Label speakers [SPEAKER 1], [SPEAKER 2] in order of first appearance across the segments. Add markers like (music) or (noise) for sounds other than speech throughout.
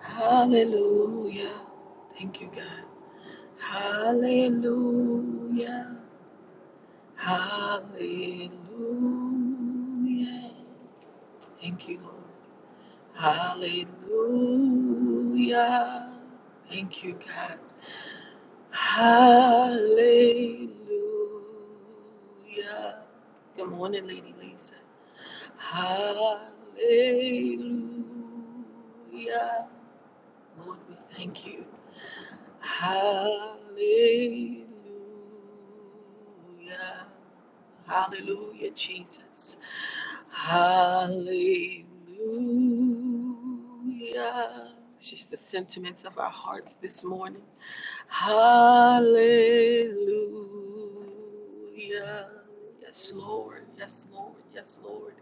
[SPEAKER 1] Hallelujah. Thank you, God. Hallelujah. Hallelujah. Thank you, Lord. Hallelujah. Thank you, God. Hallelujah. Good morning, Lady Lisa. Hallelujah. Lord, we thank you. Hallelujah. Hallelujah, Jesus. Hallelujah. It's just the sentiments of our hearts this morning. Hallelujah. Yes, Lord. Yes, Lord. Yes, Lord.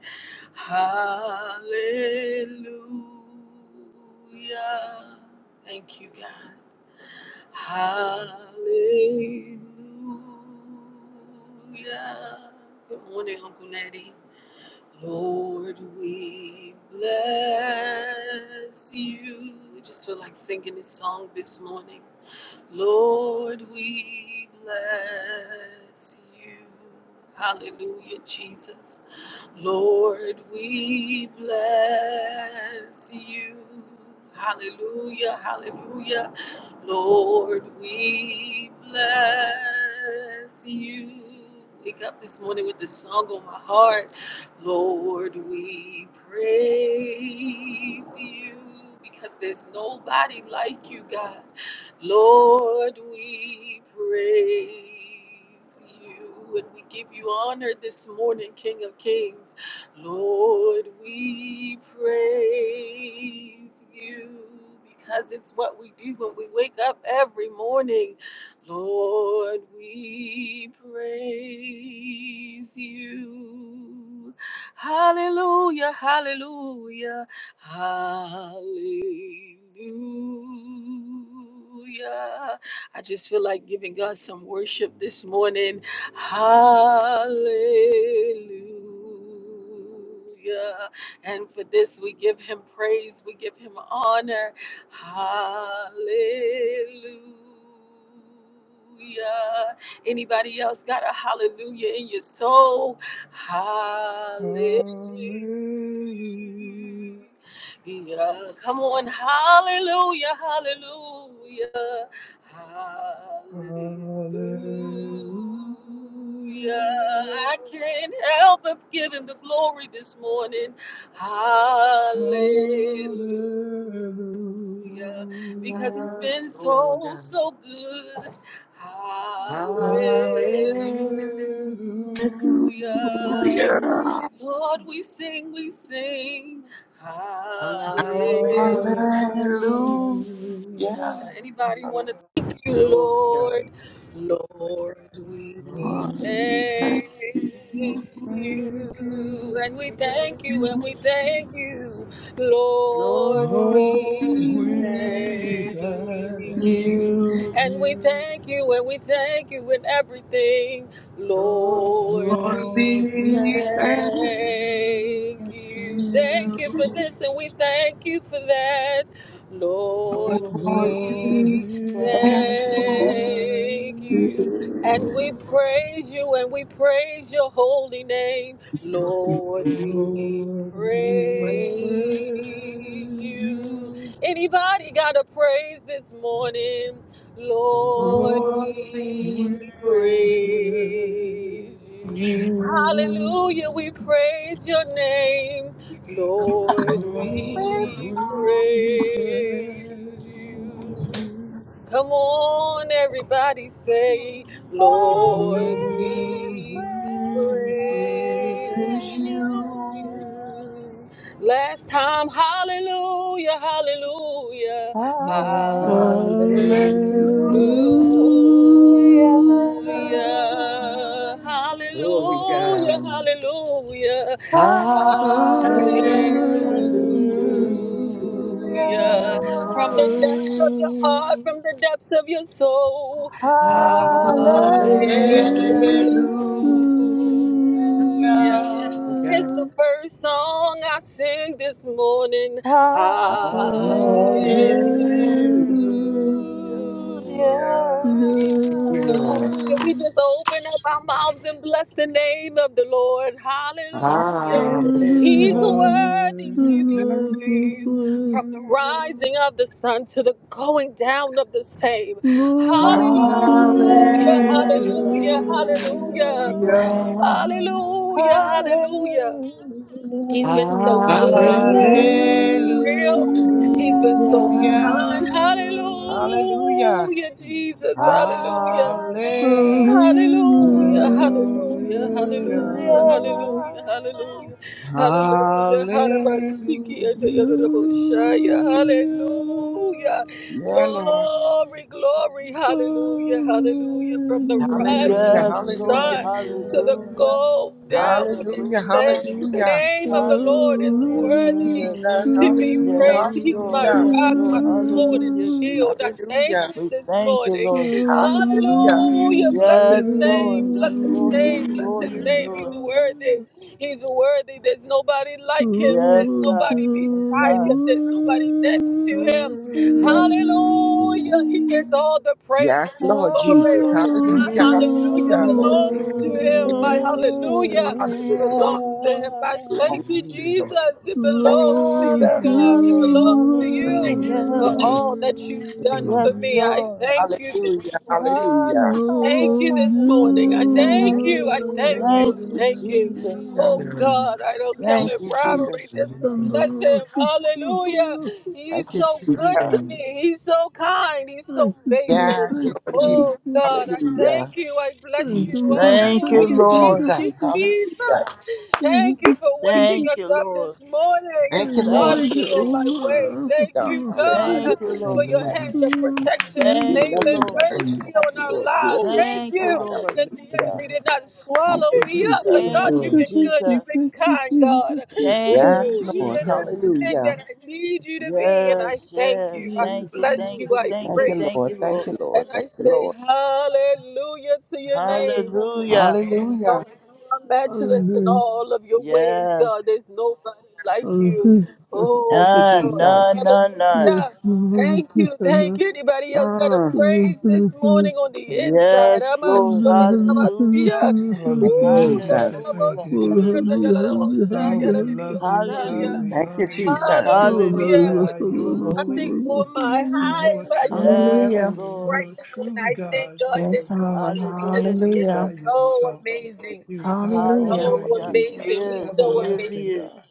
[SPEAKER 1] Hallelujah. Thank you, God. Hallelujah. Good morning, Uncle Natty. Lord, we bless you. I just feel like singing this song this morning. Lord, we bless you. Hallelujah, Jesus. Lord, we bless you. Hallelujah, hallelujah. Lord, we bless you. Wake up this morning with this song on my heart. Lord, we praise you because there's nobody like you, God. Lord, we praise you and we give you honor this morning, King of Kings. Lord, we praise you because it's what we do when we wake up every morning. Lord, we praise you. Hallelujah, hallelujah. Hallelujah. I just feel like giving God some worship this morning. Hallelujah. And for this, we give him praise, we give him honor. Hallelujah. Anybody else got a hallelujah in your soul? Hallelujah.
[SPEAKER 2] Hallelujah.
[SPEAKER 1] Yeah, come on, hallelujah, hallelujah, hallelujah.
[SPEAKER 2] Hallelujah.
[SPEAKER 1] I can't help but give him the glory this morning. Hallelujah, because he's
[SPEAKER 2] Hallelujah.
[SPEAKER 1] been so,
[SPEAKER 3] Hallelujah.
[SPEAKER 1] so good. Hallelujah.
[SPEAKER 2] Hallelujah.
[SPEAKER 3] Hallelujah.
[SPEAKER 4] Hallelujah.
[SPEAKER 1] Lord, we sing, we sing. Hallelujah.
[SPEAKER 3] Hallelujah.
[SPEAKER 2] Hallelujah.
[SPEAKER 4] Hallelujah.
[SPEAKER 1] God. Anybody want to thank you,
[SPEAKER 3] Glory.
[SPEAKER 1] Lord? Lord, we
[SPEAKER 2] Lord,
[SPEAKER 4] We
[SPEAKER 2] we
[SPEAKER 4] thank
[SPEAKER 1] thank
[SPEAKER 4] you for
[SPEAKER 2] thank
[SPEAKER 1] you,
[SPEAKER 2] you.
[SPEAKER 1] and we thank you, and we thank you, Lord,
[SPEAKER 3] Lord,
[SPEAKER 2] Lord,
[SPEAKER 1] we
[SPEAKER 2] we
[SPEAKER 1] thank
[SPEAKER 4] we
[SPEAKER 2] thank
[SPEAKER 1] you, and we
[SPEAKER 2] you.
[SPEAKER 1] thank you, and we thank you in everything,
[SPEAKER 3] Lord,
[SPEAKER 1] Lord,
[SPEAKER 2] Lord,
[SPEAKER 3] we thank
[SPEAKER 1] we
[SPEAKER 2] we
[SPEAKER 4] thank
[SPEAKER 3] you.
[SPEAKER 1] thank
[SPEAKER 2] serve
[SPEAKER 1] you.
[SPEAKER 4] you
[SPEAKER 1] Thank you for
[SPEAKER 2] you.
[SPEAKER 1] this, and we thank you for that. Lord,
[SPEAKER 3] Lord,
[SPEAKER 4] for
[SPEAKER 3] we
[SPEAKER 4] we
[SPEAKER 2] Lord,
[SPEAKER 1] we
[SPEAKER 3] thank
[SPEAKER 4] thank
[SPEAKER 2] we thank
[SPEAKER 1] thank you
[SPEAKER 4] you.
[SPEAKER 3] you.
[SPEAKER 1] and we
[SPEAKER 2] you.
[SPEAKER 1] praise you and we praise your holy name. Lord,
[SPEAKER 3] Lord,
[SPEAKER 1] we
[SPEAKER 2] Lord,
[SPEAKER 3] we
[SPEAKER 2] we
[SPEAKER 3] praise
[SPEAKER 1] praise
[SPEAKER 2] praise
[SPEAKER 1] you.
[SPEAKER 2] you.
[SPEAKER 1] Anybody got a praise this morning? Lord,
[SPEAKER 2] Lord,
[SPEAKER 3] Lord, we
[SPEAKER 1] we
[SPEAKER 2] we
[SPEAKER 3] praise
[SPEAKER 2] praise
[SPEAKER 1] praise you.
[SPEAKER 3] you.
[SPEAKER 2] you.
[SPEAKER 3] Lord,
[SPEAKER 1] Hallelujah, we praise your name. Lord,
[SPEAKER 3] we
[SPEAKER 2] Lord,
[SPEAKER 5] With
[SPEAKER 1] we
[SPEAKER 2] we praise
[SPEAKER 1] praise you.
[SPEAKER 2] you.
[SPEAKER 1] Come on, everybody say,
[SPEAKER 5] all we
[SPEAKER 1] Lord,
[SPEAKER 2] Lord,
[SPEAKER 1] we
[SPEAKER 5] praise
[SPEAKER 2] we
[SPEAKER 4] Praise
[SPEAKER 1] praise
[SPEAKER 4] you.
[SPEAKER 5] you.
[SPEAKER 2] praise you.
[SPEAKER 1] you. Last time, hallelujah, hallelujah,
[SPEAKER 5] Hallelujah.
[SPEAKER 4] Hallelujah.
[SPEAKER 6] Hallelujah.
[SPEAKER 2] Hallelujah.
[SPEAKER 5] Hallelujah.
[SPEAKER 3] praise
[SPEAKER 1] hallelujah,
[SPEAKER 3] Glory
[SPEAKER 1] hallelujah,
[SPEAKER 3] God.
[SPEAKER 1] hallelujah,
[SPEAKER 3] Hallelujah.
[SPEAKER 6] Hallelujah.
[SPEAKER 4] Hallelujah.
[SPEAKER 1] hallelujah from
[SPEAKER 2] Hallelujah.
[SPEAKER 1] the depths of your heart, from the depths of your soul.
[SPEAKER 5] Hallelujah.
[SPEAKER 1] Hallelujah.
[SPEAKER 2] Hallelujah.
[SPEAKER 3] Hallelujah.
[SPEAKER 2] Hallelujah.
[SPEAKER 4] Hallelujah.
[SPEAKER 1] It's
[SPEAKER 3] God.
[SPEAKER 1] the
[SPEAKER 6] Hallelujah.
[SPEAKER 1] first song I sing this morning.
[SPEAKER 5] Hallelujah.
[SPEAKER 4] Hallelujah.
[SPEAKER 1] Hallelujah.
[SPEAKER 3] Glory. Thank you, Lord.
[SPEAKER 1] Can we
[SPEAKER 6] Hallelujah.
[SPEAKER 1] just open up our mouths and bless the name of the Lord?
[SPEAKER 4] Hallelujah.
[SPEAKER 1] Hallelujah. He's
[SPEAKER 4] Hallelujah.
[SPEAKER 6] Hallelujah,
[SPEAKER 1] worthy
[SPEAKER 6] hallelujah.
[SPEAKER 1] to be
[SPEAKER 6] Worthy,
[SPEAKER 1] praised
[SPEAKER 6] worthy,
[SPEAKER 1] from the
[SPEAKER 2] Hallelujah.
[SPEAKER 1] rising of the sun to the going down of the same.
[SPEAKER 6] Lord,
[SPEAKER 3] Hallelujah.
[SPEAKER 6] you
[SPEAKER 1] Hallelujah,
[SPEAKER 5] Hallelujah.
[SPEAKER 2] Hallelujah.
[SPEAKER 1] hallelujah, hallelujah,
[SPEAKER 3] Hallelujah.
[SPEAKER 1] hallelujah, hallelujah. He's
[SPEAKER 5] Hallelujah.
[SPEAKER 6] are.
[SPEAKER 1] been so
[SPEAKER 4] Hallelujah.
[SPEAKER 1] good, he's
[SPEAKER 2] Hallelujah.
[SPEAKER 1] been
[SPEAKER 3] Hallelujah.
[SPEAKER 1] so
[SPEAKER 4] Hallelujah.
[SPEAKER 1] real, he's been so
[SPEAKER 6] Hallelujah,
[SPEAKER 1] kind. Hallelujah, Jesus, hallelujah.
[SPEAKER 5] Hallelujah.
[SPEAKER 4] Hallelujah.
[SPEAKER 2] Hallelujah.
[SPEAKER 1] Hallelujah, hallelujah,
[SPEAKER 6] hallelujah,
[SPEAKER 1] hallelujah,
[SPEAKER 2] Hallelujah.
[SPEAKER 1] hallelujah,
[SPEAKER 5] Hallelujah.
[SPEAKER 1] hallelujah, hallelujah,
[SPEAKER 4] Hallelujah.
[SPEAKER 1] hallelujah, and the
[SPEAKER 6] hallelujah.
[SPEAKER 1] honorable hallelujah,
[SPEAKER 4] Yeah, Lord.
[SPEAKER 1] glory, glory, hallelujah, hallelujah, from the rising
[SPEAKER 4] Hallelujah.
[SPEAKER 1] of the
[SPEAKER 5] Yes, Lord.
[SPEAKER 4] Hallelujah.
[SPEAKER 1] sun to the
[SPEAKER 5] Hallelujah.
[SPEAKER 2] Hallelujah.
[SPEAKER 1] go down of the
[SPEAKER 4] Hallelujah.
[SPEAKER 5] Hallelujah.
[SPEAKER 1] same, the
[SPEAKER 4] Hallelujah.
[SPEAKER 1] name of the Lord is
[SPEAKER 5] Hallelujah,
[SPEAKER 1] worthy,
[SPEAKER 5] Jesus.
[SPEAKER 4] Jesus, hallelujah,
[SPEAKER 1] to be praised.
[SPEAKER 5] Yes,
[SPEAKER 1] He's my
[SPEAKER 5] Lord.
[SPEAKER 4] hallelujah,
[SPEAKER 5] Yes,
[SPEAKER 1] rock, my
[SPEAKER 5] Lord.
[SPEAKER 1] sword, and
[SPEAKER 5] Hallelujah,
[SPEAKER 1] shield.
[SPEAKER 5] Jesus.
[SPEAKER 1] I thank
[SPEAKER 4] hallelujah,
[SPEAKER 1] him
[SPEAKER 5] We
[SPEAKER 1] this
[SPEAKER 5] thank you,
[SPEAKER 1] morning.
[SPEAKER 5] Lord.
[SPEAKER 4] hallelujah.
[SPEAKER 1] Hallelujah. Bless his
[SPEAKER 5] Yes, Lord.
[SPEAKER 1] name. Bless
[SPEAKER 5] Yes,
[SPEAKER 1] his
[SPEAKER 5] Lord. Yes,
[SPEAKER 1] name. Bless
[SPEAKER 5] Lord.
[SPEAKER 1] his
[SPEAKER 5] Yes,
[SPEAKER 1] name. He's
[SPEAKER 5] Lord.
[SPEAKER 1] worthy. He's worthy. There's nobody like him.
[SPEAKER 5] Yes,
[SPEAKER 1] There's nobody
[SPEAKER 5] God. Yes,
[SPEAKER 1] beside him.
[SPEAKER 5] God.
[SPEAKER 1] There's nobody next to him.
[SPEAKER 5] Yes.
[SPEAKER 1] Hallelujah. He gets
[SPEAKER 2] Worthy.
[SPEAKER 1] all the praise and
[SPEAKER 4] Yes,
[SPEAKER 1] the
[SPEAKER 4] Lord Jesus,
[SPEAKER 1] glory.
[SPEAKER 6] will
[SPEAKER 1] My
[SPEAKER 4] hallelujah,
[SPEAKER 1] hallelujah
[SPEAKER 2] Lord,
[SPEAKER 4] hallelujah,
[SPEAKER 6] do
[SPEAKER 4] Lord
[SPEAKER 1] belongs
[SPEAKER 4] Jesus.
[SPEAKER 5] Hallelujah.
[SPEAKER 1] to
[SPEAKER 2] your
[SPEAKER 1] him.
[SPEAKER 6] it.
[SPEAKER 1] My
[SPEAKER 2] word.
[SPEAKER 1] hallelujah
[SPEAKER 4] Honor and glory
[SPEAKER 1] belongs to him. I thank
[SPEAKER 4] belongs
[SPEAKER 1] you,
[SPEAKER 4] to you, Lord.
[SPEAKER 1] Jesus. It
[SPEAKER 4] Thank
[SPEAKER 1] belongs to
[SPEAKER 4] you, Jesus.
[SPEAKER 6] Lord,
[SPEAKER 1] you,
[SPEAKER 4] Thank
[SPEAKER 6] do
[SPEAKER 1] God. It
[SPEAKER 2] Lord,
[SPEAKER 1] belongs
[SPEAKER 6] it.
[SPEAKER 1] to
[SPEAKER 2] your
[SPEAKER 1] you
[SPEAKER 4] you,
[SPEAKER 1] for
[SPEAKER 5] Hallelujah.
[SPEAKER 4] Jesus.
[SPEAKER 1] all that you've done for
[SPEAKER 5] Yes,
[SPEAKER 1] me.
[SPEAKER 2] word.
[SPEAKER 1] I
[SPEAKER 5] Lord.
[SPEAKER 1] thank you this
[SPEAKER 4] Hallelujah,
[SPEAKER 1] morning.
[SPEAKER 4] hallelujah.
[SPEAKER 5] Hallelujah,
[SPEAKER 1] Thank you
[SPEAKER 6] Lord, do
[SPEAKER 1] this
[SPEAKER 6] it.
[SPEAKER 1] morning. I
[SPEAKER 2] Lord,
[SPEAKER 5] hallelujah.
[SPEAKER 1] thank you. I
[SPEAKER 2] your
[SPEAKER 1] thank you.
[SPEAKER 5] Thank
[SPEAKER 1] I
[SPEAKER 5] you,
[SPEAKER 1] thank you.
[SPEAKER 5] Jesus.
[SPEAKER 4] Yeah.
[SPEAKER 1] Oh
[SPEAKER 2] word.
[SPEAKER 1] God, I don't count
[SPEAKER 4] Thank
[SPEAKER 1] it
[SPEAKER 5] Thank
[SPEAKER 4] you,
[SPEAKER 5] you,
[SPEAKER 4] Jesus.
[SPEAKER 5] Jesus.
[SPEAKER 1] robbery just to bless
[SPEAKER 6] Sandra,
[SPEAKER 1] him.
[SPEAKER 6] thank you,
[SPEAKER 1] Hallelujah.
[SPEAKER 6] Sandra,
[SPEAKER 1] He's
[SPEAKER 4] Thank you,
[SPEAKER 1] so good to
[SPEAKER 4] Jesus.
[SPEAKER 1] me. He's so kind. He's so
[SPEAKER 6] thank you for
[SPEAKER 1] faithful.
[SPEAKER 4] Yes,
[SPEAKER 6] thank
[SPEAKER 4] Lord
[SPEAKER 6] thank
[SPEAKER 4] Jesus.
[SPEAKER 1] Oh
[SPEAKER 6] you,
[SPEAKER 1] God, I thank
[SPEAKER 4] Hallelujah.
[SPEAKER 1] you. I bless
[SPEAKER 6] thank
[SPEAKER 1] you.
[SPEAKER 6] you for
[SPEAKER 5] Thank
[SPEAKER 6] thank
[SPEAKER 5] you,
[SPEAKER 4] Thank
[SPEAKER 6] you,
[SPEAKER 1] Hallelujah.
[SPEAKER 4] you,
[SPEAKER 6] thank you,
[SPEAKER 5] Lord.
[SPEAKER 1] Thank you,
[SPEAKER 4] Jesus.
[SPEAKER 6] thank you,
[SPEAKER 1] Jesus.
[SPEAKER 4] Hallelujah.
[SPEAKER 6] thank
[SPEAKER 1] Thank
[SPEAKER 6] you,
[SPEAKER 1] you for
[SPEAKER 6] thank
[SPEAKER 1] waking
[SPEAKER 6] you,
[SPEAKER 5] Thank
[SPEAKER 1] us
[SPEAKER 5] you,
[SPEAKER 1] up
[SPEAKER 5] Lord.
[SPEAKER 1] this morning and
[SPEAKER 6] thank
[SPEAKER 4] Thank you,
[SPEAKER 6] you, thank you,
[SPEAKER 4] Lord.
[SPEAKER 5] Thank
[SPEAKER 1] starting
[SPEAKER 6] thank
[SPEAKER 4] for
[SPEAKER 5] you,
[SPEAKER 1] me on
[SPEAKER 6] you,
[SPEAKER 5] Lord.
[SPEAKER 1] my way.
[SPEAKER 6] thank
[SPEAKER 1] Thank
[SPEAKER 4] God.
[SPEAKER 6] you,
[SPEAKER 1] you, God,
[SPEAKER 5] Thank
[SPEAKER 1] uh,
[SPEAKER 4] Hallelujah.
[SPEAKER 5] you,
[SPEAKER 4] For
[SPEAKER 1] for
[SPEAKER 5] Lord.
[SPEAKER 4] waking
[SPEAKER 1] your
[SPEAKER 4] us.
[SPEAKER 1] hand of
[SPEAKER 6] Amazing.
[SPEAKER 1] protection and
[SPEAKER 5] Thank
[SPEAKER 4] giving
[SPEAKER 1] favor
[SPEAKER 5] you,
[SPEAKER 4] us
[SPEAKER 1] and
[SPEAKER 6] Amazing.
[SPEAKER 5] Lord.
[SPEAKER 4] another
[SPEAKER 1] mercy
[SPEAKER 4] chance,
[SPEAKER 1] on our
[SPEAKER 4] Lord.
[SPEAKER 1] lives.
[SPEAKER 4] Glory to
[SPEAKER 1] Thank
[SPEAKER 5] Thank you,
[SPEAKER 1] you
[SPEAKER 4] God.
[SPEAKER 5] Lord.
[SPEAKER 1] that the
[SPEAKER 4] Hallelujah.
[SPEAKER 1] enemy did not
[SPEAKER 4] Thank
[SPEAKER 1] swallow
[SPEAKER 4] you,
[SPEAKER 1] me up.
[SPEAKER 4] Jesus.
[SPEAKER 1] But God,
[SPEAKER 4] Thank
[SPEAKER 5] Thank
[SPEAKER 4] you.
[SPEAKER 1] you've
[SPEAKER 5] you,
[SPEAKER 1] been good.
[SPEAKER 5] Jesus.
[SPEAKER 1] You've been kind, God.
[SPEAKER 5] Thank you,
[SPEAKER 4] Yes,
[SPEAKER 1] Woo, you've
[SPEAKER 4] Lord.
[SPEAKER 1] been
[SPEAKER 5] Jesus.
[SPEAKER 1] everything
[SPEAKER 4] Hallelujah.
[SPEAKER 1] that I need you to be. And I
[SPEAKER 5] Yes,
[SPEAKER 1] thank
[SPEAKER 5] yes.
[SPEAKER 1] you. I
[SPEAKER 5] Thank you,
[SPEAKER 1] bless
[SPEAKER 5] thank
[SPEAKER 1] you.
[SPEAKER 5] you,
[SPEAKER 1] I
[SPEAKER 5] thank
[SPEAKER 4] Thank
[SPEAKER 5] you,
[SPEAKER 1] praise
[SPEAKER 4] you,
[SPEAKER 5] thank
[SPEAKER 4] Lord.
[SPEAKER 5] you,
[SPEAKER 4] Thank
[SPEAKER 5] Lord.
[SPEAKER 1] you.
[SPEAKER 4] you,
[SPEAKER 1] And
[SPEAKER 4] Lord. Thank
[SPEAKER 1] I
[SPEAKER 4] you,
[SPEAKER 1] say
[SPEAKER 4] Lord.
[SPEAKER 1] hallelujah to your name.
[SPEAKER 5] Hallelujah.
[SPEAKER 1] Oh
[SPEAKER 4] Hallelujah.
[SPEAKER 1] God, you are matchless in all of your ways, God.
[SPEAKER 5] Yes.
[SPEAKER 1] There's nobody like you. Oh
[SPEAKER 4] Thank you,
[SPEAKER 5] None, none,
[SPEAKER 1] God,
[SPEAKER 4] Jesus.
[SPEAKER 5] none, none.
[SPEAKER 1] hallelujah. Thank you, thank you. Anybody else got a
[SPEAKER 4] Mm.
[SPEAKER 1] praise this morning on the inside?
[SPEAKER 5] Yes,
[SPEAKER 1] Aman
[SPEAKER 5] Lord.
[SPEAKER 1] shodadadabasiya.
[SPEAKER 5] Hallelujah.
[SPEAKER 4] Thank
[SPEAKER 2] Hallelujah,
[SPEAKER 4] you,
[SPEAKER 1] Ooh,
[SPEAKER 2] Jesus.
[SPEAKER 4] Jesus.
[SPEAKER 2] Thank
[SPEAKER 5] Hallelujah.
[SPEAKER 2] you,
[SPEAKER 1] dadadadaboshiki
[SPEAKER 2] God.
[SPEAKER 5] Hallelujah.
[SPEAKER 2] God,
[SPEAKER 1] yadayaladaboshaya
[SPEAKER 2] we love you. God,
[SPEAKER 1] dadadidiyosaya.
[SPEAKER 2] we
[SPEAKER 4] Thank
[SPEAKER 5] Hallelujah.
[SPEAKER 4] you,
[SPEAKER 2] honor you. We
[SPEAKER 4] Jesus.
[SPEAKER 1] Hallelujah.
[SPEAKER 5] Hallelujah.
[SPEAKER 1] With
[SPEAKER 2] glorify your holy name.
[SPEAKER 1] nothing on my
[SPEAKER 2] For you are
[SPEAKER 1] high, my
[SPEAKER 2] truly
[SPEAKER 5] Yes,
[SPEAKER 7] Hallelujah.
[SPEAKER 2] holy.
[SPEAKER 5] Lord.
[SPEAKER 2] You
[SPEAKER 1] right
[SPEAKER 2] are
[SPEAKER 1] now, and
[SPEAKER 2] truly
[SPEAKER 1] I thank
[SPEAKER 2] God.
[SPEAKER 1] God
[SPEAKER 2] You
[SPEAKER 1] this
[SPEAKER 2] are
[SPEAKER 7] Yes,
[SPEAKER 2] God
[SPEAKER 7] Lord.
[SPEAKER 1] morning
[SPEAKER 5] Hallelujah,
[SPEAKER 1] because
[SPEAKER 2] all
[SPEAKER 1] He is
[SPEAKER 2] by
[SPEAKER 7] Hallelujah.
[SPEAKER 5] Jesus.
[SPEAKER 1] so
[SPEAKER 2] yourself.
[SPEAKER 1] amazing
[SPEAKER 2] You God
[SPEAKER 7] Hallelujah.
[SPEAKER 1] so
[SPEAKER 4] Lord
[SPEAKER 2] Almighty.
[SPEAKER 5] Hallelujah.
[SPEAKER 4] Jesus.
[SPEAKER 5] He
[SPEAKER 1] amazing. He's
[SPEAKER 5] is.
[SPEAKER 1] so
[SPEAKER 5] He is.
[SPEAKER 1] amazing.
[SPEAKER 5] He
[SPEAKER 2] everlasting
[SPEAKER 5] is.
[SPEAKER 2] God.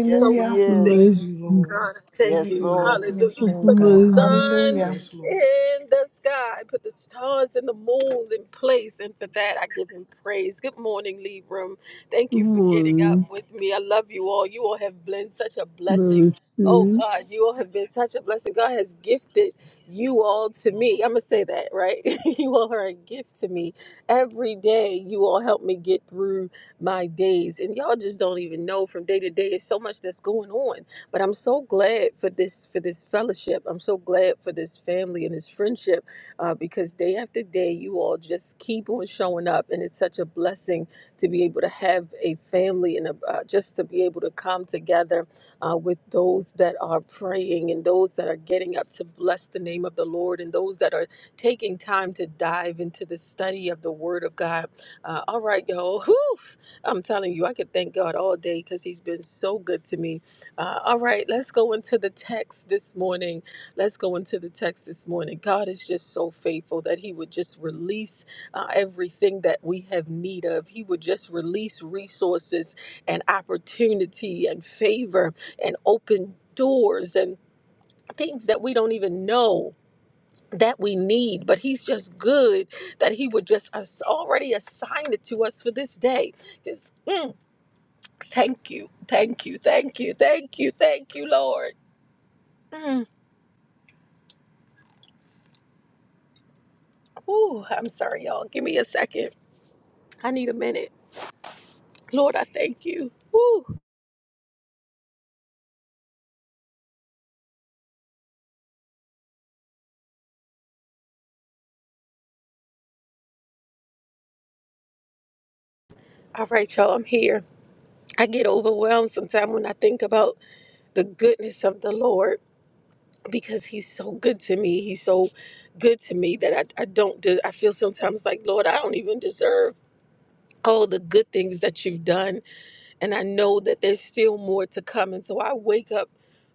[SPEAKER 5] Yes,
[SPEAKER 1] So
[SPEAKER 5] He is.
[SPEAKER 1] amazing.
[SPEAKER 2] Thank you, Lord.
[SPEAKER 1] God, I thank
[SPEAKER 5] Yes,
[SPEAKER 2] Thank
[SPEAKER 1] you.
[SPEAKER 2] you,
[SPEAKER 5] Lord.
[SPEAKER 2] Lord.
[SPEAKER 1] Hallelujah.
[SPEAKER 7] Yes,
[SPEAKER 1] You
[SPEAKER 6] Good
[SPEAKER 7] Lord
[SPEAKER 1] put the
[SPEAKER 7] God.
[SPEAKER 6] morning.
[SPEAKER 1] sun
[SPEAKER 7] Hallelujah.
[SPEAKER 2] Yes, Lord.
[SPEAKER 1] in the sky, put the stars and the moon in place. And for that, I give him praise. Good morning, Lead Room. Thank you for getting up with me. I love you all. You all have been such a blessing.
[SPEAKER 6] Love
[SPEAKER 1] Oh
[SPEAKER 6] you.
[SPEAKER 1] God, you all have been such a blessing. God has gifted you all to me. I'm going to say that, right? (laughs) you all are a gift to me. Every day, you all help me get through my days. And y'all just don't even know from day to day. It's so much that's going on. But I'm so glad for this for this fellowship. I'm so glad for this family and this friendship uh, because day after day, you all just keep on showing up, and it's such a blessing to be able to have a family and a, uh, just to be able to come together uh, with those that are praying and those that are getting up to bless the name of the Lord and those that are taking time to dive into the study of the Word of God. Uh, all right, y'all. (laughs) Whew, I'm telling you, I could thank God all day because He's been so good to me. Uh, all right, let's go into the text this morning. Let's go into the text this morning. God is just so faithful that He would just release uh, everything that we have need of. He would just release resources and opportunity and favor and open doors and things that we don't even know. That we need, but he's just good that he would just as- already assign it to us for this day. Because. Thank you, thank you, thank you, thank you, thank you, Lord. Mm. Ooh, I'm sorry, y'all. Give me a second. I need a minute. Lord, I thank you. Ooh. All right, y'all, I'm here. I get overwhelmed sometimes when I think about the goodness of the Lord because He's so good to me. He's so good to me that I, I don't, de- I feel sometimes like, Lord, I don't even deserve all the good things that you've done And I know that there's still more to come. And so I wake up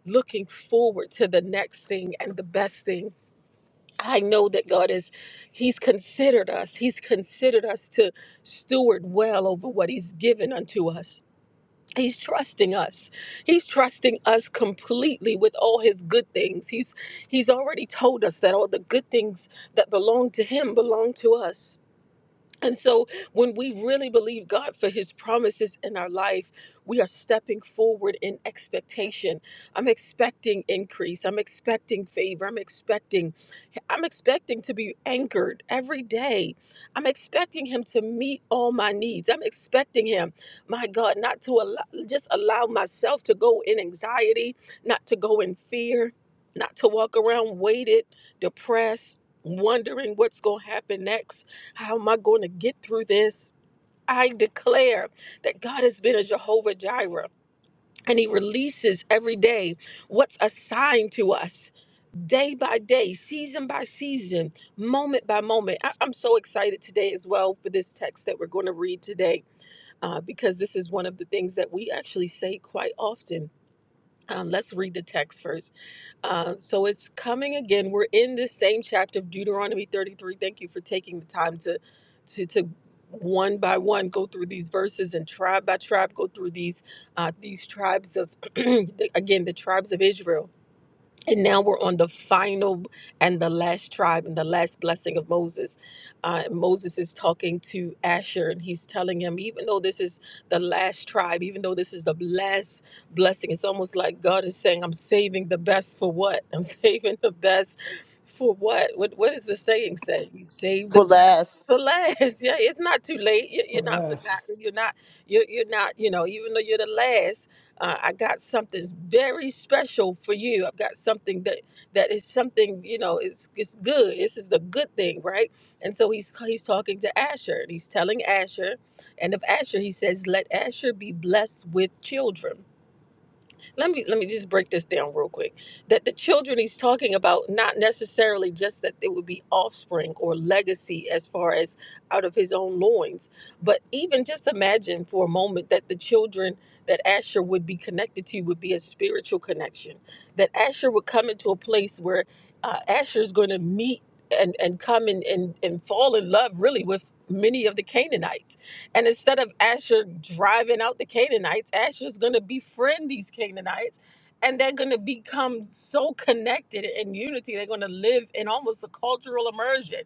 [SPEAKER 1] looking forward to the next thing and the best thing. I know that God is, He's considered us. He's considered us to steward well over what He's given unto us. He's trusting us. He's trusting us completely with all his good things. He's he's already told us that all the good things that belong to him belong to us. And so, when we really believe God for His promises in our life, we are stepping forward in expectation. I'm expecting increase. I'm expecting favor. I'm expecting I'm expecting to be anchored every day. I'm expecting him to meet all my needs. I'm expecting him, my God, not to allow, just allow myself to go in anxiety, not to go in fear, not to walk around weighted, depressed, wondering what's going to happen next. How am I going to get through this? I declare that God has been a Jehovah Jireh and he releases every day what's assigned to us day by day season by season moment by moment I- i'm so excited today as well for this text that we're going to read today uh, because this is one of the things that we actually say quite often um, let's read the text first uh, so it's coming again. We're in this same chapter of Deuteronomy 33. Thank you for taking the time to, to, to one by one go through these verses and tribe by tribe go through these uh, these tribes of (clears throat) again the tribes of Israel. And now we're on the final and the last tribe and the last blessing of Moses. Uh, Moses is talking to Asher and he's telling him, even though this is the last tribe, even though this is the last blessing, it's almost like God is saying, I'm saving the best for what? I'm (laughs) saving the best for what? What, what is the saying say? You save the
[SPEAKER 5] For
[SPEAKER 1] best. for
[SPEAKER 5] last
[SPEAKER 1] last, (laughs) yeah, it's not too late. You- You're not
[SPEAKER 2] Alas,
[SPEAKER 1] forgotten. You're not. You're, you're not. You know, even though you're the last, uh, I got something very special for you. I've got something that that is something you know. It's it's good. This is the good thing, right? And so he's he's talking to Asher and he's telling Asher, and of Asher he says, "Let Asher be blessed with children." let me let me just break this down real quick that the children he's talking about not necessarily just that it would be offspring or legacy as far as out of his own loins but even just imagine for a moment that the children that asher would be connected to would be a spiritual connection that asher would come into a place where uh, asher is going to meet and and come and, and and fall in love really with many of the canaanites and instead of Asher driving out the Canaanites, Asher's going to befriend these Canaanites and they're going to become so connected in unity. They're going to live in almost a cultural immersion.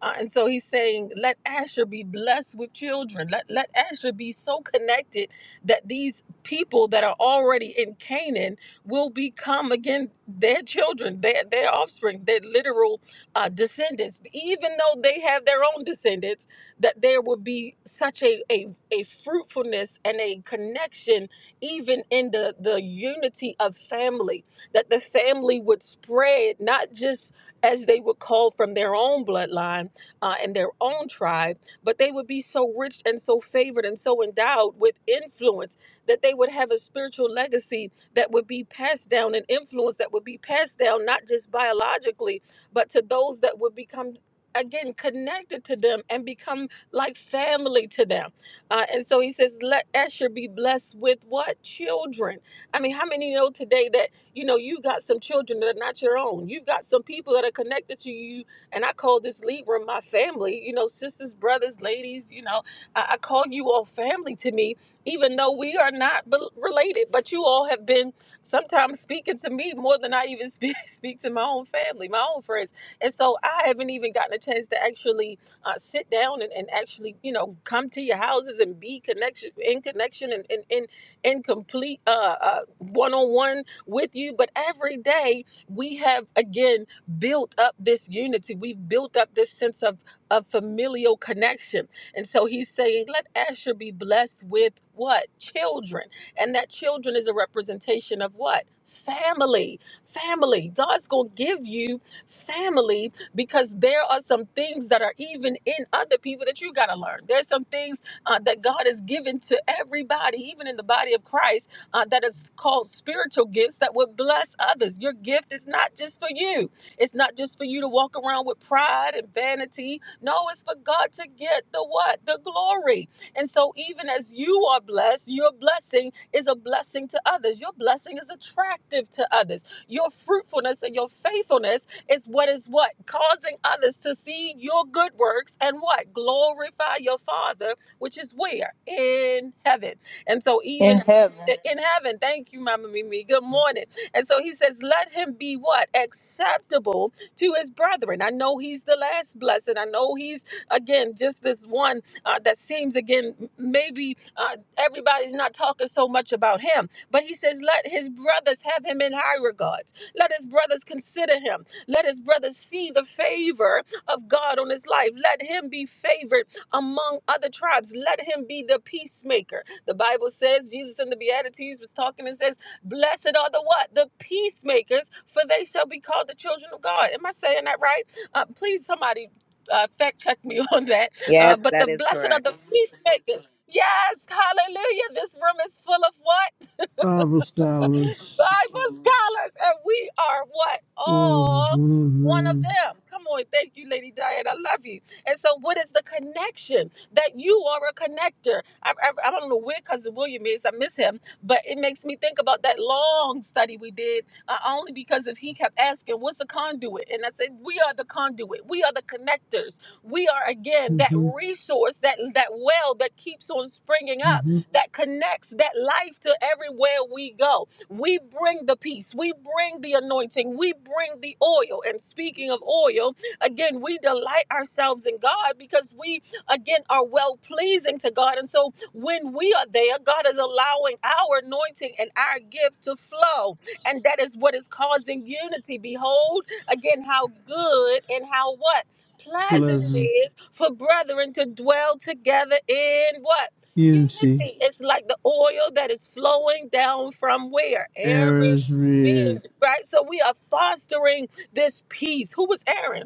[SPEAKER 1] Uh, and so he's saying, let Asher be blessed with children. Let, let Asher be so connected that these people that are already in Canaan will become, again, their children, their, their offspring, their literal uh, descendants. Even though they have their own descendants, that there would be such a, a, a fruitfulness and a connection even in the, the unity of family that the family would spread not just as they would call from their own bloodline uh, and their own tribe but they would be so rich and so favored and so endowed with influence that they would have a spiritual legacy that would be passed down an influence that would be passed down not just biologically but to those that would become again connected to them and become like family to them. Uh, and so he says, let Esher be blessed with what? Children. I mean, how many know today that, you know, you got some children that are not your own? You've got some people that are connected to you. And I call this lead room my family, you know, sisters, brothers, ladies, you know, I, I call you all family to me, even though we are not bel related, but you all have been sometimes speaking to me more than I even speak, (laughs) speak to my own family, my own friends. And so I haven't even gotten a chance to actually uh, sit down and, and actually, you know, come to your houses and be connection in connection and in in, in complete uh, uh, one-on-one with you. But every day we have again built up this unity. We've built up this sense of of familial connection. And so he's saying, let Asher be blessed with what? Children. And that children is a representation of what? Family. Family. God's gonna give you family because there are some things that are even in other people that you got to learn. There's some things uh, that God has given to everybody, even in the body of Christ, uh, that is called spiritual gifts that would bless others. Your gift is not just for you, it's not just for you to walk around with pride and vanity. No, it's for God to get the what? The glory. And so, even as you are blessed, your blessing is a blessing to others. Your blessing is attractive to others. Your fruitfulness and your faithfulness is what is what? Causing others to see your good works and what? Glorify your Father, which is where? In heaven. And so,
[SPEAKER 5] in
[SPEAKER 1] even
[SPEAKER 5] heaven,
[SPEAKER 1] in heaven, thank you, Mama Mimi. Good morning. And so he says, Let him be what? Acceptable to his brethren. I know he's the last blessed. I know he's, again, just this one uh, that seems, again, maybe uh, everybody's not talking so much about him. But he says, Let his brothers have him in high regards. Let his brothers consider him. Let his brother see the favor of God on his life. Let him be favored among other tribes. Let him be the peacemaker. The Bible says Jesus in the Beatitudes was talking and says, Blessed are the what? The peacemakers, for they shall be called the children of God. Am I saying that right? Uh, please, somebody uh, fact check me (laughs) on that. Uh,
[SPEAKER 8] Yes,
[SPEAKER 1] but the
[SPEAKER 8] that is
[SPEAKER 1] blessed are
[SPEAKER 8] correct.
[SPEAKER 1] the peacemakers. Yes, hallelujah. This room is full of what?
[SPEAKER 6] Bible scholars
[SPEAKER 1] Bible scholars, and we are what?
[SPEAKER 6] was
[SPEAKER 1] All one of
[SPEAKER 6] one
[SPEAKER 1] them. Come on, thank you, Lady Diane. I love you. And so, what is the connection that you are a connector? I, I, I don't know where Cousin William is, I miss him, but it makes me think about that long study we did uh, only because if he kept asking, What's a conduit? And I said, We are the conduit, we are the connectors, we are again
[SPEAKER 6] of them.
[SPEAKER 1] that
[SPEAKER 6] hmm
[SPEAKER 1] resource, that, that well that keeps on springing up,
[SPEAKER 6] hmm
[SPEAKER 1] that connects that life to everywhere we go we bring the peace. We bring the anointing. We bring the oil. And speaking of oil, again, we delight ourselves in God because we, again, are well pleasing to God. And so when we are there, God is allowing our anointing and our gift to flow. And that is what is causing unity. Behold, again, how good and how what? Pleasant it
[SPEAKER 6] Pleasant,
[SPEAKER 1] is for brethren to dwell together in what?
[SPEAKER 6] Unity,
[SPEAKER 1] Unity is like the oil that is flowing down from where? Aaron's
[SPEAKER 6] Aaron's Rear,
[SPEAKER 1] beard, right? So we are fostering this peace. Who was Aaron?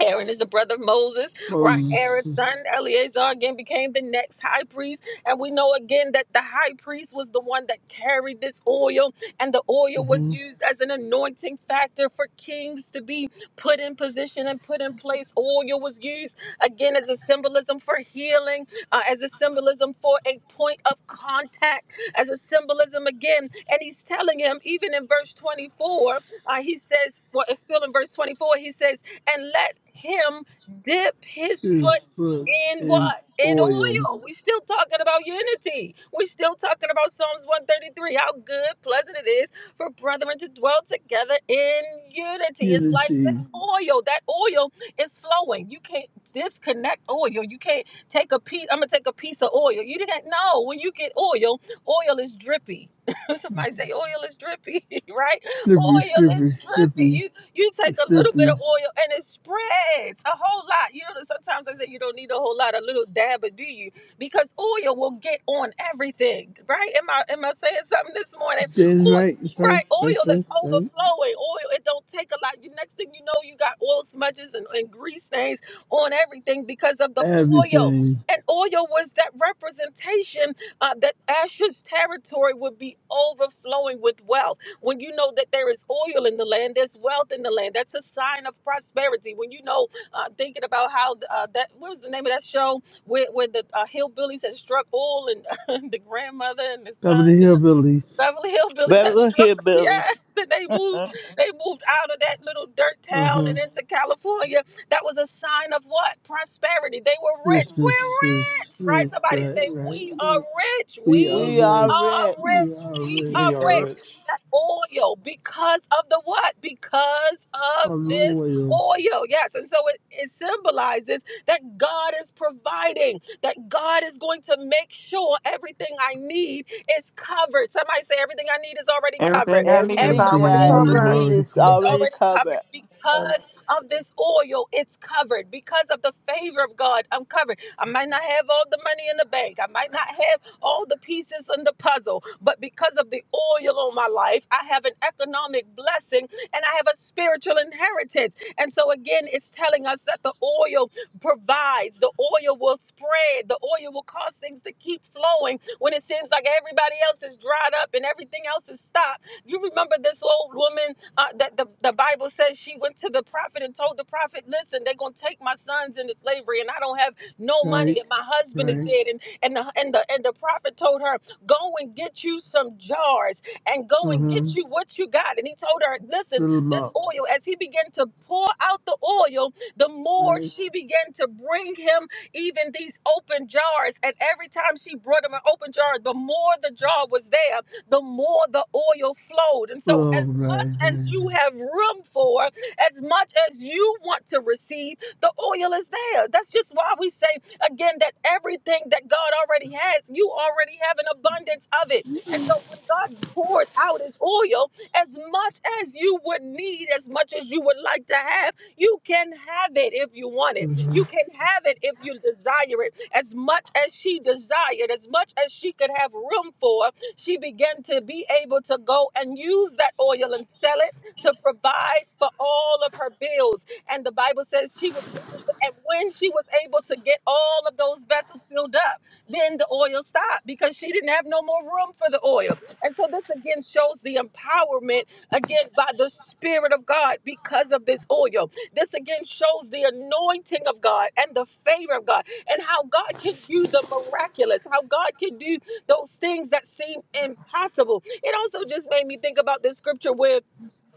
[SPEAKER 1] Aaron is the brother of Moses, right? Aaron's son
[SPEAKER 6] Moses,
[SPEAKER 1] Eleazar again became the next high priest. And we know again that the high priest was the one that carried this oil, and the oil was
[SPEAKER 6] hmm
[SPEAKER 1] used as an anointing factor for kings to be put in position and put in place. Oil was used again as a symbolism for healing, uh, as a symbolism for a point of contact, as a symbolism again. And he's telling him, even in verse 24, uh, he says, well, it's still in verse 24, he says, and let him dip his
[SPEAKER 6] his
[SPEAKER 1] foot
[SPEAKER 6] foot
[SPEAKER 1] in
[SPEAKER 6] in
[SPEAKER 1] what? In
[SPEAKER 6] oil,
[SPEAKER 1] oil. We're still talking about unity. We're still talking about Psalms 133, how good, pleasant it is for brethren to dwell together in unity. It's like
[SPEAKER 6] Unity,
[SPEAKER 1] this oil. That oil is flowing. You can't disconnect oil. You can't take a piece. I'm gonna take a piece of oil. You didn't know when you get oil, oil is drippy. (laughs) Somebody say oil is drippy, (laughs) right?
[SPEAKER 6] Slippery,
[SPEAKER 1] Oil is
[SPEAKER 6] Slippery,
[SPEAKER 1] drippy
[SPEAKER 6] Slippery,
[SPEAKER 1] you take a little bit
[SPEAKER 6] Slippery.
[SPEAKER 1] of oil and it spreads a whole lot. You know, sometimes I say you don't need a whole lot, a little dab, but do you? Because oil will get on everything, right? Am I am I saying something this morning?
[SPEAKER 6] Saying it
[SPEAKER 1] Oil,
[SPEAKER 6] right, it's right,
[SPEAKER 1] right?
[SPEAKER 6] it's right, it's
[SPEAKER 1] Oil
[SPEAKER 6] right,
[SPEAKER 1] is
[SPEAKER 6] it's right.
[SPEAKER 1] overflowing. Oil, it don't take a lot. You next thing you know, you got oil smudges and, and grease stains on everything because of the oil.
[SPEAKER 6] Everything.
[SPEAKER 1] And oil was that representation uh, that Asher's territory would be overflowing with wealth when you know that there is oil in the land, there's wealth in the land. That's a sign of prosperity. When you know, uh, thinking about how uh, that what was the name of that show where, where the uh, hillbillies had struck oil and (laughs) the grandmother and the son
[SPEAKER 6] Beverly
[SPEAKER 1] and the
[SPEAKER 6] Hillbillies.
[SPEAKER 1] Beverly Hillbillies had
[SPEAKER 5] Beverly
[SPEAKER 1] struck. (laughs) Yes,
[SPEAKER 5] Hillbillies,
[SPEAKER 1] and they
[SPEAKER 5] (laughs)
[SPEAKER 1] moved. They moved out of that little dirt
[SPEAKER 6] Uh
[SPEAKER 1] town
[SPEAKER 6] huh.
[SPEAKER 1] and into California. That was a sign of what? Prosperity. They were
[SPEAKER 6] rich,
[SPEAKER 1] rich.
[SPEAKER 6] rich,
[SPEAKER 1] We're
[SPEAKER 6] rich,
[SPEAKER 1] rich, right?
[SPEAKER 6] rich,
[SPEAKER 1] Somebody
[SPEAKER 6] right,
[SPEAKER 1] say,
[SPEAKER 6] right,
[SPEAKER 1] We
[SPEAKER 6] right.
[SPEAKER 1] are rich.
[SPEAKER 6] We are
[SPEAKER 1] We
[SPEAKER 5] we are
[SPEAKER 6] rich.
[SPEAKER 1] are
[SPEAKER 5] rich.
[SPEAKER 6] We
[SPEAKER 1] rich.
[SPEAKER 6] are
[SPEAKER 1] We
[SPEAKER 6] rich.
[SPEAKER 1] are
[SPEAKER 2] we are
[SPEAKER 9] Lord
[SPEAKER 1] rich.
[SPEAKER 2] rich.
[SPEAKER 1] That oil, because of the what? Because
[SPEAKER 6] of
[SPEAKER 1] of
[SPEAKER 6] the
[SPEAKER 1] this
[SPEAKER 6] oil.
[SPEAKER 1] oil. Yes. And so it, it symbolizes that God is providing, that God is going to make sure everything I need is covered. Somebody say, Everything I need is already covered.
[SPEAKER 7] Everything I need is
[SPEAKER 5] Everything
[SPEAKER 1] Everything
[SPEAKER 5] that
[SPEAKER 6] Everything I
[SPEAKER 7] already
[SPEAKER 5] I
[SPEAKER 6] need
[SPEAKER 5] ever
[SPEAKER 6] is
[SPEAKER 1] I
[SPEAKER 7] covered.
[SPEAKER 5] need
[SPEAKER 1] need
[SPEAKER 6] already
[SPEAKER 5] is
[SPEAKER 1] is
[SPEAKER 6] covered.
[SPEAKER 5] already
[SPEAKER 1] already covered
[SPEAKER 5] covered.
[SPEAKER 1] because of this oil, it's covered. Because of the favor of God, I'm covered I might not have all the money in the bank. I might not have all the pieces in the puzzle, but because of the oil on my life, I have an economic blessing and I have a spiritual inheritance. And so, again, it's telling us that the oil provides, the oil will spread, the oil will cause things to keep flowing when it seems like everybody else is dried up and everything else is stopped. You remember this old woman uh, that the, the Bible says she went to the prophet and told the prophet, Listen, they're going to take my sons into slavery and I don't have no
[SPEAKER 6] Right,
[SPEAKER 1] money and my husband is
[SPEAKER 6] right.
[SPEAKER 1] dead and and the and the and the prophet told her go and get you some jars and go and
[SPEAKER 6] Mm-hmm.
[SPEAKER 1] get you what you got and he told her listen
[SPEAKER 6] Fill them
[SPEAKER 1] this
[SPEAKER 6] up.
[SPEAKER 1] oil as he began to pour out the oil the more
[SPEAKER 6] Right.
[SPEAKER 1] she began to bring him even these open jars and every time she brought him an open jar the more the jar was there the more the oil flowed and so
[SPEAKER 6] Full.
[SPEAKER 1] as
[SPEAKER 6] Right,
[SPEAKER 1] much as
[SPEAKER 6] right.
[SPEAKER 1] you have room for as much as you want to receive the oil is there. That's just why we say again that everything that God already has, you already have an abundance of it. And so when God pours out his oil, as much as you would need, as much as you would like to have, you can have it if you want it.
[SPEAKER 6] Mm-hmm.
[SPEAKER 1] You can have it if you desire it. As much as she desired, as much as she could have room for, she began to be able to go and use that oil and sell it to provide for all of her bills and the Bible says she was able to, and when she was able to get all of those vessels filled up, then the oil stopped because she didn't have no more room for the oil. And so this again shows the empowerment again by the Spirit of God because of this oil. This again shows the anointing of God and the favor of God and how God can do the miraculous, how God can do those things that seem impossible. It also just made me think about this scripture where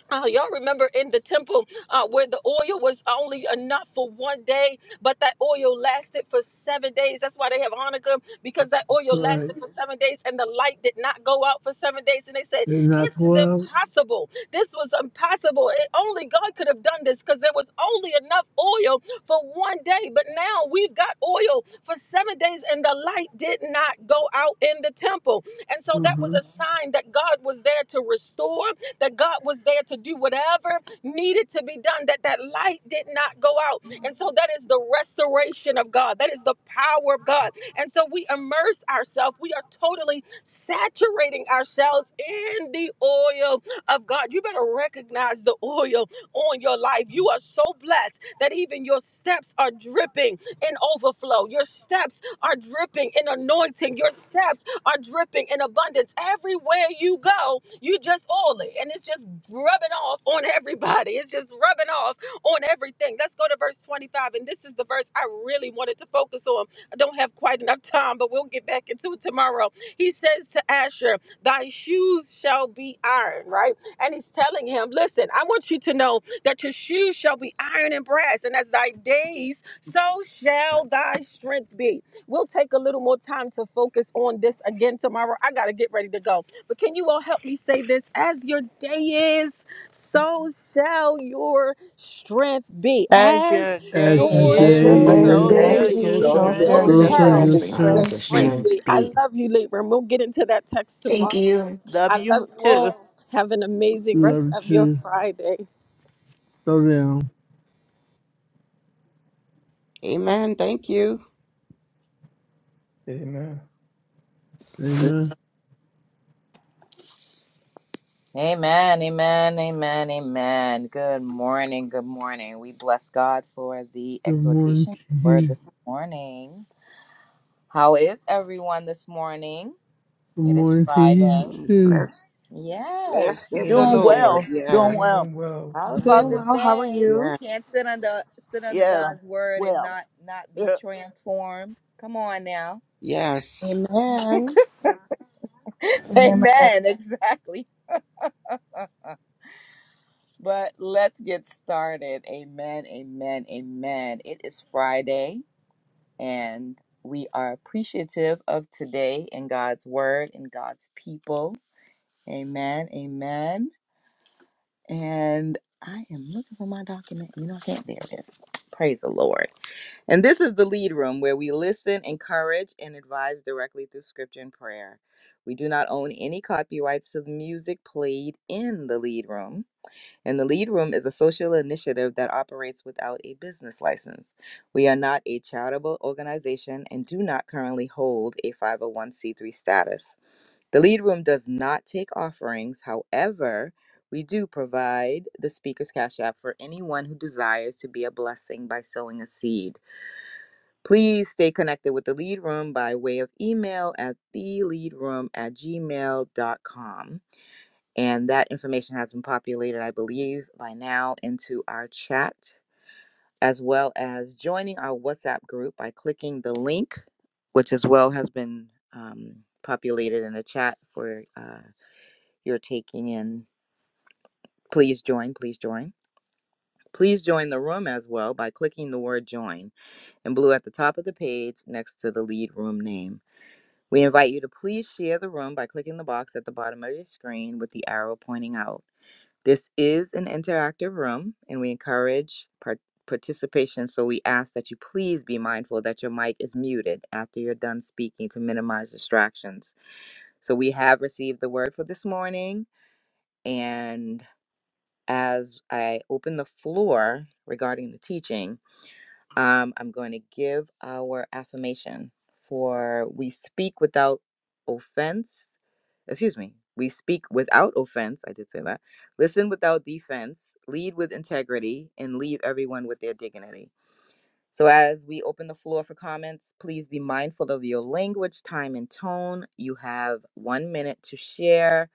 [SPEAKER 1] Oh, y'all remember in the temple uh, where the oil was only enough for one day, but that oil lasted for seven days. That's why they have Hanukkah because that oil
[SPEAKER 6] Right.
[SPEAKER 1] lasted for seven days and the light did not go out for seven days. And they said,
[SPEAKER 6] And not
[SPEAKER 1] This
[SPEAKER 6] go
[SPEAKER 1] is
[SPEAKER 6] out.
[SPEAKER 1] impossible. This was impossible. It, only God could have done this because there was only enough oil for one day. But now we've got oil for seven days and the light did not go out in the temple. And so that was
[SPEAKER 6] Mm-hmm.
[SPEAKER 1] a sign that God was there to restore that God was there to do whatever needed to be done, that that light did not go out. And so that is the restoration of God. That is the power of God. And so we immerse ourselves. We are totally saturating ourselves in the oil of God. You better recognize the oil on your life. You are so blessed that even your steps are dripping in overflow. Your steps are dripping in anointing. Your steps are dripping in abundance. Everywhere you go, you just oily and it's just rubbing off on everybody. It's just rubbing off on everything. Let's go to verse 25. And this is the verse I really wanted to focus on. I don't have quite enough time, but we'll get back into it tomorrow. He says to Asher, Thy shoes shall be iron, right? And he's telling him, Listen, I want you to know that your shoes shall be iron and brass, and as thy days, so shall thy strength be. We'll take a little more time to focus on this again tomorrow. I got to get ready to go. But can you all help me say this? As your day is, so shall your strength be.
[SPEAKER 5] As
[SPEAKER 1] As
[SPEAKER 5] your
[SPEAKER 6] As
[SPEAKER 5] day
[SPEAKER 6] your
[SPEAKER 2] As
[SPEAKER 1] your
[SPEAKER 2] your
[SPEAKER 7] That's
[SPEAKER 6] day
[SPEAKER 7] your
[SPEAKER 5] is,
[SPEAKER 2] day
[SPEAKER 1] day
[SPEAKER 7] day,
[SPEAKER 2] is,
[SPEAKER 6] is,
[SPEAKER 5] so shall
[SPEAKER 3] Thank
[SPEAKER 7] yes.
[SPEAKER 1] is,
[SPEAKER 5] your
[SPEAKER 2] so
[SPEAKER 3] you.
[SPEAKER 2] shall
[SPEAKER 7] So
[SPEAKER 10] Amen.
[SPEAKER 2] your
[SPEAKER 5] strength
[SPEAKER 7] share
[SPEAKER 1] so
[SPEAKER 3] So
[SPEAKER 6] so
[SPEAKER 7] your
[SPEAKER 2] strength
[SPEAKER 6] shall
[SPEAKER 3] shall
[SPEAKER 5] be.
[SPEAKER 1] shall
[SPEAKER 2] be.
[SPEAKER 3] your
[SPEAKER 6] your
[SPEAKER 7] strength,
[SPEAKER 11] So I
[SPEAKER 7] please.
[SPEAKER 1] your
[SPEAKER 6] strength
[SPEAKER 11] would your
[SPEAKER 3] strength
[SPEAKER 6] be.
[SPEAKER 1] strength
[SPEAKER 3] be.
[SPEAKER 1] be.
[SPEAKER 11] strength
[SPEAKER 1] I
[SPEAKER 11] be.
[SPEAKER 1] love you, Libra. and We'll get into that text
[SPEAKER 11] Thank
[SPEAKER 1] tomorrow.
[SPEAKER 11] you.
[SPEAKER 5] Love
[SPEAKER 1] I love
[SPEAKER 5] you
[SPEAKER 1] you
[SPEAKER 5] too.
[SPEAKER 1] all. Have an amazing rest
[SPEAKER 6] Love
[SPEAKER 1] of your
[SPEAKER 6] to
[SPEAKER 1] Friday.
[SPEAKER 6] slow down.
[SPEAKER 4] Amen. Thank you.
[SPEAKER 2] Amen.
[SPEAKER 6] Amen.
[SPEAKER 8] Amen, amen, amen, amen. Good morning, good morning. We bless God for the
[SPEAKER 6] Good morning
[SPEAKER 8] exhortation
[SPEAKER 6] to
[SPEAKER 8] word
[SPEAKER 6] you.
[SPEAKER 8] this morning. How is everyone this morning?
[SPEAKER 6] Good
[SPEAKER 8] It is
[SPEAKER 6] morning to you
[SPEAKER 8] Friday.
[SPEAKER 4] Mm,
[SPEAKER 6] too.
[SPEAKER 4] Bless, bless of
[SPEAKER 8] Yes.
[SPEAKER 4] the
[SPEAKER 5] Doing
[SPEAKER 2] Amen.
[SPEAKER 4] Lord.
[SPEAKER 5] well. Doing
[SPEAKER 4] Yes.
[SPEAKER 5] well.
[SPEAKER 2] Doing well,
[SPEAKER 8] I was
[SPEAKER 2] doing
[SPEAKER 8] about
[SPEAKER 12] Doing
[SPEAKER 8] to
[SPEAKER 2] well.
[SPEAKER 12] well. How are
[SPEAKER 8] say,
[SPEAKER 12] you?
[SPEAKER 4] Yes.
[SPEAKER 8] can't sit under sit under
[SPEAKER 5] Yeah.
[SPEAKER 8] God's word and
[SPEAKER 5] Well.
[SPEAKER 8] not not be
[SPEAKER 5] uh,
[SPEAKER 8] transformed. Come on now.
[SPEAKER 4] Yes.
[SPEAKER 12] Amen.
[SPEAKER 8] (laughs) Amen, exactly. But let's get started. Amen, amen, amen. It is Friday. And we are appreciative of today and God's word and God's people. Amen. Amen. And I am looking for my document. You know, I can't. There it is. Praise the Lord. And this is the lead room where we listen, encourage, and advise directly through scripture and prayer. We do not own any copyrights to the music played in the lead room. And the Lead Room is a social initiative that operates without a business license. We are not a charitable organization and do not currently hold a 501c3 status. The Lead Room does not take offerings, however, we do provide the Speaker's Cash App for anyone who desires to be a blessing by sowing a seed. Please stay connected with the Lead Room by way of email at theleadroom at gmail.com. And that information has been populated, I believe, by now into our chat, as well as joining our WhatsApp group by clicking the link, which as well has been um, populated in the chat for uh, your taking in. Please join, please join. Please join the room as well by clicking the word join in blue at the top of the page next to the lead room name. We invite you to please share the room by clicking the box at the bottom of your screen with the arrow pointing out. This is an interactive room and we encourage par- participation. So we ask that you please be mindful that your mic is muted after you're done speaking to minimize distractions. So we have received the word for this morning. And as I open the floor regarding the teaching, um, I'm going to give our affirmation for we speak without offense. Excuse me. We speak without offense. I did say that. Listen without defense. Lead with integrity and leave everyone with their dignity. So, as we open the floor for comments, please be mindful of your language, time, and tone. You have one minute to share.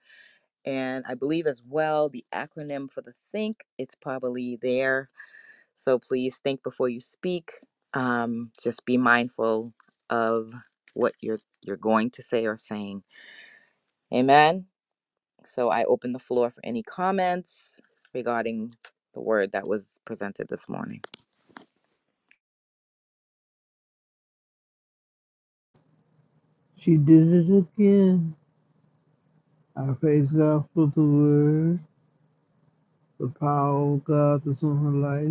[SPEAKER 8] And I believe as well the acronym for the think, it's probably there so please think before you speak. Um, just be mindful of what you're you're going to say or saying. Amen. So I open the floor for any comments regarding the word that was presented this morning.
[SPEAKER 6] She did it again. I praise God for the word, the power of God that's on her life.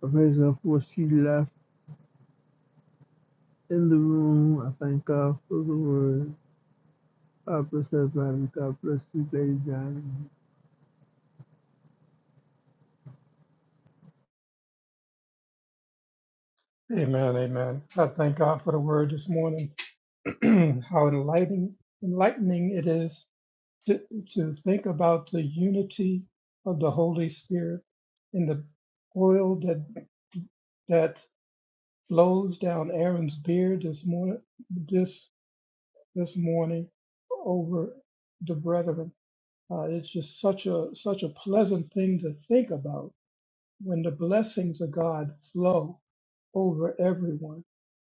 [SPEAKER 6] I praise God for what she left in the room. I thank God for the word. God bless everybody. God bless you, Lady Diamond.
[SPEAKER 2] Amen, amen. I thank God for the word this morning. (clears throat) How enlightening, enlightening it is to, to think about the unity of the Holy Spirit and the oil that that flows down Aaron's beard this morning this this morning over the brethren. Uh, it's just such a such a pleasant thing to think about when the blessings of God flow over everyone.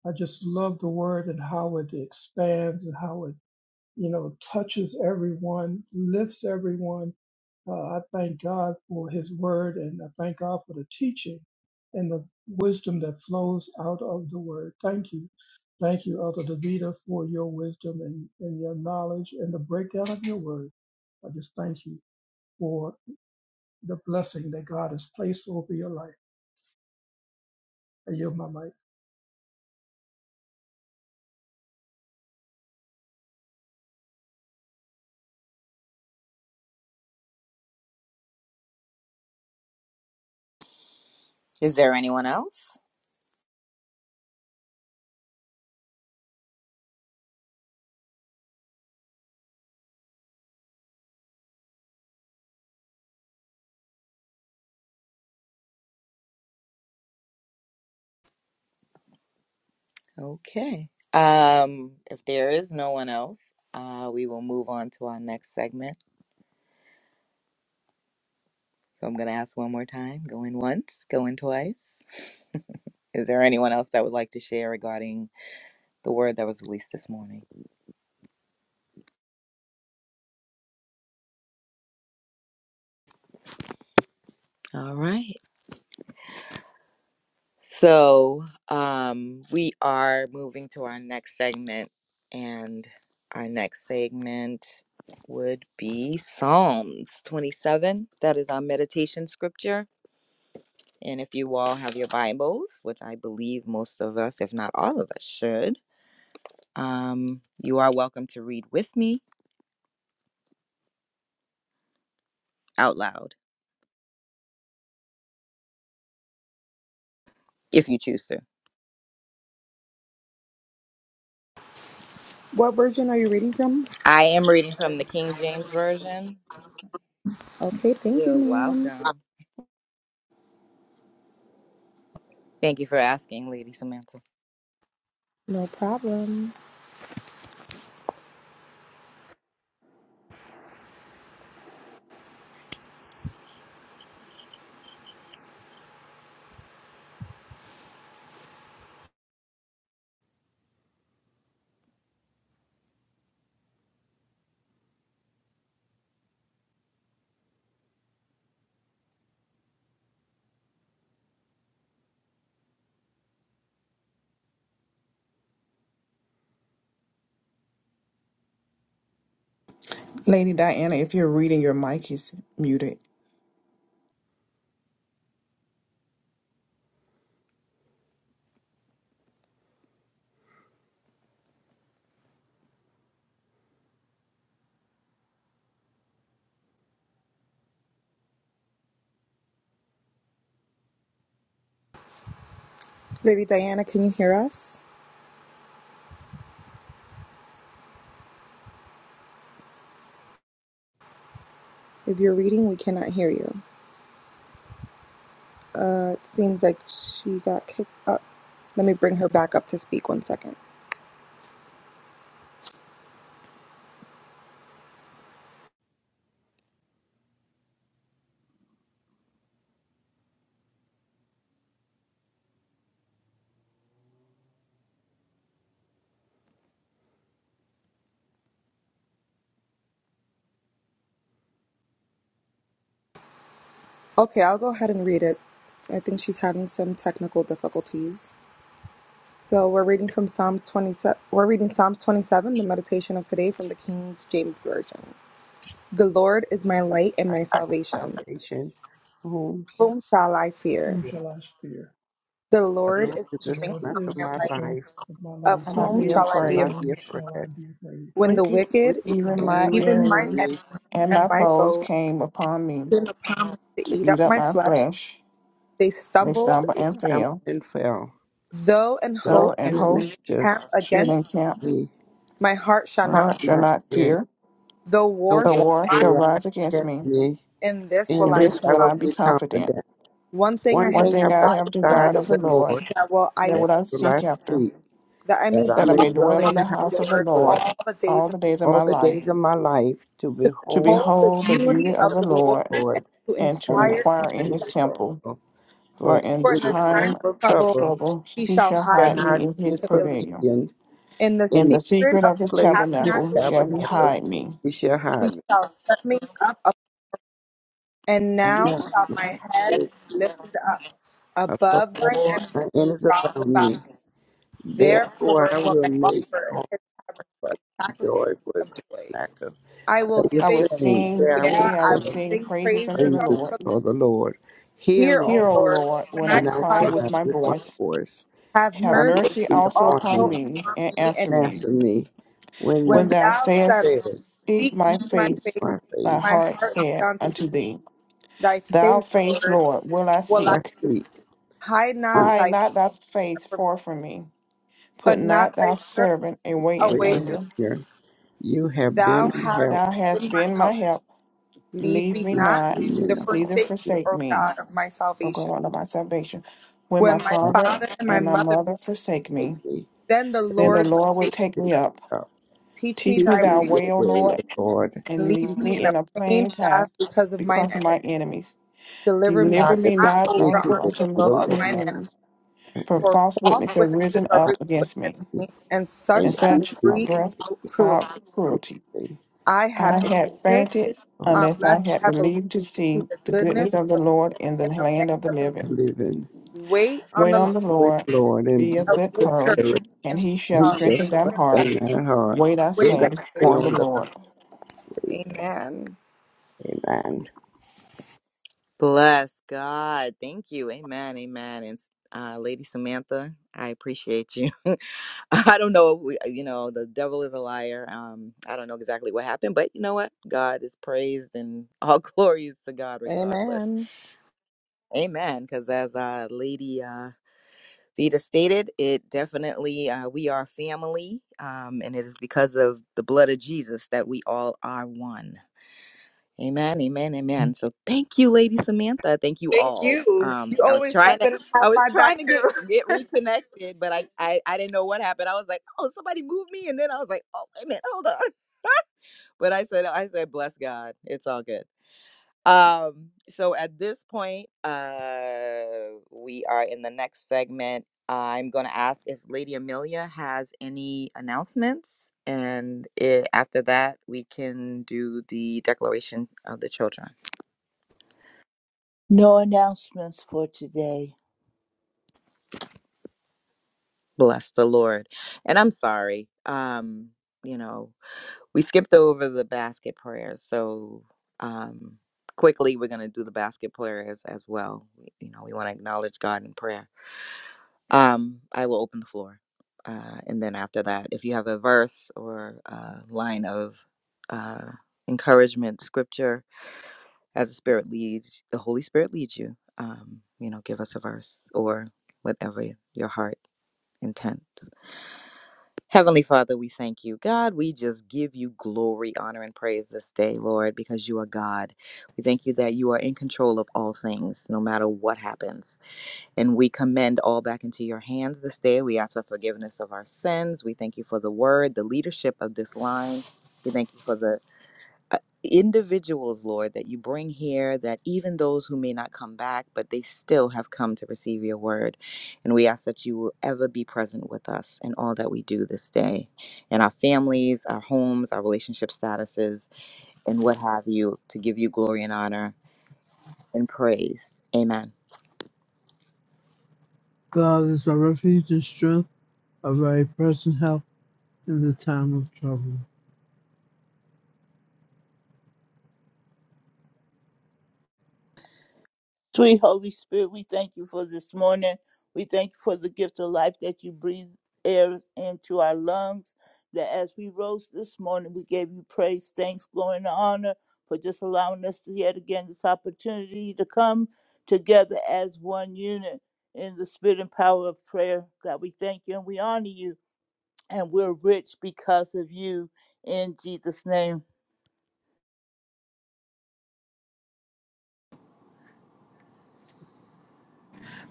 [SPEAKER 2] I just love the word and how it expands and how it you know touches everyone, lifts everyone uh, I thank God for His Word, and I thank God for the teaching and the wisdom that flows out of the Word. Thank you. Thank you, Elder Davida, for your wisdom and, and your knowledge and the breakdown of your Word. I just thank you for the blessing that God has placed over your life. I yield my might.
[SPEAKER 8] Is there anyone else? Okay. Um, if there is no one else, uh, we will move on to our next segment. So I'm going to ask one more time. Go in once. Go in twice. Is there anyone else that would like to share regarding the word that was released this morning? All right. So um, we are moving to our next segment, and our next segment would be Psalms 27. That is our meditation scripture. And if you all have your Bibles, which I believe most of us, if not all of us, should, um, you are welcome to read with me out loud if you choose to.
[SPEAKER 12] What version are you reading from?
[SPEAKER 8] I am reading from the King James Version.
[SPEAKER 12] Okay, thank you,
[SPEAKER 8] You're
[SPEAKER 12] ma'am.
[SPEAKER 8] welcome. Thank you for asking, Lady Samantha.
[SPEAKER 12] No problem.
[SPEAKER 7] Lady Diana, if you're reading, your mic is muted.
[SPEAKER 12] Lady Diana, can you hear us? If you're reading, we cannot hear you. Uh, it seems like she got kicked up. Let me bring her back up to speak one second. Okay, I'll go ahead and read it. I think she's having some technical difficulties. So we're reading from Psalms 27. We're reading Psalms 27, the meditation of today from the King James Version. The Lord is my light and my salvation.
[SPEAKER 4] Salvation. Homes.
[SPEAKER 12] Whom shall I fear?
[SPEAKER 2] Whom
[SPEAKER 4] The
[SPEAKER 2] shall I fear?
[SPEAKER 12] The Lord
[SPEAKER 4] Lord
[SPEAKER 12] is
[SPEAKER 4] is
[SPEAKER 12] the
[SPEAKER 2] The
[SPEAKER 4] the
[SPEAKER 2] Lord
[SPEAKER 12] strength of
[SPEAKER 4] strength of
[SPEAKER 12] my
[SPEAKER 2] is
[SPEAKER 4] my
[SPEAKER 2] the
[SPEAKER 12] life.
[SPEAKER 4] life.
[SPEAKER 2] strength of my
[SPEAKER 12] Of
[SPEAKER 2] life.
[SPEAKER 7] And
[SPEAKER 4] For
[SPEAKER 7] not
[SPEAKER 12] whom
[SPEAKER 7] be
[SPEAKER 4] whom
[SPEAKER 12] shall I
[SPEAKER 2] For
[SPEAKER 4] shall
[SPEAKER 12] be
[SPEAKER 4] I
[SPEAKER 7] afraid.
[SPEAKER 12] afraid?
[SPEAKER 4] be
[SPEAKER 2] whom shall I
[SPEAKER 4] afraid?
[SPEAKER 2] be afraid?
[SPEAKER 12] When the
[SPEAKER 7] Wicked,
[SPEAKER 12] wicked,
[SPEAKER 4] Wicked
[SPEAKER 2] The
[SPEAKER 7] even my
[SPEAKER 4] came
[SPEAKER 2] wicked.
[SPEAKER 12] even
[SPEAKER 4] against
[SPEAKER 12] my
[SPEAKER 7] enemies
[SPEAKER 4] me,
[SPEAKER 12] enemies
[SPEAKER 7] and
[SPEAKER 12] and
[SPEAKER 7] my
[SPEAKER 12] my
[SPEAKER 7] foes
[SPEAKER 12] foes,
[SPEAKER 7] came upon me
[SPEAKER 12] came upon me to
[SPEAKER 7] to
[SPEAKER 12] eat
[SPEAKER 7] eat
[SPEAKER 12] up
[SPEAKER 7] up
[SPEAKER 12] my
[SPEAKER 7] my
[SPEAKER 12] flesh,
[SPEAKER 7] flesh.
[SPEAKER 12] they
[SPEAKER 4] my
[SPEAKER 7] They
[SPEAKER 12] stumbled.
[SPEAKER 7] stumble
[SPEAKER 4] feet
[SPEAKER 7] and
[SPEAKER 4] stumbled
[SPEAKER 7] fail.
[SPEAKER 4] and fell.
[SPEAKER 12] Though an
[SPEAKER 4] Your
[SPEAKER 12] host
[SPEAKER 7] Though an
[SPEAKER 4] enemies
[SPEAKER 7] host
[SPEAKER 12] camp
[SPEAKER 4] just
[SPEAKER 7] should
[SPEAKER 12] against me,
[SPEAKER 7] encamp
[SPEAKER 4] me
[SPEAKER 12] my heart shall
[SPEAKER 4] are
[SPEAKER 12] not.
[SPEAKER 7] heart
[SPEAKER 12] fear.
[SPEAKER 7] shall
[SPEAKER 4] not
[SPEAKER 7] not
[SPEAKER 4] dead.
[SPEAKER 7] fear.
[SPEAKER 12] Though
[SPEAKER 4] The
[SPEAKER 12] war
[SPEAKER 7] The
[SPEAKER 12] sh-
[SPEAKER 4] war
[SPEAKER 7] war
[SPEAKER 4] may
[SPEAKER 7] shall rise
[SPEAKER 4] rise
[SPEAKER 7] against
[SPEAKER 4] against
[SPEAKER 7] me.
[SPEAKER 4] me.
[SPEAKER 12] in this
[SPEAKER 4] In
[SPEAKER 12] will
[SPEAKER 7] In
[SPEAKER 12] I
[SPEAKER 4] this
[SPEAKER 7] this
[SPEAKER 4] I
[SPEAKER 7] will
[SPEAKER 12] come.
[SPEAKER 7] I
[SPEAKER 4] will
[SPEAKER 7] be
[SPEAKER 4] be
[SPEAKER 7] confident.
[SPEAKER 4] confident.
[SPEAKER 12] One thing I
[SPEAKER 4] One
[SPEAKER 12] have
[SPEAKER 7] One
[SPEAKER 4] thing
[SPEAKER 7] thing
[SPEAKER 4] about
[SPEAKER 7] I
[SPEAKER 12] desired of
[SPEAKER 7] have
[SPEAKER 4] the
[SPEAKER 12] the
[SPEAKER 4] side
[SPEAKER 7] desired
[SPEAKER 12] Lord
[SPEAKER 7] of
[SPEAKER 4] of
[SPEAKER 7] the
[SPEAKER 4] the
[SPEAKER 7] Lord,
[SPEAKER 4] Lord
[SPEAKER 12] that will I
[SPEAKER 7] that
[SPEAKER 4] that
[SPEAKER 7] will
[SPEAKER 12] seek
[SPEAKER 7] I
[SPEAKER 4] will I
[SPEAKER 7] seek
[SPEAKER 12] after,
[SPEAKER 7] after,
[SPEAKER 4] seek,
[SPEAKER 12] that I may
[SPEAKER 4] that I
[SPEAKER 7] that I
[SPEAKER 12] dwell
[SPEAKER 4] may
[SPEAKER 7] may
[SPEAKER 4] dwell
[SPEAKER 7] dwell in
[SPEAKER 4] in the
[SPEAKER 7] the
[SPEAKER 12] in
[SPEAKER 7] house
[SPEAKER 4] house
[SPEAKER 12] the
[SPEAKER 4] of
[SPEAKER 7] of the
[SPEAKER 4] the
[SPEAKER 12] Lord
[SPEAKER 4] Lord
[SPEAKER 7] Lord
[SPEAKER 12] all the
[SPEAKER 7] all
[SPEAKER 12] days
[SPEAKER 7] the days of
[SPEAKER 4] all
[SPEAKER 7] my
[SPEAKER 4] the days
[SPEAKER 7] life,
[SPEAKER 4] of my life to
[SPEAKER 12] to
[SPEAKER 7] to
[SPEAKER 4] behold
[SPEAKER 12] behold the
[SPEAKER 7] behold the
[SPEAKER 12] beauty
[SPEAKER 7] beauty of
[SPEAKER 12] of
[SPEAKER 7] the
[SPEAKER 12] the Lord
[SPEAKER 4] the
[SPEAKER 7] Lord,
[SPEAKER 4] Lord
[SPEAKER 12] to
[SPEAKER 7] and to
[SPEAKER 4] and
[SPEAKER 12] inquire.
[SPEAKER 4] make
[SPEAKER 12] in
[SPEAKER 7] inquire in
[SPEAKER 4] plan
[SPEAKER 7] his
[SPEAKER 12] His temple.
[SPEAKER 7] temple.
[SPEAKER 4] evil. For
[SPEAKER 7] For in
[SPEAKER 12] For
[SPEAKER 4] in
[SPEAKER 12] in the
[SPEAKER 4] the
[SPEAKER 12] time
[SPEAKER 4] time
[SPEAKER 12] of
[SPEAKER 7] time
[SPEAKER 4] of
[SPEAKER 7] of
[SPEAKER 12] trouble
[SPEAKER 4] trouble
[SPEAKER 7] trouble
[SPEAKER 12] he
[SPEAKER 7] he
[SPEAKER 12] shall
[SPEAKER 7] shall
[SPEAKER 12] hide
[SPEAKER 4] shall
[SPEAKER 7] hide
[SPEAKER 4] I
[SPEAKER 12] me
[SPEAKER 7] me
[SPEAKER 4] hide
[SPEAKER 7] in
[SPEAKER 4] in
[SPEAKER 7] his
[SPEAKER 4] his
[SPEAKER 12] securely.
[SPEAKER 7] pavilion.
[SPEAKER 4] provision
[SPEAKER 12] In the
[SPEAKER 4] in
[SPEAKER 7] In
[SPEAKER 12] secret
[SPEAKER 4] the
[SPEAKER 7] the secret
[SPEAKER 12] of
[SPEAKER 7] of
[SPEAKER 12] his
[SPEAKER 7] his
[SPEAKER 4] place of his
[SPEAKER 7] tabernacle
[SPEAKER 12] tabernacle
[SPEAKER 7] shall he
[SPEAKER 12] he,
[SPEAKER 4] tabernacle,
[SPEAKER 7] hide me.
[SPEAKER 4] he shall
[SPEAKER 12] he
[SPEAKER 4] hide me.
[SPEAKER 12] shall set me up, up. And
[SPEAKER 4] And
[SPEAKER 12] now
[SPEAKER 4] now
[SPEAKER 12] shall my head
[SPEAKER 4] there
[SPEAKER 12] be lifted up
[SPEAKER 4] are so
[SPEAKER 12] above mine
[SPEAKER 4] war
[SPEAKER 12] enemies
[SPEAKER 4] and enemies
[SPEAKER 12] round
[SPEAKER 4] around
[SPEAKER 12] about.
[SPEAKER 4] me. Therefore
[SPEAKER 12] Therefore
[SPEAKER 4] I
[SPEAKER 12] will
[SPEAKER 4] will
[SPEAKER 12] I
[SPEAKER 4] make
[SPEAKER 12] offer
[SPEAKER 4] comfort
[SPEAKER 12] a sacrifice
[SPEAKER 4] joy for
[SPEAKER 12] of
[SPEAKER 4] his
[SPEAKER 12] joy.
[SPEAKER 4] tabernacle.
[SPEAKER 12] I
[SPEAKER 4] I
[SPEAKER 12] will
[SPEAKER 4] will
[SPEAKER 7] I
[SPEAKER 12] sing,
[SPEAKER 7] will
[SPEAKER 4] sing,
[SPEAKER 7] sing,
[SPEAKER 4] there I will
[SPEAKER 12] yeah,
[SPEAKER 7] yea, I
[SPEAKER 12] I
[SPEAKER 7] will
[SPEAKER 12] will
[SPEAKER 4] sing
[SPEAKER 7] sing
[SPEAKER 12] sing
[SPEAKER 7] praises unto
[SPEAKER 12] praises
[SPEAKER 7] the
[SPEAKER 12] unto
[SPEAKER 7] Lord.
[SPEAKER 12] the
[SPEAKER 4] praises for the Lord. Hear,
[SPEAKER 12] Hear,
[SPEAKER 4] O
[SPEAKER 12] O
[SPEAKER 7] Hear, O
[SPEAKER 4] Lord,
[SPEAKER 12] Lord,
[SPEAKER 7] Lord,
[SPEAKER 12] when
[SPEAKER 7] when
[SPEAKER 12] I
[SPEAKER 7] I
[SPEAKER 4] when I
[SPEAKER 7] cry
[SPEAKER 12] cry with
[SPEAKER 7] with
[SPEAKER 4] cry
[SPEAKER 7] my
[SPEAKER 4] with
[SPEAKER 12] my
[SPEAKER 4] my
[SPEAKER 12] voice.
[SPEAKER 7] voice.
[SPEAKER 4] voice.
[SPEAKER 12] Have
[SPEAKER 7] Have
[SPEAKER 4] Have
[SPEAKER 12] mercy
[SPEAKER 7] mercy
[SPEAKER 4] mercy
[SPEAKER 7] also
[SPEAKER 4] upon
[SPEAKER 7] upon
[SPEAKER 12] also
[SPEAKER 4] me,
[SPEAKER 7] me,
[SPEAKER 12] upon
[SPEAKER 7] and
[SPEAKER 12] me, and
[SPEAKER 7] answer me.
[SPEAKER 4] answer me. When
[SPEAKER 7] When
[SPEAKER 12] when
[SPEAKER 7] thou
[SPEAKER 12] thou
[SPEAKER 7] sayest,
[SPEAKER 12] said
[SPEAKER 4] they said,
[SPEAKER 7] Seek
[SPEAKER 12] Seek ye
[SPEAKER 7] my
[SPEAKER 12] my
[SPEAKER 7] face,
[SPEAKER 12] face,
[SPEAKER 4] my
[SPEAKER 7] my
[SPEAKER 4] face,
[SPEAKER 12] my
[SPEAKER 7] heart
[SPEAKER 12] heart said
[SPEAKER 7] said
[SPEAKER 12] unto
[SPEAKER 7] unto
[SPEAKER 12] thee,
[SPEAKER 7] thee,
[SPEAKER 12] Thy
[SPEAKER 7] Thy
[SPEAKER 12] face,
[SPEAKER 7] face,
[SPEAKER 12] Lord,
[SPEAKER 7] Lord, will I
[SPEAKER 12] will I
[SPEAKER 4] I
[SPEAKER 7] seek.
[SPEAKER 4] seek,
[SPEAKER 12] hide not
[SPEAKER 4] you,
[SPEAKER 7] Hide
[SPEAKER 12] thy
[SPEAKER 7] not
[SPEAKER 12] part
[SPEAKER 7] thy face
[SPEAKER 12] from me,
[SPEAKER 7] far from me. Put
[SPEAKER 12] but not
[SPEAKER 7] not thy
[SPEAKER 12] thy
[SPEAKER 7] servant away
[SPEAKER 12] servant
[SPEAKER 7] in
[SPEAKER 12] away.
[SPEAKER 7] anger.
[SPEAKER 4] you have
[SPEAKER 12] Thou
[SPEAKER 4] been my help.
[SPEAKER 12] hast
[SPEAKER 7] Thou
[SPEAKER 12] been
[SPEAKER 7] hast
[SPEAKER 12] my
[SPEAKER 7] been my
[SPEAKER 12] help.
[SPEAKER 7] help.
[SPEAKER 12] Leave
[SPEAKER 7] Leave
[SPEAKER 12] me
[SPEAKER 7] me
[SPEAKER 4] Now,
[SPEAKER 12] not,
[SPEAKER 4] give
[SPEAKER 7] not,
[SPEAKER 4] me
[SPEAKER 12] neither
[SPEAKER 4] the
[SPEAKER 7] neither
[SPEAKER 12] forsake me,
[SPEAKER 7] forsake
[SPEAKER 12] O
[SPEAKER 7] me,
[SPEAKER 12] God of my
[SPEAKER 7] O
[SPEAKER 12] salvation.
[SPEAKER 7] God of my salvation. When
[SPEAKER 12] When
[SPEAKER 7] my
[SPEAKER 12] my
[SPEAKER 4] strength
[SPEAKER 7] father
[SPEAKER 12] father and my
[SPEAKER 4] to
[SPEAKER 7] and my
[SPEAKER 12] mother,
[SPEAKER 7] mother forsake me,
[SPEAKER 4] take me
[SPEAKER 12] then the
[SPEAKER 4] from
[SPEAKER 7] then
[SPEAKER 4] the
[SPEAKER 7] the
[SPEAKER 12] Lord will
[SPEAKER 7] Lord will
[SPEAKER 12] say,
[SPEAKER 7] take me up.
[SPEAKER 4] top.
[SPEAKER 12] Teach me
[SPEAKER 7] Teach me
[SPEAKER 12] thy
[SPEAKER 4] Keep
[SPEAKER 7] thy
[SPEAKER 4] me
[SPEAKER 12] way,
[SPEAKER 7] way,
[SPEAKER 4] your
[SPEAKER 7] O
[SPEAKER 4] way,
[SPEAKER 7] Lord,
[SPEAKER 4] O Lord.
[SPEAKER 12] and
[SPEAKER 7] and
[SPEAKER 12] lead
[SPEAKER 7] lead
[SPEAKER 12] me
[SPEAKER 7] me
[SPEAKER 12] in a
[SPEAKER 7] in a
[SPEAKER 12] plain
[SPEAKER 7] plain
[SPEAKER 12] path
[SPEAKER 7] path
[SPEAKER 12] because of mine
[SPEAKER 7] because of
[SPEAKER 12] enemies.
[SPEAKER 7] my enemies.
[SPEAKER 12] Deliver me
[SPEAKER 7] Deliver
[SPEAKER 4] Not the
[SPEAKER 7] me
[SPEAKER 12] not
[SPEAKER 7] not
[SPEAKER 4] victory
[SPEAKER 12] over
[SPEAKER 4] to
[SPEAKER 7] over
[SPEAKER 4] the
[SPEAKER 12] unto the
[SPEAKER 7] unto
[SPEAKER 12] will
[SPEAKER 4] will
[SPEAKER 12] of
[SPEAKER 4] of
[SPEAKER 7] my
[SPEAKER 12] mine
[SPEAKER 4] my
[SPEAKER 12] enemies
[SPEAKER 7] enemies, for
[SPEAKER 4] present
[SPEAKER 12] For
[SPEAKER 7] false
[SPEAKER 12] false
[SPEAKER 7] witnesses have
[SPEAKER 12] witnesses
[SPEAKER 7] risen
[SPEAKER 12] are risen
[SPEAKER 7] up against me,
[SPEAKER 12] against
[SPEAKER 4] body.
[SPEAKER 12] me, and
[SPEAKER 7] and
[SPEAKER 12] such
[SPEAKER 4] And
[SPEAKER 12] as
[SPEAKER 4] keep
[SPEAKER 7] such are
[SPEAKER 4] this
[SPEAKER 12] breathe
[SPEAKER 7] breath
[SPEAKER 12] out cruelty.
[SPEAKER 7] out
[SPEAKER 4] truth
[SPEAKER 7] cruelty.
[SPEAKER 4] day
[SPEAKER 12] I had
[SPEAKER 7] I
[SPEAKER 4] of
[SPEAKER 7] had
[SPEAKER 12] fainted
[SPEAKER 7] fainted
[SPEAKER 4] all
[SPEAKER 7] unless
[SPEAKER 12] unless
[SPEAKER 7] I
[SPEAKER 12] I
[SPEAKER 7] had
[SPEAKER 12] had believed
[SPEAKER 7] believed to
[SPEAKER 12] to
[SPEAKER 7] see
[SPEAKER 12] the
[SPEAKER 7] the
[SPEAKER 12] goodness
[SPEAKER 7] goodness of the Lord in the
[SPEAKER 12] in the land
[SPEAKER 7] land of the
[SPEAKER 12] of the
[SPEAKER 7] living.
[SPEAKER 4] living.
[SPEAKER 12] living. Wait on
[SPEAKER 7] Wait
[SPEAKER 12] the
[SPEAKER 7] on
[SPEAKER 12] Lord
[SPEAKER 7] the
[SPEAKER 4] Wait,
[SPEAKER 7] Lord,
[SPEAKER 4] Lord, and
[SPEAKER 7] be
[SPEAKER 4] be
[SPEAKER 7] of
[SPEAKER 4] of
[SPEAKER 12] of
[SPEAKER 7] good
[SPEAKER 12] good
[SPEAKER 4] good
[SPEAKER 12] courage,
[SPEAKER 7] courage,
[SPEAKER 4] courage.
[SPEAKER 7] and
[SPEAKER 12] and he
[SPEAKER 7] he shall
[SPEAKER 4] He
[SPEAKER 12] shall
[SPEAKER 7] strengthen thine
[SPEAKER 4] shall
[SPEAKER 12] strengthen thy
[SPEAKER 7] heart.
[SPEAKER 4] strengthen my heart.
[SPEAKER 7] Wait, I
[SPEAKER 12] Wait,
[SPEAKER 4] They
[SPEAKER 12] I
[SPEAKER 7] say,
[SPEAKER 4] that
[SPEAKER 12] say,
[SPEAKER 4] stay
[SPEAKER 7] on the
[SPEAKER 4] on the
[SPEAKER 7] Lord.
[SPEAKER 4] faith.
[SPEAKER 12] Amen.
[SPEAKER 4] Amen.
[SPEAKER 8] Bless God. Thank you. Amen. Amen. And uh, Lady Samantha, I appreciate you. (laughs) I don't know. We, uh, you know, the devil is a liar. Um, I don't know exactly what happened, but you know what? God is praised and all (laughs) glory is to God regardless.
[SPEAKER 12] Amen.
[SPEAKER 8] Amen. Because as uh, Lady uh, Vita stated, it definitely, uh, we are family. Um, and it is because of the blood of Jesus that we all are one. Amen, amen, amen. So thank you, Lady Samantha. Thank you
[SPEAKER 12] Thank
[SPEAKER 8] all.
[SPEAKER 12] you.
[SPEAKER 8] Um,
[SPEAKER 12] You
[SPEAKER 8] I was
[SPEAKER 12] always have
[SPEAKER 8] trying to,
[SPEAKER 12] been
[SPEAKER 8] I
[SPEAKER 12] have
[SPEAKER 8] was
[SPEAKER 12] my
[SPEAKER 8] trying
[SPEAKER 12] back
[SPEAKER 8] to
[SPEAKER 12] too.
[SPEAKER 8] get get reconnected, but I, I I didn't know what happened. I was like, oh, somebody moved me, and then I was like, oh, wait a minute, hold on. (laughs) But I said, I said, bless God, it's all good. Um, so at this point, uh, we are in the next segment. I'm going to ask if Lady Amelia has any announcements, and i after that, we can do the declaration of the children.
[SPEAKER 5] No announcements for today.
[SPEAKER 8] Bless the Lord. And I'm sorry. Um, you know, we skipped over the basket prayers. So um quickly we're gonna do the basket prayers as well. We- You know, we want to acknowledge God in prayer. Um, I will open the floor. Uh, and then after that, if you have a verse or a line of uh, encouragement, scripture, as the Spirit leads, the Holy Spirit leads you, um, you know, give us a verse or whatever your heart intent. Heavenly Father, we thank you. God, we just give you glory, honor, and praise this day, Lord, because you are God. We thank you that you are in control of all things, no matter what happens. And we commend all back into your hands this day. We ask for forgiveness of our sins. We thank you for the word, the leadership of this line. We thank you for the uh, individuals, Lord, that you bring here, that even those who may not come back, but they still have come to receive your word. And we ask that you will ever be present with us in all that we do this day, in our families, our homes, our relationship statuses, and what have you, to give you glory and honor and praise. Amen.
[SPEAKER 6] God is my refuge and strength, a very present help in the time of trouble.
[SPEAKER 5] Sweet Holy Spirit, we thank you for this morning. We thank you for the gift of life that you breathe air into our lungs. That as we rose this morning, we gave you praise, thanks, glory, and honor for just allowing us to yet again this opportunity to come together as one unit in the spirit and power of prayer. God, we thank you and we honor you, and we're rich because of you. In Jesus' name,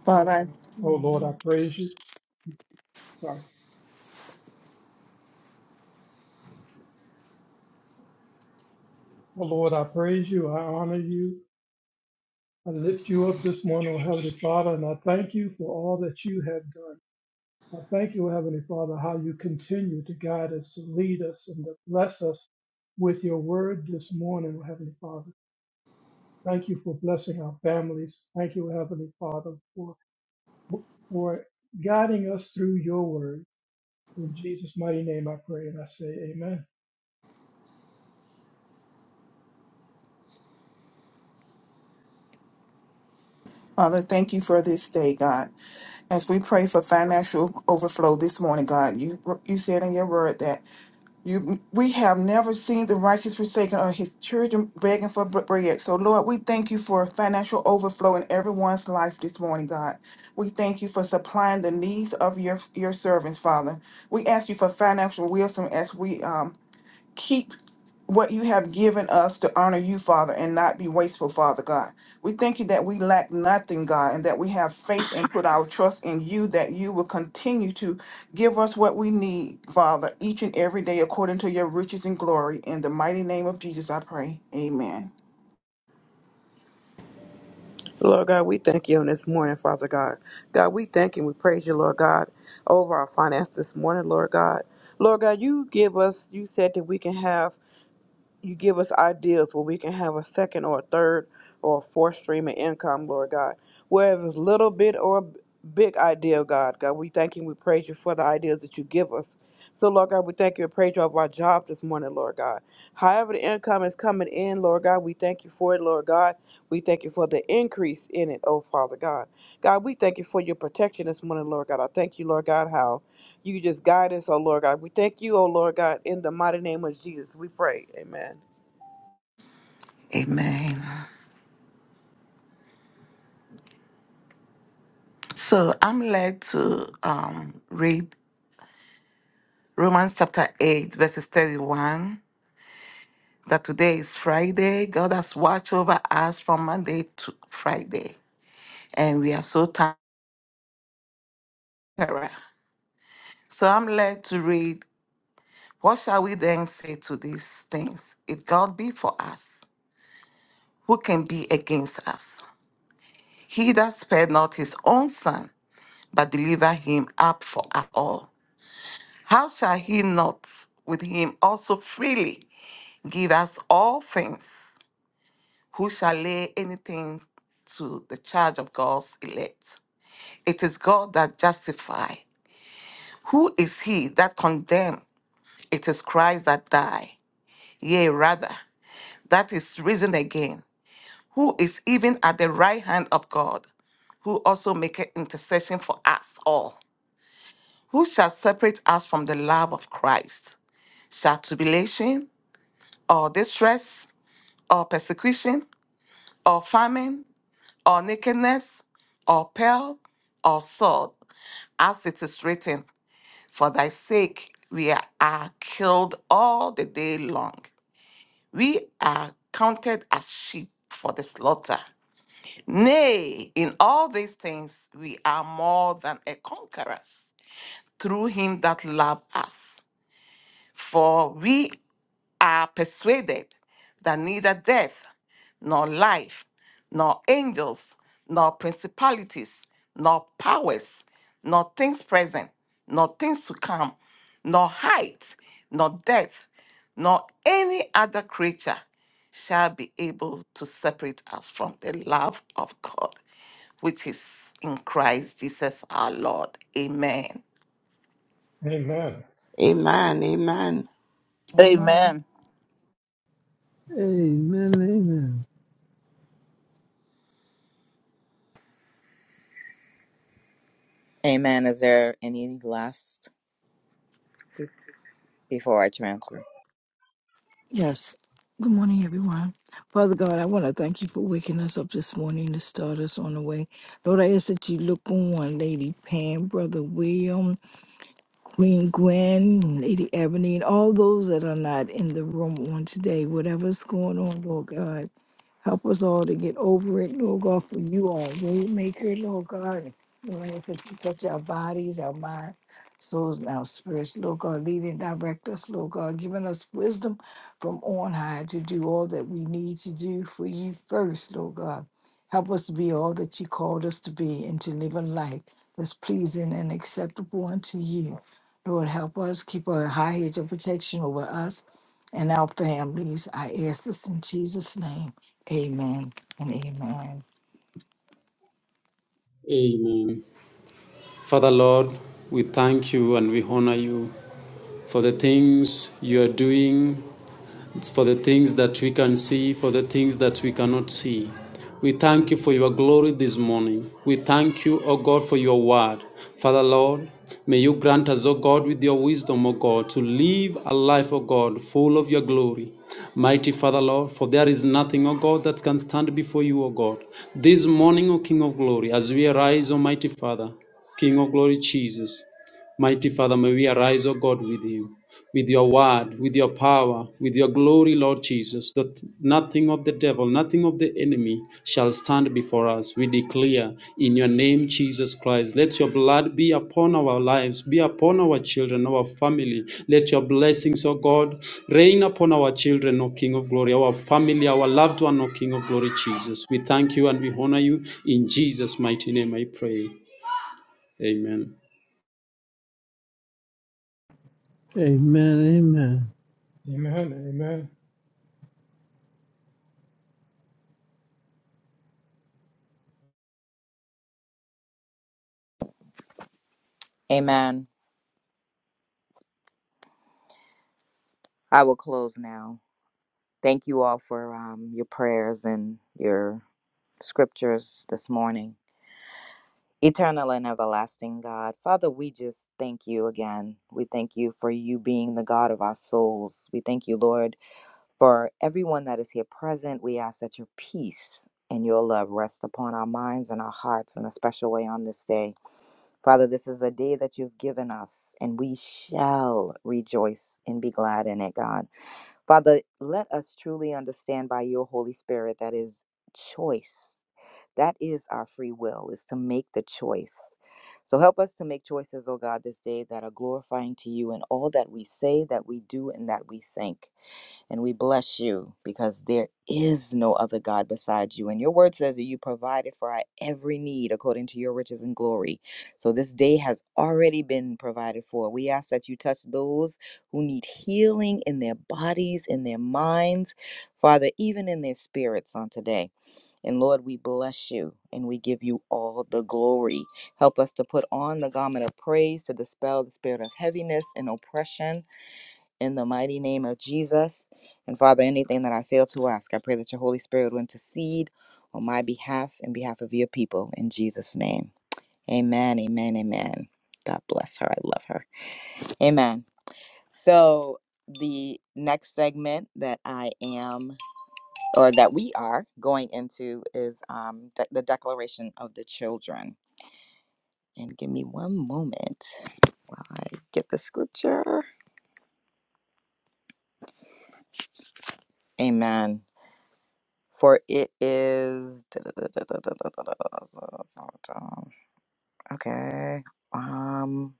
[SPEAKER 7] Father, I
[SPEAKER 2] Oh Lord, I praise you. Sorry. Oh Lord, I praise you. I honor you. I lift you up this morning, oh Heavenly Father, and I thank you for all that you have done. I thank you, oh Heavenly Father, how you continue to guide us, to lead us, and to bless us with your word this morning, oh Heavenly Father. Thank you for blessing our families. Thank you, oh Heavenly Father, for, for guiding us through your word. In Jesus' mighty name I pray and I say amen.
[SPEAKER 7] Father, thank you for this day, God. As we pray for financial overflow this morning, God, you you said in your word that you we have never seen the righteous forsaken or his children begging for bre- bread. So, Lord, we thank you for financial overflow in everyone's life this morning, God. We thank you for supplying the needs of your your servants, Father. We ask you for financial wisdom as we um. keep what you have given us to honor you, Father, and not be wasteful, Father God. We thank you that we lack nothing, God, and that we have faith and put our trust in you, that you will continue to give us what we need, Father, each and every day according to your riches and glory. In the mighty name of Jesus, I pray. Amen.
[SPEAKER 9] God, we thank you on this morning, Father God. God, we thank you and we praise you, Lord God, over our finances this morning, Lord God. Lord God, you give us, you said that we can have you give us ideas where we can have a second or a third or a fourth stream of income, Lord God. Whether it's little bit or a big idea, God, God, we thank you and we praise you for the ideas that you give us. So, Lord God, we thank you and praise you over our job this morning, Lord God. However, the income is coming in, Lord God, we thank you for it, Lord God. We thank you for the increase in it, oh Father God. God, we thank you for your protection this morning, Lord God. I thank you, Lord God, how. You just guide us, oh Lord God. We thank you, oh Lord God, in the mighty name of Jesus. We pray. Amen.
[SPEAKER 13] Amen. So I'm led to um, read Romans chapter 8, verses 31. That today is Friday. God has watched over us from Monday to Friday, and we are so tired. So I'm led to read, What shall we then say to these things? If God be for us, who can be against us? He that spared not his own son, but delivered him up for us all, how shall he not with him also freely? Give us all things. Who shall lay anything to the charge of God's elect? It is God that justifies. Who is he that condemns? It is Christ that died. Yea, rather, that is risen again. Who is even at the right hand of God? Who also maketh intercession for us all? Who shall separate us from the love of Christ? Shall tribulation, or distress, or persecution, or famine? or nakedness, or peril, or sword, as it is written, For thy sake we are killed all the day long. We are counted as sheep for the slaughter. Nay, in all these things we are more than a conquerors through him that loved us. For we are persuaded that neither death, nor life, nor angels, nor principalities, nor powers, nor things present, nor things to come, nor height, nor depth, nor any other creature shall be able to separate us from the love of God, which is in Christ Jesus our Lord. Amen.
[SPEAKER 2] Amen.
[SPEAKER 4] Amen. Amen.
[SPEAKER 7] Amen.
[SPEAKER 5] amen.
[SPEAKER 6] Amen, amen.
[SPEAKER 8] Amen. Is there any last before I transfer?
[SPEAKER 3] Yes. Good morning, everyone. Father God, I want to thank you for waking us up this morning to start us on the way. Lord, I ask that you look on Lady Pam, Brother William, Queen Gwen, Lady Ebony, and all those that are not in the room on today. Whatever's going on, Lord God. Help us all to get over it, Lord God, for you are a way maker, Lord God. Lord, I ask that you touch our bodies, our mind, souls, and our spirits, Lord God. Lead and direct us, Lord God, giving us wisdom from on high to do all that we need to do for you first, Lord God. Help us to be all that you called us to be and to live a life that's pleasing and acceptable unto you. Lord, help us keep a high hedge of protection over us and our families. I ask this in Jesus' name. Amen and amen.
[SPEAKER 10] Father Lord, we thank you and we honor you for the things you are doing It's for the things that we can see, for the things that we cannot see. We thank you for your glory this morning. We thank you, O God, for your word. Father Lord, may you grant us, O God, with your wisdom, O God, to live a life, O God, full of your glory. Mighty Father Lord, for there is nothing, O God, that can stand before you, O God. This morning, O King of glory, as we arise, O mighty Father, King of glory, Jesus. Mighty Father, may we arise, O God, with you with your word, with your power, with your glory, Lord Jesus, that nothing of the devil, nothing of the enemy shall stand before us. We declare in your name, Jesus Christ, let your blood be upon our lives, be upon our children, our family. Let your blessings, O God, reign upon our children, O King of glory, our family, our loved one, O King of glory, Jesus. We thank you and we honor you. In Jesus' mighty name I pray. Amen.
[SPEAKER 6] Amen, amen.
[SPEAKER 2] Amen. Amen.
[SPEAKER 8] Amen. I will close now. Thank you all for um, your prayers and your scriptures this morning. Eternal and everlasting God, Father, we just thank you again. We thank you for you being the God of our souls. We thank you, Lord, for everyone that is here present. We ask that your peace and your love rest upon our minds and our hearts in a special way on this day. Father, this is a day that you've given us, and we shall rejoice and be glad in it, God. Father, let us truly understand by your Holy Spirit that is choice that is our free will, is to make the choice. So help us to make choices, oh God, this day that are glorifying to you in all that we say, that we do, and that we think. And we bless you because there is no other God besides you. And your word says that you provided for our every need according to your riches and glory. So this day has already been provided for. We ask that you touch those who need healing in their bodies, in their minds, Father, even in their spirits on today. And Lord, we bless you and we give you all the glory. Help us to put on the garment of praise to dispel the spirit of heaviness and oppression in the mighty name of Jesus. And Father, anything that I fail to ask, I pray that your Holy Spirit will intercede on my behalf and behalf of your people in Jesus' name. Amen, amen, amen. God bless her. I love her. Amen. So, the next segment that I am or that we are going into is um, de- the Declaration of the Children. And give me one moment while I get the scripture. Amen. For it is okay. Um,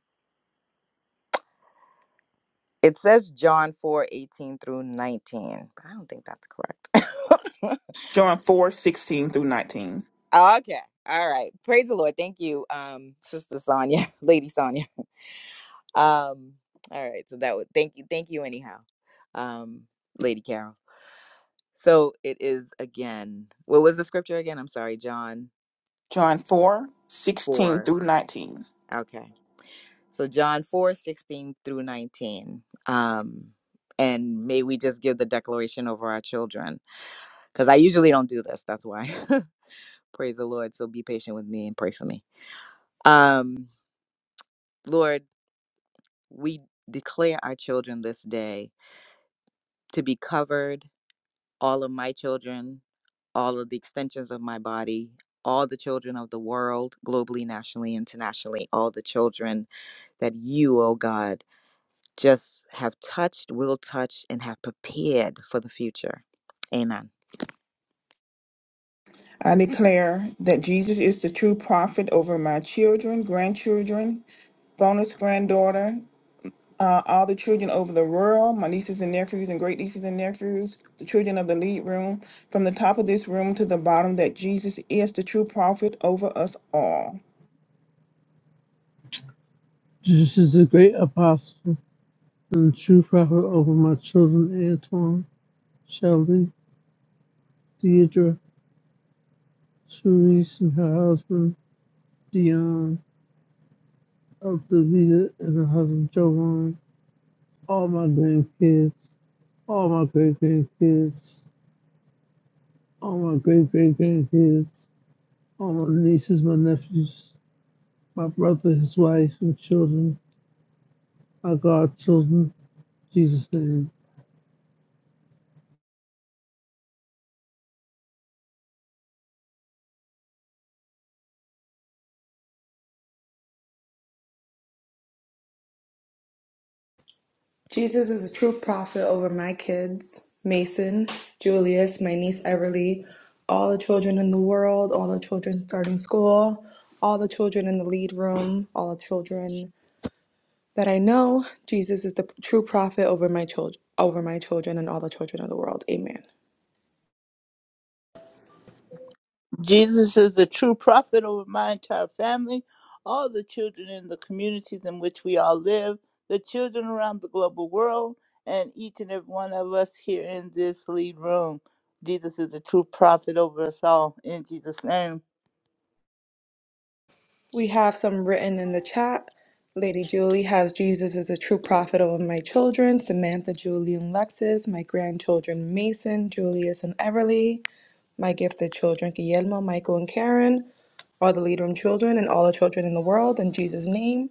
[SPEAKER 8] it says John four eighteen through 19, but I don't think that's correct. (laughs)
[SPEAKER 7] John four sixteen through 19.
[SPEAKER 8] okay. All right. Praise the Lord. Thank you, um, Sister Sonia, (laughs) Lady Sonia. Um, all right, so that would thank you, thank you anyhow, um, Lady Carol. So it is again. What was the scripture again? I'm sorry, John
[SPEAKER 7] John 4 16
[SPEAKER 8] four.
[SPEAKER 7] through 19.
[SPEAKER 8] Okay, so John four sixteen through nineteen. Um, and may we just give the declaration over our children because I usually don't do this. That's why. (laughs) Praise the Lord. So be patient with me and pray for me. Um, Lord, we declare our children this day to be covered all of my children, all of the extensions of my body, all the children of the world, globally, nationally, internationally, all the children that you, oh God, just have touched, will touch, and have prepared for the future. Amen.
[SPEAKER 7] I declare that Jesus is the true prophet over my children, grandchildren, bonus granddaughter, uh, all the children over the world, my nieces and nephews and great nieces and nephews, the children of the lead room, from the top of this room to the bottom, that Jesus is the true prophet over us all.
[SPEAKER 6] Jesus is a great apostle and true prophet over my children, Antoine, Shelley, Deidre, Cerise, and her husband, Dion, of the and her husband, Jovan. all my grandkids, all my great grandkids, all my great great grandkids, all my nieces, my nephews, my brother, his wife, and children, my godchildren, Jesus' name.
[SPEAKER 12] Jesus is a true prophet over my kids, Mason, Julius, my niece Everly, all the children in the world, all the children starting school, all the children in the lead room, all the children that I know. Jesus is the true prophet over my children, over my children and all the children of the world. Amen.
[SPEAKER 5] Jesus is the true prophet over my entire family, all the children in the communities in which we all live, the children around the global world, and each and every one of us here in this lead room. Jesus is the true prophet over us all in Jesus' name.
[SPEAKER 12] We have some written in the chat. Lady Julie has Jesus is a true prophet over my children, Samantha, Julie, and Lexis, my grandchildren, Mason, Julius, and Everly. my gifted children, Guillermo, Michael, and Karen, all the Lead Room children, and all the children in the world, in Jesus' name.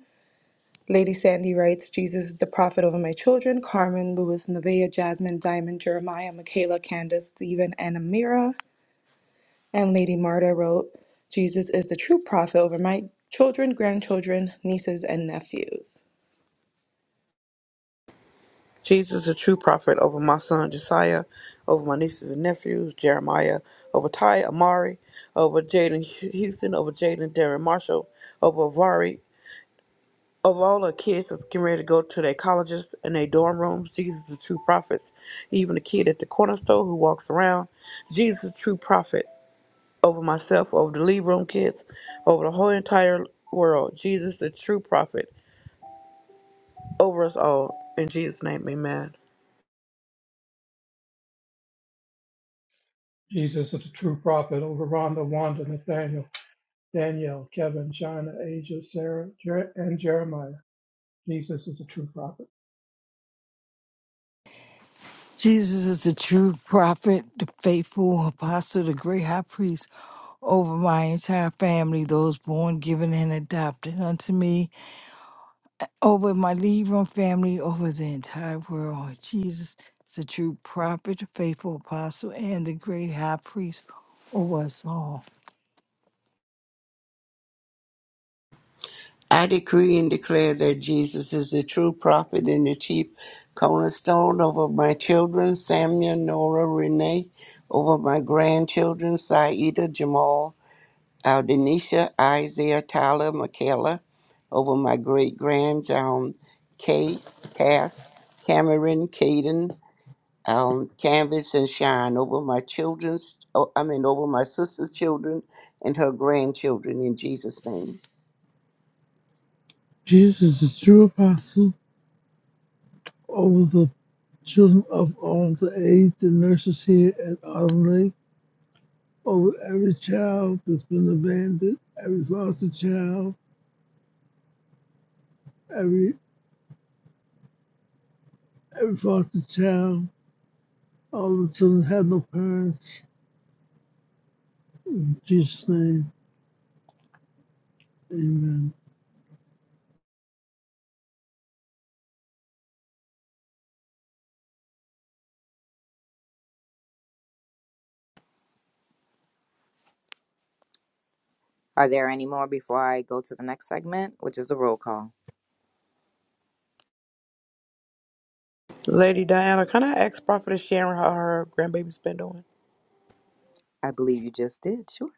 [SPEAKER 12] Lady Sandy writes, Jesus is the prophet over my children, Carmen, Louis, Nevaeh, Jasmine, Diamond, Jeremiah, Michaela, Candace, Stephen, and Amira. And Lady Marta wrote, Jesus is the true prophet over my children, grandchildren, nieces, and nephews.
[SPEAKER 9] Jesus, the true prophet over my son Josiah, over my nieces and nephews, Jeremiah, over Ty Amari, over Jaden Houston, over Jaden Darren Marshall, over Avari, over all the kids that's getting ready to go to their colleges and their dorm rooms. Jesus, the true prophets. Even the kid at the corner store who walks around. Jesus, the true prophet. over myself, over the Lead Room kids, over the whole entire world. Jesus, the true prophet, over us all. In Jesus' name, amen.
[SPEAKER 2] Jesus is the true prophet over Rhonda, Wanda, Nathaniel. Daniel, Kevin, China, Asia, Sarah, Jer- and Jeremiah. Jesus is a true prophet.
[SPEAKER 3] Jesus is the true prophet, the faithful apostle, the great high priest over my entire family, those born, given, and adopted unto me, over my Libram family, over the entire world. Jesus is the true prophet, the faithful apostle, and the great high priest over us all.
[SPEAKER 4] I decree and declare that Jesus is the true prophet and the chief cornerstone over my children, Samuel, Nora, Renee, over my grandchildren, Saida, Jamal, Aldenisha, Isaiah, Tyler, Michaela, over my great grands, um, Kay, Cass, Cameron, Caden, um, Canvas, and Shine, over my children's, oh, I mean, over my sister's children and her grandchildren, in Jesus' name.
[SPEAKER 6] Jesus is the true apostle over the children of all the aides and nurses here at Autumn Lake, over every child that's been abandoned, every foster child, every every foster child, all the children have no parents. In Jesus' name. Amen.
[SPEAKER 8] Are there any more before I go to the next segment, which is a roll call?
[SPEAKER 9] Lady Diana, can I ask Prophetess Sharon how her grandbaby's been doing?
[SPEAKER 8] I believe you just did. Sure.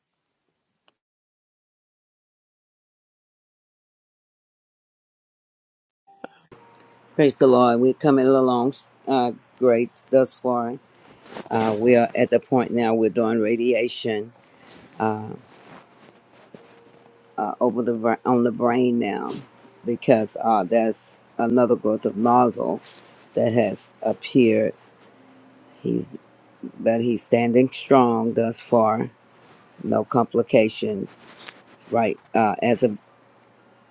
[SPEAKER 14] Praise the Lord. We're coming along uh, great thus far. Uh, we are at the point now we're doing radiation uh, over the br- on the brain now because uh, that's another growth of nodules that has appeared. He's but he's standing strong thus far. No complications, right? Uh, as of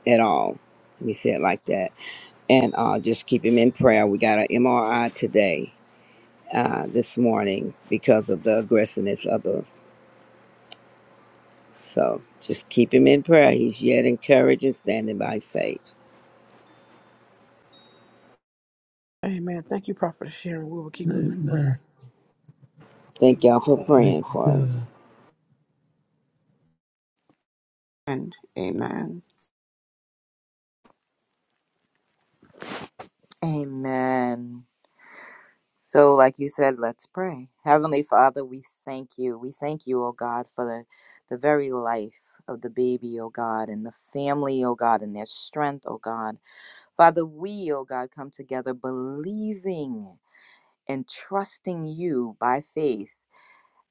[SPEAKER 14] at all. Let me say it like that. And uh, just keep him in prayer. We got an MRI today uh, this morning because of the aggressiveness of the So just keep him in prayer. He's yet encouraged and standing by faith.
[SPEAKER 9] Amen. Thank you, Prophetess Sharon. We will keep him in
[SPEAKER 6] Amen.
[SPEAKER 9] prayer.
[SPEAKER 14] Thank y'all for
[SPEAKER 6] Thank
[SPEAKER 14] praying
[SPEAKER 6] you,
[SPEAKER 14] for
[SPEAKER 6] God.
[SPEAKER 14] us.
[SPEAKER 4] And amen.
[SPEAKER 8] Amen. So, like you said, let's pray. Heavenly Father, we thank you. We thank you, oh God, for the, the very life of the baby, oh God, and the family, oh God, and their strength, oh God. Father, we, oh God, come together believing and trusting you by faith.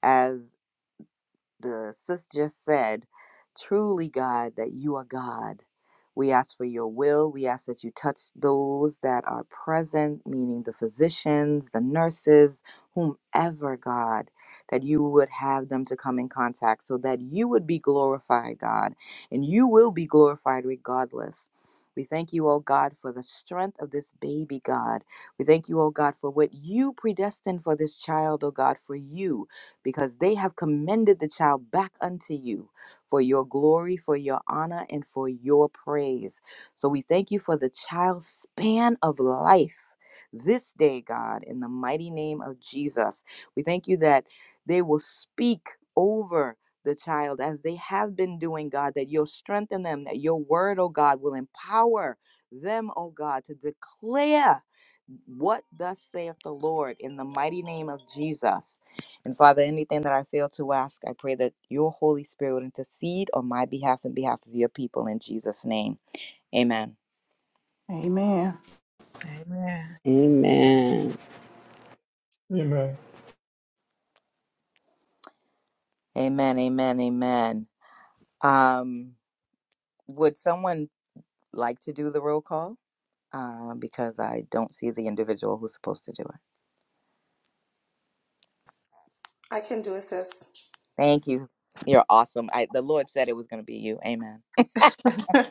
[SPEAKER 8] as the sis just said, truly, God, that you are God. We ask for your will. We ask that you touch those that are present, meaning the physicians, the nurses, whomever, God, that you would have them to come in contact so that you would be glorified, God, and you will be glorified regardless. We thank you, oh God, for the strength of this baby, God. We thank you, oh God, for what you predestined for this child, oh God, for you because they have commended the child back unto you for your glory, for your honor, and for your praise. So we thank you for the child's span of life this day, God, in the mighty name of Jesus. We thank you that they will speak over the child as they have been doing, God, that you'll strengthen them, that your word, oh God, will empower them, oh God, to declare what thus saith the Lord in the mighty name of Jesus. And Father, anything that I fail to ask, I pray that your Holy Spirit would intercede on my behalf and behalf of your people in Jesus' name. Amen.
[SPEAKER 7] Amen.
[SPEAKER 9] Amen.
[SPEAKER 14] Amen.
[SPEAKER 2] Amen.
[SPEAKER 8] Amen. Amen. Amen. Um, would someone like to do the roll call? Uh, because I don't see the individual who's supposed to do it.
[SPEAKER 12] I can do it, sis.
[SPEAKER 8] Thank you. You're awesome. I, the Lord said it was going to be you. Amen.
[SPEAKER 12] (laughs)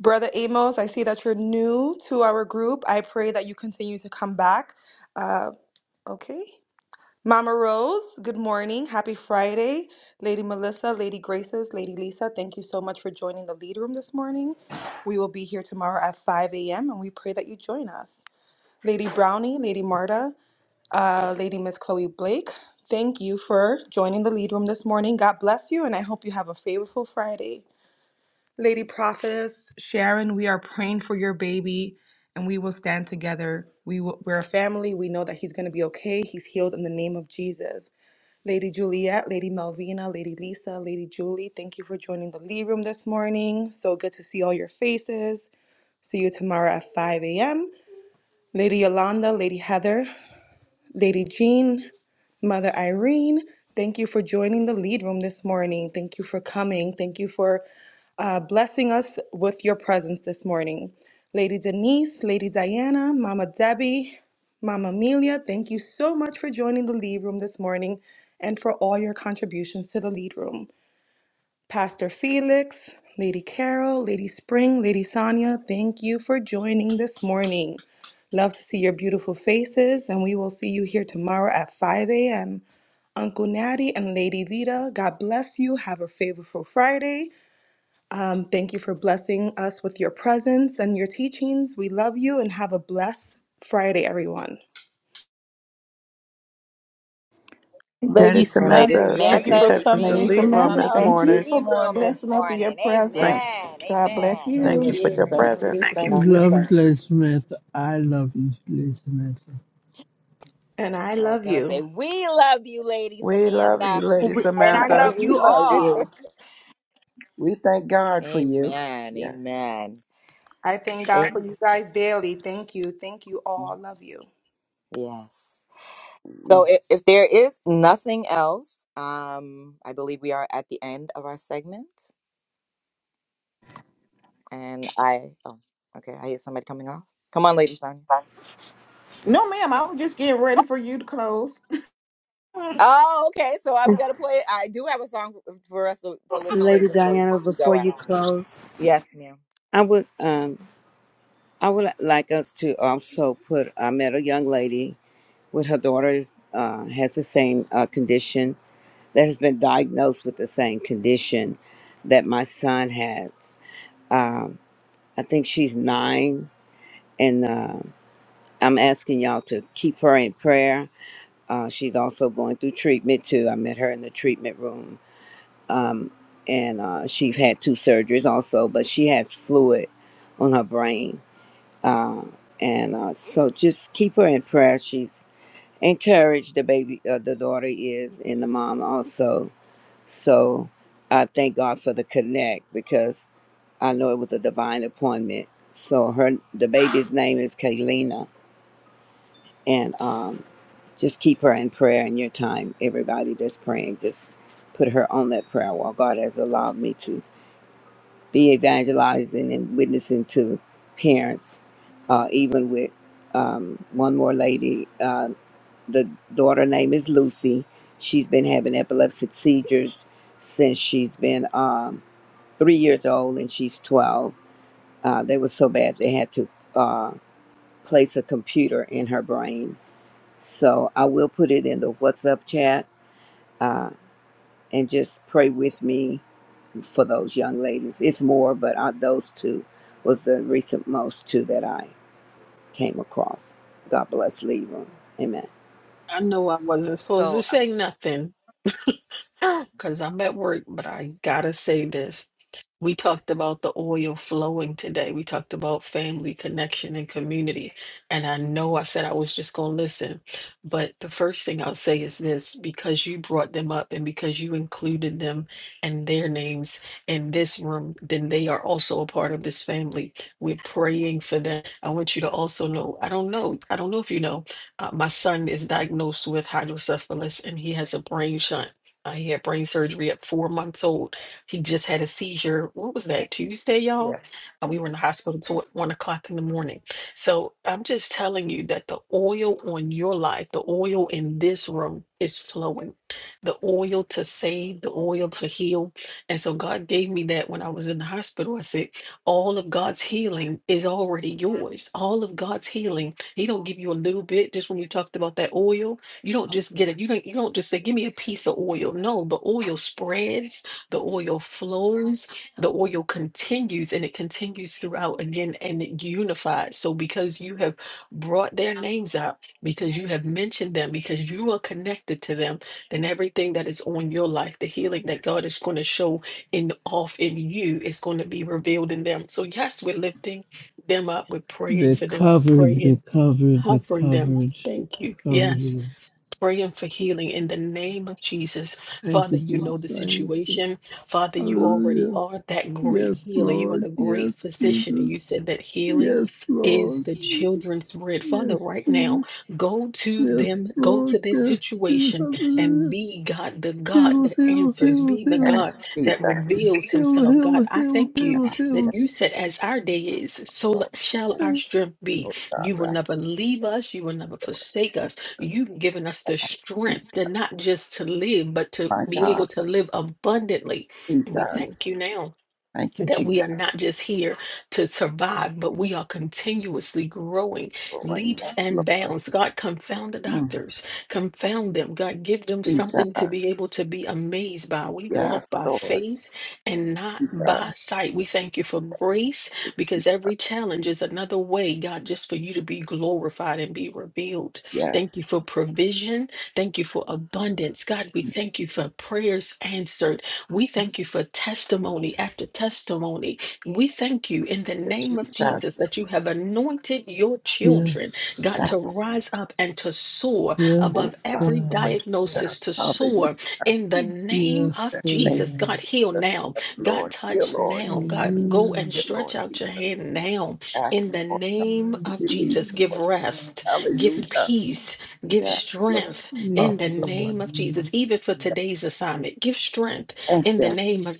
[SPEAKER 12] Brother Amos, I see that you're new to our group. I pray that you continue to come back. Uh, okay. Mama Rose, good morning. Happy Friday. Lady Melissa, Lady Graces, Lady Lisa, thank you so much for joining the lead room this morning. We will be here tomorrow at 5 a.m. and we pray that you join us. Lady Brownie, Lady Marta, uh, Lady Miss Chloe Blake, thank you for joining the lead room this morning. God bless you and I hope you have a favorable Friday. Lady Prophetess, Sharon, we are praying for your baby and we will stand together. We will, we're a family. We know that he's going to be okay. He's healed in the name of Jesus. Lady Juliet, Lady Melvina, Lady Lisa, Lady Julie, thank you for joining the Lee Room this morning. So good to see all your faces. See you tomorrow at 5 a.m. Lady Yolanda, Lady Heather, Lady Jean, Mother Irene, thank you for joining the Lead Room this morning. Thank you for coming. Thank you for uh, blessing us with your presence this morning. Lady Denise, Lady Diana, Mama Debbie, Mama Amelia, thank you so much for joining the lead room this morning and for all your contributions to the lead room. Pastor Felix, Lady Carol, Lady Spring, Lady Sonia, thank you for joining this morning. Love to see your beautiful faces, and we will see you here tomorrow at 5 a.m. Uncle Natty and Lady Vita, God bless you. Have a favorful Friday. Um, thank you for blessing us with your presence and your teachings. We love you and have a blessed Friday, everyone.
[SPEAKER 9] That
[SPEAKER 5] Lady
[SPEAKER 9] is
[SPEAKER 8] And Lady
[SPEAKER 5] Samantha,
[SPEAKER 9] Samantha.
[SPEAKER 5] thank
[SPEAKER 9] Thank
[SPEAKER 5] you
[SPEAKER 9] you, you
[SPEAKER 8] Samantha,
[SPEAKER 5] for
[SPEAKER 9] came
[SPEAKER 8] we
[SPEAKER 9] from the
[SPEAKER 5] coming
[SPEAKER 8] thank
[SPEAKER 7] Lady
[SPEAKER 8] you for
[SPEAKER 9] lead
[SPEAKER 5] into
[SPEAKER 9] room
[SPEAKER 5] this
[SPEAKER 7] Samantha,
[SPEAKER 8] coming
[SPEAKER 9] this
[SPEAKER 8] to
[SPEAKER 5] house
[SPEAKER 7] thank
[SPEAKER 8] the
[SPEAKER 7] you
[SPEAKER 5] this
[SPEAKER 9] morning.
[SPEAKER 8] lead
[SPEAKER 7] for
[SPEAKER 8] room
[SPEAKER 5] morning.
[SPEAKER 8] this
[SPEAKER 7] blessing us with your
[SPEAKER 8] morning.
[SPEAKER 9] Thank,
[SPEAKER 7] presence.
[SPEAKER 8] Amen.
[SPEAKER 7] God bless
[SPEAKER 8] Amen.
[SPEAKER 2] God
[SPEAKER 9] thank
[SPEAKER 4] Thank
[SPEAKER 9] you
[SPEAKER 7] you.
[SPEAKER 2] bless
[SPEAKER 9] for
[SPEAKER 4] you,
[SPEAKER 9] your
[SPEAKER 2] you.
[SPEAKER 4] thank you,
[SPEAKER 9] presence this
[SPEAKER 6] We
[SPEAKER 4] thank
[SPEAKER 9] morning.
[SPEAKER 4] you,
[SPEAKER 6] love you,
[SPEAKER 4] thank you.
[SPEAKER 6] Lady Samantha. I love you, Lady Samantha.
[SPEAKER 12] And I
[SPEAKER 8] I was
[SPEAKER 12] love
[SPEAKER 8] going to say,
[SPEAKER 12] you.
[SPEAKER 8] we love you, Lady
[SPEAKER 9] We love
[SPEAKER 8] Samantha.
[SPEAKER 9] you, Lady
[SPEAKER 12] And I
[SPEAKER 9] Samantha.
[SPEAKER 12] love
[SPEAKER 4] (laughs) We
[SPEAKER 12] you
[SPEAKER 4] love
[SPEAKER 8] Amen.
[SPEAKER 4] you.
[SPEAKER 12] all.
[SPEAKER 4] We thank God for you.
[SPEAKER 8] Amen.
[SPEAKER 4] Yes.
[SPEAKER 8] Amen.
[SPEAKER 12] I thank God for you guys daily. Thank you. Thank you all. Love you.
[SPEAKER 8] Yes. So if, if there is nothing else, um, I believe we are at the end of our segment. And I, oh, okay, I hear somebody coming off. Come on, Lady Sonya.
[SPEAKER 7] No, ma'am, I was just getting ready for you to close.
[SPEAKER 8] Oh, okay. So I'm gonna play. I do have a song for us to, to listen to
[SPEAKER 14] Lady
[SPEAKER 8] before we
[SPEAKER 14] Diana,
[SPEAKER 8] we go
[SPEAKER 14] before
[SPEAKER 8] out.
[SPEAKER 14] you close,
[SPEAKER 8] Yes, ma'am.
[SPEAKER 14] I would um I would like us to also put I met a young lady with her daughter is, uh, has the same uh, condition that has been diagnosed with the same condition that my son has. Um, I think she's nine, and uh, I'm asking y'all to keep her in prayer Uh, she's also going through treatment too. I met her in the treatment room. Um, and uh, she had two surgeries also, but she has fluid on her brain. Uh, and uh, so just keep her in prayer. She's encouraged, the baby, uh, the daughter is, and the mom also. So I thank God for the connect because I know it was a divine appointment. So her, the baby's name is Kaylina, and um, Just keep her in prayer in your time. Everybody that's praying, just put her on that prayer wall. God has allowed me to be evangelizing and witnessing to parents, uh, even with um, one more lady. Uh, the daughter name is Lucy. She's been having epileptic seizures since she's been um, three years old, and she's 12. Uh, they were so bad they had to uh, place a computer in her brain. So I will put it in the WhatsApp chat uh, and just pray with me for those young ladies. It's more, but uh those two was the recent most two that I came across. God bless Libra. Amen.
[SPEAKER 1] I know I wasn't supposed to
[SPEAKER 8] So
[SPEAKER 1] say nothing. (gasps) because I'm at work, but I gotta say this. We talked about the oil flowing today. We talked about family connection and community. And I know I said I was just gonna listen, but the first thing I'll say is this because you brought them up and because you included them and their names in this room, then they are also a part of this family. We're praying for them. I want you to also know, I don't know, I don't know if you know, uh, my son is diagnosed with hydrocephalus and he has a brain shunt uh, he had brain surgery at four months old. He just had a seizure. What was that, Tuesday, y'all?
[SPEAKER 9] Yes.
[SPEAKER 1] Uh, we were in the hospital till one o'clock in the morning. So I'm just telling you that the oil on your life, the oil in this room is flowing. The oil to save, the oil to heal. And so God gave me that when I was in the hospital. I said, all of God's healing is already yours. All of God's healing. He don't give you a little bit, just when we talked about that oil. You don't just get Okay. it. You don't you don't just say, give me a piece of oil. No, the oil spreads, the oil flows, the oil continues, and it continues throughout again and it unifies. So because you have brought their names up, because you have mentioned them, because you are connected to them, then everything that is on your life, the healing that God is going to show in off in you is going to be revealed in them. So yes, we're lifting them up, we're praying
[SPEAKER 6] They
[SPEAKER 1] for them,
[SPEAKER 6] covered, they
[SPEAKER 1] praying,
[SPEAKER 6] covered, they
[SPEAKER 1] covering them.
[SPEAKER 6] covered,
[SPEAKER 1] Thank you.
[SPEAKER 6] covered it.
[SPEAKER 1] Yes praying for healing in the name of Jesus.
[SPEAKER 6] Thank
[SPEAKER 1] Father,
[SPEAKER 6] you,
[SPEAKER 1] you know
[SPEAKER 6] Jesus.
[SPEAKER 1] the
[SPEAKER 6] Thank you.
[SPEAKER 1] situation. Father, you already
[SPEAKER 6] Hallelujah.
[SPEAKER 1] are that
[SPEAKER 6] Yes,
[SPEAKER 1] great healer. You are
[SPEAKER 6] Lord.
[SPEAKER 1] the great
[SPEAKER 6] Yes,
[SPEAKER 1] physician. And
[SPEAKER 6] Jesus.
[SPEAKER 1] you said that healing
[SPEAKER 6] Yes,
[SPEAKER 1] is
[SPEAKER 6] Lord.
[SPEAKER 1] the children's bread.
[SPEAKER 6] Yes,
[SPEAKER 1] Father, right now,
[SPEAKER 6] Jesus.
[SPEAKER 1] go to
[SPEAKER 6] Yes,
[SPEAKER 1] them, go
[SPEAKER 6] Lord.
[SPEAKER 1] to this
[SPEAKER 6] Yes, Jesus.
[SPEAKER 1] situation, and
[SPEAKER 6] Hallelujah.
[SPEAKER 1] be God, the God
[SPEAKER 6] Heal,
[SPEAKER 1] that
[SPEAKER 6] heal,
[SPEAKER 1] answers,
[SPEAKER 6] heal,
[SPEAKER 1] be the
[SPEAKER 6] heal.
[SPEAKER 1] God
[SPEAKER 4] Yes,
[SPEAKER 1] that
[SPEAKER 4] Jesus.
[SPEAKER 1] reveals
[SPEAKER 6] Heal,
[SPEAKER 1] himself. God,
[SPEAKER 6] heal,
[SPEAKER 1] I
[SPEAKER 6] heal,
[SPEAKER 1] thank you that
[SPEAKER 6] heal,
[SPEAKER 1] you said, as our day is, so
[SPEAKER 4] Lord
[SPEAKER 1] shall our
[SPEAKER 6] heal.
[SPEAKER 1] strength be.
[SPEAKER 4] God,
[SPEAKER 1] You will
[SPEAKER 4] right.
[SPEAKER 1] never leave us, you will never forsake us. You've given us the strength to not just to live, but to
[SPEAKER 4] my
[SPEAKER 1] be
[SPEAKER 4] God,
[SPEAKER 1] able to live abundantly. And we
[SPEAKER 4] Jesus.
[SPEAKER 1] thank you now
[SPEAKER 4] Thank you,
[SPEAKER 1] that we
[SPEAKER 4] Jesus.
[SPEAKER 1] are not just here to survive, but we are continuously growing
[SPEAKER 4] Lord.
[SPEAKER 1] leaps
[SPEAKER 4] Yes, Lord.
[SPEAKER 1] and bounds. God, confound the
[SPEAKER 4] Mm.
[SPEAKER 1] doctors, confound them. God, give them something to be
[SPEAKER 4] Jesus.
[SPEAKER 1] able to be amazed by. We walk
[SPEAKER 4] Yes,
[SPEAKER 1] by
[SPEAKER 4] Lord.
[SPEAKER 1] faith and not by
[SPEAKER 4] Jesus.
[SPEAKER 1] sight. We thank you for grace because every challenge is another way, God, just for you to be glorified and be revealed. Thank
[SPEAKER 4] Yes.
[SPEAKER 1] you for provision. Thank you for abundance. God, we thank you for prayers answered. We thank you for testimony after testimony. We thank you in the name of Jesus
[SPEAKER 4] Jesus.
[SPEAKER 1] that you have anointed your children, God,
[SPEAKER 6] Yes.
[SPEAKER 1] to
[SPEAKER 4] Yes.
[SPEAKER 1] rise up and to soar
[SPEAKER 6] Yes,
[SPEAKER 4] Oh,
[SPEAKER 1] above
[SPEAKER 4] yes,
[SPEAKER 1] every
[SPEAKER 4] Lord
[SPEAKER 6] God.
[SPEAKER 1] diagnosis, to
[SPEAKER 4] Jesus. Hallelujah.
[SPEAKER 1] soar in the name
[SPEAKER 6] Yes,
[SPEAKER 1] of
[SPEAKER 4] Name
[SPEAKER 1] Jesus.
[SPEAKER 6] God.
[SPEAKER 1] God, heal
[SPEAKER 4] of Jesus.
[SPEAKER 1] now.
[SPEAKER 4] Yes,
[SPEAKER 1] God,
[SPEAKER 4] Lord. Dear
[SPEAKER 1] touch
[SPEAKER 4] Lord.
[SPEAKER 1] now. God, go
[SPEAKER 6] Hallelujah.
[SPEAKER 1] and
[SPEAKER 4] Dear
[SPEAKER 1] stretch
[SPEAKER 4] Lord
[SPEAKER 1] out
[SPEAKER 4] Jesus.
[SPEAKER 1] your hand now
[SPEAKER 4] Ask,
[SPEAKER 1] in the
[SPEAKER 4] Lord.
[SPEAKER 1] name
[SPEAKER 6] My
[SPEAKER 1] of
[SPEAKER 4] We believe you,
[SPEAKER 1] Jesus.
[SPEAKER 6] God,
[SPEAKER 4] Lord.
[SPEAKER 1] Give
[SPEAKER 6] my God.
[SPEAKER 1] rest, give
[SPEAKER 4] Hallelujah.
[SPEAKER 1] peace, give
[SPEAKER 4] Yes, Lord.
[SPEAKER 1] strength
[SPEAKER 4] Oh,
[SPEAKER 1] in
[SPEAKER 6] Yes,
[SPEAKER 1] the name of Jesus.
[SPEAKER 6] God.
[SPEAKER 1] Even for today's assignment, give strength
[SPEAKER 4] Thank
[SPEAKER 1] in the
[SPEAKER 4] you.
[SPEAKER 1] name of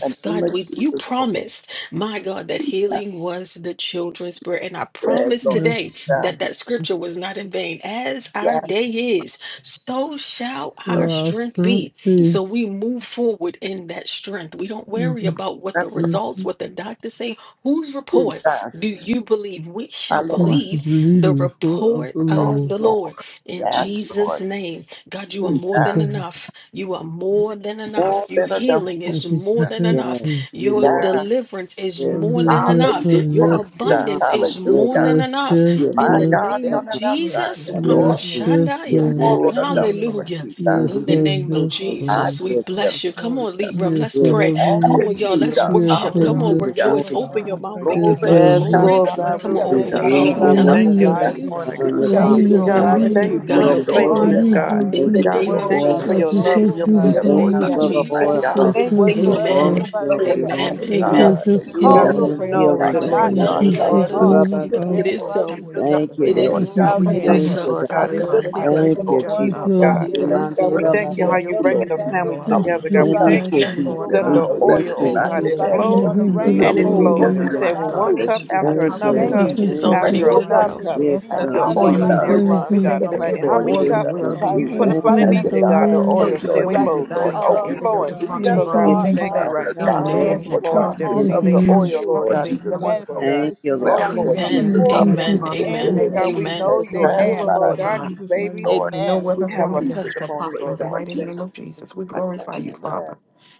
[SPEAKER 4] Thank you,
[SPEAKER 1] God,
[SPEAKER 4] Lord
[SPEAKER 1] we you
[SPEAKER 4] Jesus. Oh,
[SPEAKER 1] promised, my God, that
[SPEAKER 4] God.
[SPEAKER 1] healing was the children's bread. And I
[SPEAKER 4] Yes,
[SPEAKER 1] promise
[SPEAKER 4] Lord
[SPEAKER 6] Yes.
[SPEAKER 1] today that
[SPEAKER 4] Jesus.
[SPEAKER 1] that scripture was not in vain. As our
[SPEAKER 4] Yes,
[SPEAKER 1] day is, so shall
[SPEAKER 6] So
[SPEAKER 1] our
[SPEAKER 4] Lord.
[SPEAKER 6] our
[SPEAKER 1] strength
[SPEAKER 6] strength
[SPEAKER 1] be.
[SPEAKER 6] faith
[SPEAKER 1] So we move forward in that strength. We don't worry
[SPEAKER 6] mhm,
[SPEAKER 1] about what the
[SPEAKER 4] Yes, Lord
[SPEAKER 1] results,
[SPEAKER 6] mhm,
[SPEAKER 1] what the doctors say. Whose report do
[SPEAKER 4] Jesus.
[SPEAKER 1] you believe? We
[SPEAKER 4] My
[SPEAKER 1] shall
[SPEAKER 4] Lord.
[SPEAKER 6] is to
[SPEAKER 1] believe
[SPEAKER 6] believe the
[SPEAKER 1] the
[SPEAKER 6] report of
[SPEAKER 1] report
[SPEAKER 6] the
[SPEAKER 4] Oh,
[SPEAKER 1] of
[SPEAKER 6] Lord.
[SPEAKER 1] the
[SPEAKER 4] Lord.
[SPEAKER 1] Lord in
[SPEAKER 4] Yes,
[SPEAKER 1] Jesus'
[SPEAKER 4] Lord.
[SPEAKER 1] name. God, you are
[SPEAKER 6] Thank
[SPEAKER 1] more
[SPEAKER 6] you,
[SPEAKER 1] than
[SPEAKER 4] Jesus.
[SPEAKER 6] God.
[SPEAKER 1] enough. You are more than enough.
[SPEAKER 4] More
[SPEAKER 1] Your
[SPEAKER 4] than enough.
[SPEAKER 1] healing is
[SPEAKER 6] Thank you,
[SPEAKER 1] more
[SPEAKER 4] Jesus.
[SPEAKER 6] Jesus.
[SPEAKER 1] than
[SPEAKER 6] thank
[SPEAKER 1] enough.
[SPEAKER 14] Yes,
[SPEAKER 6] you.
[SPEAKER 14] you're
[SPEAKER 1] Your
[SPEAKER 14] more than
[SPEAKER 4] Yes.
[SPEAKER 1] deliverance is
[SPEAKER 14] this.
[SPEAKER 1] more
[SPEAKER 14] God.
[SPEAKER 6] Hallelujah.
[SPEAKER 1] than
[SPEAKER 6] Yes,
[SPEAKER 1] enough.
[SPEAKER 4] Hallelujah,
[SPEAKER 6] God.
[SPEAKER 1] Your
[SPEAKER 6] Yes,
[SPEAKER 14] Yes,
[SPEAKER 6] God.
[SPEAKER 14] You're
[SPEAKER 4] Jesus.
[SPEAKER 14] not.
[SPEAKER 1] abundance is more
[SPEAKER 14] Yes,
[SPEAKER 4] Hallelujah.
[SPEAKER 1] than
[SPEAKER 6] yes,
[SPEAKER 1] enough.
[SPEAKER 6] yes,
[SPEAKER 14] you're
[SPEAKER 1] In
[SPEAKER 4] My
[SPEAKER 14] more
[SPEAKER 1] the
[SPEAKER 6] yes,
[SPEAKER 4] God,
[SPEAKER 1] name
[SPEAKER 14] than
[SPEAKER 4] on
[SPEAKER 1] of
[SPEAKER 4] the
[SPEAKER 14] that.
[SPEAKER 2] Yes,
[SPEAKER 4] outside,
[SPEAKER 1] Jesus,
[SPEAKER 2] Lord.
[SPEAKER 14] Yes,
[SPEAKER 2] Yes,
[SPEAKER 6] yes,
[SPEAKER 4] Lord.
[SPEAKER 14] Jesus.
[SPEAKER 2] Lord.
[SPEAKER 6] yes,
[SPEAKER 14] You're
[SPEAKER 1] Amashandaya.
[SPEAKER 2] You
[SPEAKER 6] God.
[SPEAKER 4] More
[SPEAKER 2] are
[SPEAKER 14] more
[SPEAKER 4] than
[SPEAKER 2] more
[SPEAKER 6] Yes,
[SPEAKER 4] enough,
[SPEAKER 2] than
[SPEAKER 4] Lord
[SPEAKER 2] enough.
[SPEAKER 1] Hallelujah.
[SPEAKER 14] than
[SPEAKER 6] yes,
[SPEAKER 4] Jesus.
[SPEAKER 1] In the
[SPEAKER 6] God.
[SPEAKER 1] name
[SPEAKER 2] You
[SPEAKER 1] of
[SPEAKER 14] that.
[SPEAKER 6] Yes,
[SPEAKER 2] cover
[SPEAKER 4] I
[SPEAKER 2] us
[SPEAKER 1] Jesus,
[SPEAKER 6] God.
[SPEAKER 1] we
[SPEAKER 2] from
[SPEAKER 14] Yes,
[SPEAKER 4] give
[SPEAKER 2] head
[SPEAKER 4] you,
[SPEAKER 14] God.
[SPEAKER 2] to
[SPEAKER 1] bless you.
[SPEAKER 4] Lord
[SPEAKER 1] Come
[SPEAKER 2] toe,
[SPEAKER 1] on, lead
[SPEAKER 4] Jesus.
[SPEAKER 1] room.
[SPEAKER 6] Yes,
[SPEAKER 1] Let's
[SPEAKER 6] God.
[SPEAKER 14] Yes,
[SPEAKER 1] pray.
[SPEAKER 2] from
[SPEAKER 4] Thank
[SPEAKER 1] Come
[SPEAKER 6] Hallelujah.
[SPEAKER 4] you,
[SPEAKER 1] on,
[SPEAKER 2] east
[SPEAKER 1] y'all.
[SPEAKER 2] to
[SPEAKER 14] you're
[SPEAKER 1] Let's
[SPEAKER 4] Jesus.
[SPEAKER 2] west,
[SPEAKER 7] Yes,
[SPEAKER 6] Yes,
[SPEAKER 1] worship.
[SPEAKER 2] from
[SPEAKER 7] Lord
[SPEAKER 6] sir.
[SPEAKER 1] Come
[SPEAKER 7] God.
[SPEAKER 1] on,
[SPEAKER 2] north
[SPEAKER 6] Yes,
[SPEAKER 14] you're
[SPEAKER 7] Thank
[SPEAKER 4] Hallelujah.
[SPEAKER 7] you,
[SPEAKER 2] to
[SPEAKER 14] more
[SPEAKER 1] rejoice.
[SPEAKER 14] than
[SPEAKER 7] Lord
[SPEAKER 2] south.
[SPEAKER 1] Open
[SPEAKER 14] that.
[SPEAKER 7] God.
[SPEAKER 1] your
[SPEAKER 2] We
[SPEAKER 7] for
[SPEAKER 1] mouth
[SPEAKER 2] thank
[SPEAKER 14] God.
[SPEAKER 1] and
[SPEAKER 2] you,
[SPEAKER 4] Glory
[SPEAKER 1] give
[SPEAKER 6] Yes,
[SPEAKER 4] to
[SPEAKER 1] God
[SPEAKER 2] Heavenly
[SPEAKER 14] We thank
[SPEAKER 6] Lord,
[SPEAKER 5] Yes,
[SPEAKER 14] you,
[SPEAKER 9] Glory.
[SPEAKER 2] Father,
[SPEAKER 4] God.
[SPEAKER 6] yes.
[SPEAKER 7] Father
[SPEAKER 14] God.
[SPEAKER 1] glory.
[SPEAKER 5] Lord
[SPEAKER 7] God,
[SPEAKER 4] Yes,
[SPEAKER 5] God,
[SPEAKER 7] thank
[SPEAKER 1] Come
[SPEAKER 7] you
[SPEAKER 5] we
[SPEAKER 1] on,
[SPEAKER 4] yes,
[SPEAKER 7] for
[SPEAKER 2] for
[SPEAKER 7] your
[SPEAKER 9] Hallelujah,
[SPEAKER 2] your
[SPEAKER 5] thank
[SPEAKER 1] open
[SPEAKER 14] We
[SPEAKER 1] your
[SPEAKER 5] you,
[SPEAKER 9] God.
[SPEAKER 7] healing
[SPEAKER 5] Lord
[SPEAKER 1] mouth
[SPEAKER 2] many
[SPEAKER 14] believe
[SPEAKER 1] and
[SPEAKER 9] God,
[SPEAKER 7] power
[SPEAKER 4] Lord
[SPEAKER 14] your
[SPEAKER 5] God,
[SPEAKER 9] we
[SPEAKER 1] tell
[SPEAKER 4] God,
[SPEAKER 14] word.
[SPEAKER 5] for
[SPEAKER 7] over
[SPEAKER 1] Him
[SPEAKER 2] blessings.
[SPEAKER 9] thank
[SPEAKER 5] their
[SPEAKER 7] these
[SPEAKER 2] We
[SPEAKER 9] you
[SPEAKER 4] for
[SPEAKER 9] on
[SPEAKER 6] Hallelujah.
[SPEAKER 1] thank
[SPEAKER 14] God.
[SPEAKER 9] this
[SPEAKER 2] thank
[SPEAKER 4] the
[SPEAKER 5] lives.
[SPEAKER 7] babies,
[SPEAKER 1] you.
[SPEAKER 2] you
[SPEAKER 14] We
[SPEAKER 2] for
[SPEAKER 9] morning,
[SPEAKER 14] stand
[SPEAKER 7] God.
[SPEAKER 2] your
[SPEAKER 14] on
[SPEAKER 5] We
[SPEAKER 7] We
[SPEAKER 9] God.
[SPEAKER 14] your
[SPEAKER 4] hallelujah.
[SPEAKER 7] thank
[SPEAKER 14] promise.
[SPEAKER 5] thank
[SPEAKER 7] you,
[SPEAKER 2] covering.
[SPEAKER 5] you,
[SPEAKER 6] Hallelujah.
[SPEAKER 5] Lord
[SPEAKER 7] Lord
[SPEAKER 14] God.
[SPEAKER 9] God,
[SPEAKER 1] Hallelujah.
[SPEAKER 4] We
[SPEAKER 9] we
[SPEAKER 5] God,
[SPEAKER 7] God,
[SPEAKER 5] that
[SPEAKER 1] Thank
[SPEAKER 6] Hallelujah.
[SPEAKER 9] thank
[SPEAKER 2] For
[SPEAKER 1] you,
[SPEAKER 9] you
[SPEAKER 5] you
[SPEAKER 2] you,
[SPEAKER 9] for
[SPEAKER 14] You
[SPEAKER 5] are
[SPEAKER 14] are
[SPEAKER 4] intercede,
[SPEAKER 9] your
[SPEAKER 1] God.
[SPEAKER 7] for
[SPEAKER 2] for
[SPEAKER 4] Lord,
[SPEAKER 14] more
[SPEAKER 1] Thank
[SPEAKER 4] on
[SPEAKER 14] than
[SPEAKER 7] everything you
[SPEAKER 2] you
[SPEAKER 1] you.
[SPEAKER 9] faithfulness,
[SPEAKER 2] are
[SPEAKER 7] have
[SPEAKER 5] responding
[SPEAKER 6] Hallelujah.
[SPEAKER 4] behalf
[SPEAKER 9] God.
[SPEAKER 14] we
[SPEAKER 7] done
[SPEAKER 4] of
[SPEAKER 7] in their
[SPEAKER 2] God
[SPEAKER 1] In
[SPEAKER 14] thank
[SPEAKER 4] Lord
[SPEAKER 5] to
[SPEAKER 1] the
[SPEAKER 14] you
[SPEAKER 6] Hallelujah.
[SPEAKER 2] who
[SPEAKER 7] lives.
[SPEAKER 5] the
[SPEAKER 14] for
[SPEAKER 9] God,
[SPEAKER 4] Jesus,
[SPEAKER 1] name
[SPEAKER 9] we
[SPEAKER 1] of
[SPEAKER 5] word,
[SPEAKER 14] the
[SPEAKER 9] thank you
[SPEAKER 5] God.
[SPEAKER 14] oil,
[SPEAKER 2] heals.
[SPEAKER 9] for
[SPEAKER 5] We
[SPEAKER 4] of
[SPEAKER 6] God,
[SPEAKER 14] God.
[SPEAKER 9] your
[SPEAKER 6] you're
[SPEAKER 1] Jesus.
[SPEAKER 7] Thank
[SPEAKER 4] the
[SPEAKER 5] know,
[SPEAKER 9] love
[SPEAKER 7] you
[SPEAKER 6] so
[SPEAKER 9] and
[SPEAKER 7] for
[SPEAKER 5] Lord
[SPEAKER 9] your
[SPEAKER 2] You
[SPEAKER 4] children
[SPEAKER 6] good,
[SPEAKER 2] are
[SPEAKER 7] being
[SPEAKER 14] We
[SPEAKER 6] you're
[SPEAKER 7] a
[SPEAKER 1] In
[SPEAKER 5] God,
[SPEAKER 4] there,
[SPEAKER 1] the
[SPEAKER 6] so
[SPEAKER 14] thank
[SPEAKER 9] protection,
[SPEAKER 4] Lord
[SPEAKER 2] God
[SPEAKER 1] name
[SPEAKER 14] you
[SPEAKER 7] faithful
[SPEAKER 9] God.
[SPEAKER 2] who,
[SPEAKER 1] of
[SPEAKER 14] for
[SPEAKER 5] that
[SPEAKER 6] merciful.
[SPEAKER 7] God
[SPEAKER 4] Jesus,
[SPEAKER 14] the
[SPEAKER 7] in
[SPEAKER 5] we
[SPEAKER 4] my
[SPEAKER 7] their
[SPEAKER 9] God,
[SPEAKER 5] can
[SPEAKER 14] oil,
[SPEAKER 9] we
[SPEAKER 1] Jesus.
[SPEAKER 7] lives,
[SPEAKER 4] God.
[SPEAKER 14] God.
[SPEAKER 6] Yes,
[SPEAKER 5] say
[SPEAKER 4] You
[SPEAKER 9] thank
[SPEAKER 2] who
[SPEAKER 7] God.
[SPEAKER 6] Lord,
[SPEAKER 9] you,
[SPEAKER 4] see
[SPEAKER 6] yes,
[SPEAKER 14] The
[SPEAKER 9] Lord God,
[SPEAKER 5] whatsoever,
[SPEAKER 2] blesses
[SPEAKER 14] oil
[SPEAKER 9] how
[SPEAKER 14] of
[SPEAKER 7] Father,
[SPEAKER 6] God.
[SPEAKER 5] Lord
[SPEAKER 1] Amen.
[SPEAKER 9] you
[SPEAKER 5] God,
[SPEAKER 2] us,
[SPEAKER 4] the
[SPEAKER 14] joy,
[SPEAKER 9] love
[SPEAKER 5] into
[SPEAKER 9] on
[SPEAKER 14] the
[SPEAKER 5] the
[SPEAKER 4] situations
[SPEAKER 14] oil
[SPEAKER 2] who
[SPEAKER 14] of
[SPEAKER 1] Amen.
[SPEAKER 9] your
[SPEAKER 4] of
[SPEAKER 7] you
[SPEAKER 6] Yes,
[SPEAKER 7] have
[SPEAKER 9] children,
[SPEAKER 7] not
[SPEAKER 14] peace,
[SPEAKER 4] God.
[SPEAKER 5] atmosphere.
[SPEAKER 6] Lord,
[SPEAKER 1] Amen.
[SPEAKER 9] God.
[SPEAKER 2] strengthens
[SPEAKER 6] yes,
[SPEAKER 7] forgotten
[SPEAKER 2] us.
[SPEAKER 14] the
[SPEAKER 1] It
[SPEAKER 6] God.
[SPEAKER 5] Call
[SPEAKER 1] is
[SPEAKER 4] Hallelujah.
[SPEAKER 9] God,
[SPEAKER 7] the
[SPEAKER 9] we
[SPEAKER 6] Thank
[SPEAKER 14] oil
[SPEAKER 5] those
[SPEAKER 14] of
[SPEAKER 1] so.
[SPEAKER 7] prayers
[SPEAKER 5] things
[SPEAKER 7] of
[SPEAKER 9] know
[SPEAKER 5] that
[SPEAKER 7] the
[SPEAKER 2] We
[SPEAKER 14] healing,
[SPEAKER 4] Thank
[SPEAKER 9] that,
[SPEAKER 5] are
[SPEAKER 4] you,
[SPEAKER 14] God.
[SPEAKER 2] thank
[SPEAKER 1] Ada
[SPEAKER 4] Lord
[SPEAKER 9] Lord
[SPEAKER 7] righteous
[SPEAKER 5] not
[SPEAKER 2] you,
[SPEAKER 14] We
[SPEAKER 6] thank
[SPEAKER 9] God,
[SPEAKER 5] as
[SPEAKER 4] God.
[SPEAKER 7] go
[SPEAKER 6] you,
[SPEAKER 14] not
[SPEAKER 2] Heavenly
[SPEAKER 9] you
[SPEAKER 5] though
[SPEAKER 1] shanda
[SPEAKER 4] God,
[SPEAKER 14] so
[SPEAKER 6] Jesus,
[SPEAKER 9] are
[SPEAKER 5] they
[SPEAKER 7] unnoticed,
[SPEAKER 1] yada
[SPEAKER 2] Father.
[SPEAKER 6] for
[SPEAKER 4] God,
[SPEAKER 14] full
[SPEAKER 7] Father.
[SPEAKER 5] are.
[SPEAKER 4] God,
[SPEAKER 14] of
[SPEAKER 7] So
[SPEAKER 6] your
[SPEAKER 7] we
[SPEAKER 14] us.
[SPEAKER 9] healing
[SPEAKER 14] I
[SPEAKER 5] Dear
[SPEAKER 7] thank
[SPEAKER 6] power.
[SPEAKER 1] It
[SPEAKER 9] is
[SPEAKER 7] you
[SPEAKER 9] the
[SPEAKER 5] Heavenly
[SPEAKER 1] is
[SPEAKER 7] for
[SPEAKER 4] Lord
[SPEAKER 7] us
[SPEAKER 5] Father,
[SPEAKER 1] so.
[SPEAKER 5] we
[SPEAKER 9] children's
[SPEAKER 7] coming
[SPEAKER 2] for
[SPEAKER 5] lift
[SPEAKER 4] Jesus,
[SPEAKER 2] the
[SPEAKER 4] I
[SPEAKER 9] bread.
[SPEAKER 14] Thank
[SPEAKER 7] together,
[SPEAKER 5] each
[SPEAKER 14] you,
[SPEAKER 1] It
[SPEAKER 4] pray,
[SPEAKER 5] and
[SPEAKER 2] for
[SPEAKER 7] Father,
[SPEAKER 1] is
[SPEAKER 5] every
[SPEAKER 4] Lord
[SPEAKER 6] Thank
[SPEAKER 14] Daddy.
[SPEAKER 2] your
[SPEAKER 6] you,
[SPEAKER 1] so.
[SPEAKER 9] God,
[SPEAKER 4] Jesus,
[SPEAKER 5] child
[SPEAKER 9] we
[SPEAKER 5] up
[SPEAKER 1] It
[SPEAKER 5] to
[SPEAKER 2] children.
[SPEAKER 7] praying
[SPEAKER 4] come
[SPEAKER 1] is
[SPEAKER 9] thank
[SPEAKER 14] Thank
[SPEAKER 4] to
[SPEAKER 6] Jesus.
[SPEAKER 5] you.
[SPEAKER 7] for
[SPEAKER 9] you,
[SPEAKER 7] each
[SPEAKER 14] you,
[SPEAKER 2] We
[SPEAKER 4] the
[SPEAKER 1] so.
[SPEAKER 9] Lord
[SPEAKER 14] God.
[SPEAKER 9] God,
[SPEAKER 7] other,
[SPEAKER 2] thank
[SPEAKER 1] It's
[SPEAKER 4] hearts
[SPEAKER 5] We
[SPEAKER 9] in
[SPEAKER 4] of
[SPEAKER 2] you,
[SPEAKER 4] the
[SPEAKER 9] the
[SPEAKER 7] Father
[SPEAKER 5] lift
[SPEAKER 1] already
[SPEAKER 9] mighty
[SPEAKER 7] God,
[SPEAKER 5] each
[SPEAKER 4] parents,
[SPEAKER 5] and
[SPEAKER 9] name
[SPEAKER 2] O
[SPEAKER 14] Thank
[SPEAKER 1] done.
[SPEAKER 7] lifting
[SPEAKER 2] oh
[SPEAKER 9] of
[SPEAKER 5] every
[SPEAKER 14] you,
[SPEAKER 7] each
[SPEAKER 4] Lord.
[SPEAKER 2] God,
[SPEAKER 7] other
[SPEAKER 5] one,
[SPEAKER 6] Yes,
[SPEAKER 14] Jesus.
[SPEAKER 5] Lord
[SPEAKER 7] up,
[SPEAKER 9] Jesus,
[SPEAKER 6] Lord.
[SPEAKER 5] God,
[SPEAKER 7] Father
[SPEAKER 9] God.
[SPEAKER 1] We
[SPEAKER 5] their
[SPEAKER 14] We
[SPEAKER 4] Give
[SPEAKER 7] God.
[SPEAKER 4] them
[SPEAKER 1] believe
[SPEAKER 14] might be
[SPEAKER 9] God,
[SPEAKER 14] of
[SPEAKER 9] we
[SPEAKER 1] God
[SPEAKER 4] strength,
[SPEAKER 7] Because
[SPEAKER 1] by
[SPEAKER 7] we
[SPEAKER 9] thank
[SPEAKER 14] us.
[SPEAKER 5] situations,
[SPEAKER 9] you
[SPEAKER 2] how
[SPEAKER 7] know
[SPEAKER 5] their
[SPEAKER 14] I
[SPEAKER 4] oh,
[SPEAKER 9] how
[SPEAKER 1] faith.
[SPEAKER 7] your
[SPEAKER 2] you
[SPEAKER 9] you're
[SPEAKER 7] will be
[SPEAKER 9] bringing
[SPEAKER 4] Lord
[SPEAKER 2] keep
[SPEAKER 9] the
[SPEAKER 4] Jesus,
[SPEAKER 7] done,
[SPEAKER 5] circumstances.
[SPEAKER 9] families
[SPEAKER 7] Lord.
[SPEAKER 2] providing
[SPEAKER 6] Thank
[SPEAKER 2] for
[SPEAKER 9] together,
[SPEAKER 6] you,
[SPEAKER 2] them,
[SPEAKER 9] God.
[SPEAKER 6] Jesus.
[SPEAKER 5] Lord
[SPEAKER 9] We
[SPEAKER 14] Thank
[SPEAKER 7] We
[SPEAKER 5] God,
[SPEAKER 4] hallelujah.
[SPEAKER 14] you,
[SPEAKER 5] we
[SPEAKER 9] thank
[SPEAKER 1] Hallelujah.
[SPEAKER 7] thank
[SPEAKER 2] keep
[SPEAKER 9] you
[SPEAKER 7] you,
[SPEAKER 5] thank you,
[SPEAKER 14] Jesus.
[SPEAKER 7] Lord
[SPEAKER 5] Lord
[SPEAKER 4] Let
[SPEAKER 2] lifting
[SPEAKER 9] that
[SPEAKER 5] God,
[SPEAKER 14] We
[SPEAKER 4] them
[SPEAKER 2] them
[SPEAKER 9] the
[SPEAKER 7] God,
[SPEAKER 4] know
[SPEAKER 5] for
[SPEAKER 2] up,
[SPEAKER 5] your
[SPEAKER 4] that
[SPEAKER 14] thank
[SPEAKER 9] oil,
[SPEAKER 14] you.
[SPEAKER 4] it's
[SPEAKER 9] oh
[SPEAKER 7] that
[SPEAKER 14] Jesus.
[SPEAKER 4] not
[SPEAKER 5] peace,
[SPEAKER 1] Thank you,
[SPEAKER 2] keep
[SPEAKER 9] God,
[SPEAKER 5] Lord
[SPEAKER 9] it
[SPEAKER 4] the
[SPEAKER 5] God,
[SPEAKER 6] Thank
[SPEAKER 4] end,
[SPEAKER 5] that's
[SPEAKER 1] Lord.
[SPEAKER 7] everything
[SPEAKER 2] touching
[SPEAKER 6] you,
[SPEAKER 4] Lord
[SPEAKER 5] going to
[SPEAKER 2] them
[SPEAKER 9] flows
[SPEAKER 6] thank you
[SPEAKER 2] with
[SPEAKER 14] We
[SPEAKER 4] Jesus,
[SPEAKER 7] would
[SPEAKER 6] for the
[SPEAKER 7] be
[SPEAKER 5] reign
[SPEAKER 14] might
[SPEAKER 9] and
[SPEAKER 2] your
[SPEAKER 14] be
[SPEAKER 9] it
[SPEAKER 14] of
[SPEAKER 7] whole
[SPEAKER 6] oil.
[SPEAKER 4] hallelujah.
[SPEAKER 7] in
[SPEAKER 2] finger.
[SPEAKER 9] flows.
[SPEAKER 5] over
[SPEAKER 6] Thank
[SPEAKER 7] their
[SPEAKER 9] It
[SPEAKER 2] We
[SPEAKER 5] their
[SPEAKER 14] us.
[SPEAKER 9] said
[SPEAKER 7] life,
[SPEAKER 2] thank
[SPEAKER 9] when
[SPEAKER 5] lives,
[SPEAKER 4] God,
[SPEAKER 2] you,
[SPEAKER 7] God.
[SPEAKER 2] O
[SPEAKER 9] one
[SPEAKER 1] Woo.
[SPEAKER 5] Lord
[SPEAKER 9] cup
[SPEAKER 4] that
[SPEAKER 2] Heavenly
[SPEAKER 4] you
[SPEAKER 7] From
[SPEAKER 4] have,
[SPEAKER 7] the
[SPEAKER 5] Jesus.
[SPEAKER 9] after
[SPEAKER 2] Father,
[SPEAKER 14] Thank
[SPEAKER 7] top
[SPEAKER 5] We
[SPEAKER 7] of
[SPEAKER 14] you,
[SPEAKER 9] another
[SPEAKER 6] you,
[SPEAKER 7] their
[SPEAKER 4] Lord
[SPEAKER 5] thank
[SPEAKER 6] thank
[SPEAKER 14] Lord.
[SPEAKER 9] cup
[SPEAKER 7] head to
[SPEAKER 1] Hallelujah.
[SPEAKER 5] you,
[SPEAKER 6] you,
[SPEAKER 7] the
[SPEAKER 2] for
[SPEAKER 1] It's
[SPEAKER 4] Jesus.
[SPEAKER 2] you
[SPEAKER 14] Thank
[SPEAKER 6] thank
[SPEAKER 7] soles of
[SPEAKER 2] are
[SPEAKER 1] already
[SPEAKER 14] you.
[SPEAKER 4] Thank
[SPEAKER 6] you,
[SPEAKER 9] after
[SPEAKER 7] their
[SPEAKER 4] you.
[SPEAKER 5] Lord
[SPEAKER 1] worked
[SPEAKER 5] God,
[SPEAKER 9] another
[SPEAKER 7] feet
[SPEAKER 1] out.
[SPEAKER 5] for
[SPEAKER 2] mighty,
[SPEAKER 7] and the
[SPEAKER 9] cup,
[SPEAKER 5] just
[SPEAKER 14] Yes,
[SPEAKER 5] being
[SPEAKER 4] Thank
[SPEAKER 7] inside
[SPEAKER 9] that
[SPEAKER 14] God.
[SPEAKER 4] you,
[SPEAKER 9] the
[SPEAKER 7] out,
[SPEAKER 5] God
[SPEAKER 2] you
[SPEAKER 1] He's
[SPEAKER 6] thank
[SPEAKER 2] are
[SPEAKER 5] all
[SPEAKER 9] oil
[SPEAKER 7] Father
[SPEAKER 5] by
[SPEAKER 1] already
[SPEAKER 14] Thank
[SPEAKER 6] you,
[SPEAKER 7] God.
[SPEAKER 14] you.
[SPEAKER 9] still
[SPEAKER 4] Jesus.
[SPEAKER 2] strong,
[SPEAKER 1] worked it
[SPEAKER 6] thank
[SPEAKER 5] yourself
[SPEAKER 7] We
[SPEAKER 9] runs,
[SPEAKER 1] out.
[SPEAKER 6] you.
[SPEAKER 7] thank
[SPEAKER 9] God.
[SPEAKER 7] you
[SPEAKER 9] No
[SPEAKER 7] that
[SPEAKER 5] through
[SPEAKER 4] Yes,
[SPEAKER 5] the
[SPEAKER 9] matter
[SPEAKER 7] every
[SPEAKER 9] how
[SPEAKER 4] Lord
[SPEAKER 5] blood
[SPEAKER 2] you
[SPEAKER 9] many
[SPEAKER 5] of
[SPEAKER 14] Yes,
[SPEAKER 7] organ
[SPEAKER 9] cups
[SPEAKER 5] Jesus
[SPEAKER 7] will
[SPEAKER 14] God.
[SPEAKER 4] Jesus.
[SPEAKER 7] be
[SPEAKER 2] are
[SPEAKER 14] We
[SPEAKER 9] you
[SPEAKER 5] Christ,
[SPEAKER 2] a
[SPEAKER 5] the
[SPEAKER 9] put
[SPEAKER 6] My
[SPEAKER 9] up
[SPEAKER 14] thank
[SPEAKER 2] God
[SPEAKER 5] stripes
[SPEAKER 14] you.
[SPEAKER 4] Thank
[SPEAKER 6] friend,
[SPEAKER 5] on
[SPEAKER 2] of
[SPEAKER 9] underneath
[SPEAKER 4] you,
[SPEAKER 9] it,
[SPEAKER 5] his
[SPEAKER 4] God.
[SPEAKER 9] God, the
[SPEAKER 5] back.
[SPEAKER 4] I
[SPEAKER 6] hallelujah.
[SPEAKER 4] pray,
[SPEAKER 9] oil
[SPEAKER 7] functioning the
[SPEAKER 5] Lord
[SPEAKER 4] Lord
[SPEAKER 9] still
[SPEAKER 2] mercy,
[SPEAKER 7] way you
[SPEAKER 5] God,
[SPEAKER 4] Jesus,
[SPEAKER 9] flows.
[SPEAKER 5] he's
[SPEAKER 9] It
[SPEAKER 7] designed
[SPEAKER 9] is
[SPEAKER 4] Lord
[SPEAKER 7] and
[SPEAKER 4] God.
[SPEAKER 2] you
[SPEAKER 7] created
[SPEAKER 2] are
[SPEAKER 7] them
[SPEAKER 2] a
[SPEAKER 9] overflowing.
[SPEAKER 7] to
[SPEAKER 5] already,
[SPEAKER 2] God
[SPEAKER 6] My
[SPEAKER 7] function,
[SPEAKER 4] Hallelujah.
[SPEAKER 2] of
[SPEAKER 9] So,
[SPEAKER 5] they
[SPEAKER 7] Father.
[SPEAKER 9] God,
[SPEAKER 14] Yes,
[SPEAKER 7] We
[SPEAKER 9] we
[SPEAKER 5] are
[SPEAKER 4] We
[SPEAKER 7] thank you
[SPEAKER 2] wisdom,
[SPEAKER 9] thank you
[SPEAKER 7] that
[SPEAKER 4] found
[SPEAKER 9] right
[SPEAKER 4] the
[SPEAKER 9] now
[SPEAKER 5] already,
[SPEAKER 7] any
[SPEAKER 9] for the
[SPEAKER 4] darkness,
[SPEAKER 5] all
[SPEAKER 14] yes.
[SPEAKER 7] mass
[SPEAKER 5] of
[SPEAKER 2] and
[SPEAKER 7] and
[SPEAKER 5] them
[SPEAKER 2] we
[SPEAKER 1] Hallelujah.
[SPEAKER 7] the
[SPEAKER 4] Lord
[SPEAKER 2] thank
[SPEAKER 9] overflowing
[SPEAKER 7] tumors
[SPEAKER 5] are
[SPEAKER 4] God,
[SPEAKER 2] you
[SPEAKER 7] that are
[SPEAKER 4] did
[SPEAKER 2] for
[SPEAKER 14] And
[SPEAKER 6] thank
[SPEAKER 4] this
[SPEAKER 7] seen,
[SPEAKER 9] of
[SPEAKER 2] your
[SPEAKER 7] they
[SPEAKER 9] the
[SPEAKER 5] already
[SPEAKER 2] love.
[SPEAKER 7] have
[SPEAKER 6] you,
[SPEAKER 4] report.
[SPEAKER 9] oil,
[SPEAKER 2] We
[SPEAKER 5] healed.
[SPEAKER 7] shrunk
[SPEAKER 9] Lord
[SPEAKER 7] and
[SPEAKER 4] Lord
[SPEAKER 2] thank
[SPEAKER 9] God,
[SPEAKER 2] you
[SPEAKER 9] this
[SPEAKER 7] they
[SPEAKER 5] The
[SPEAKER 4] Jesus,
[SPEAKER 2] for
[SPEAKER 7] have
[SPEAKER 4] of
[SPEAKER 2] your
[SPEAKER 9] morning, Lord
[SPEAKER 4] course.
[SPEAKER 9] God
[SPEAKER 14] thank
[SPEAKER 2] kindness.
[SPEAKER 14] you,
[SPEAKER 5] manifestation, Lord
[SPEAKER 14] Lord.
[SPEAKER 4] well,
[SPEAKER 5] God, is
[SPEAKER 7] decreased
[SPEAKER 4] Lord
[SPEAKER 7] and will
[SPEAKER 5] coming
[SPEAKER 7] be
[SPEAKER 1] Amen.
[SPEAKER 4] Jesus,
[SPEAKER 2] We
[SPEAKER 7] no
[SPEAKER 5] forth
[SPEAKER 9] oh
[SPEAKER 2] thank
[SPEAKER 7] more,
[SPEAKER 2] you,
[SPEAKER 6] Jesus.
[SPEAKER 4] hallelujah.
[SPEAKER 2] O
[SPEAKER 9] Lord
[SPEAKER 1] Amen.
[SPEAKER 6] (laughs)
[SPEAKER 7] Father,
[SPEAKER 4] The
[SPEAKER 2] Heavenly
[SPEAKER 7] in the
[SPEAKER 5] in the
[SPEAKER 1] Amen.
[SPEAKER 7] name
[SPEAKER 2] Father,
[SPEAKER 4] healing
[SPEAKER 9] God.
[SPEAKER 7] of
[SPEAKER 5] name
[SPEAKER 9] God,
[SPEAKER 2] for
[SPEAKER 5] of
[SPEAKER 9] we
[SPEAKER 1] Amen.
[SPEAKER 9] know
[SPEAKER 7] Jesus.
[SPEAKER 5] Jesus.
[SPEAKER 4] has
[SPEAKER 7] We
[SPEAKER 2] who
[SPEAKER 9] you're a
[SPEAKER 2] you
[SPEAKER 7] thank
[SPEAKER 2] are.
[SPEAKER 9] healer,
[SPEAKER 7] you,
[SPEAKER 5] Amen.
[SPEAKER 9] Lord
[SPEAKER 4] transpired
[SPEAKER 7] Lord
[SPEAKER 2] In
[SPEAKER 4] in
[SPEAKER 9] God.
[SPEAKER 7] God,
[SPEAKER 9] These
[SPEAKER 4] these
[SPEAKER 2] Jesus'
[SPEAKER 4] days,
[SPEAKER 2] mighty
[SPEAKER 9] babies,
[SPEAKER 2] name
[SPEAKER 4] Lord
[SPEAKER 7] that
[SPEAKER 2] we
[SPEAKER 7] no
[SPEAKER 5] Amen.
[SPEAKER 2] say,
[SPEAKER 9] we
[SPEAKER 7] weapon
[SPEAKER 9] have
[SPEAKER 7] formed
[SPEAKER 9] a
[SPEAKER 2] Amen.
[SPEAKER 7] against
[SPEAKER 4] Jesus.
[SPEAKER 7] us shall
[SPEAKER 4] We
[SPEAKER 9] testimony,
[SPEAKER 4] pray,
[SPEAKER 7] prosper in
[SPEAKER 9] Lord
[SPEAKER 7] the
[SPEAKER 9] God.
[SPEAKER 4] Lord
[SPEAKER 9] We
[SPEAKER 7] mighty
[SPEAKER 9] thank
[SPEAKER 7] name
[SPEAKER 4] Jesus.
[SPEAKER 7] of
[SPEAKER 9] you. In
[SPEAKER 7] Jesus. We
[SPEAKER 4] Thank
[SPEAKER 9] Jesus'
[SPEAKER 4] you,
[SPEAKER 9] name,
[SPEAKER 7] glorify
[SPEAKER 4] Jesus.
[SPEAKER 7] you, Father.
[SPEAKER 9] amen.
[SPEAKER 4] Thank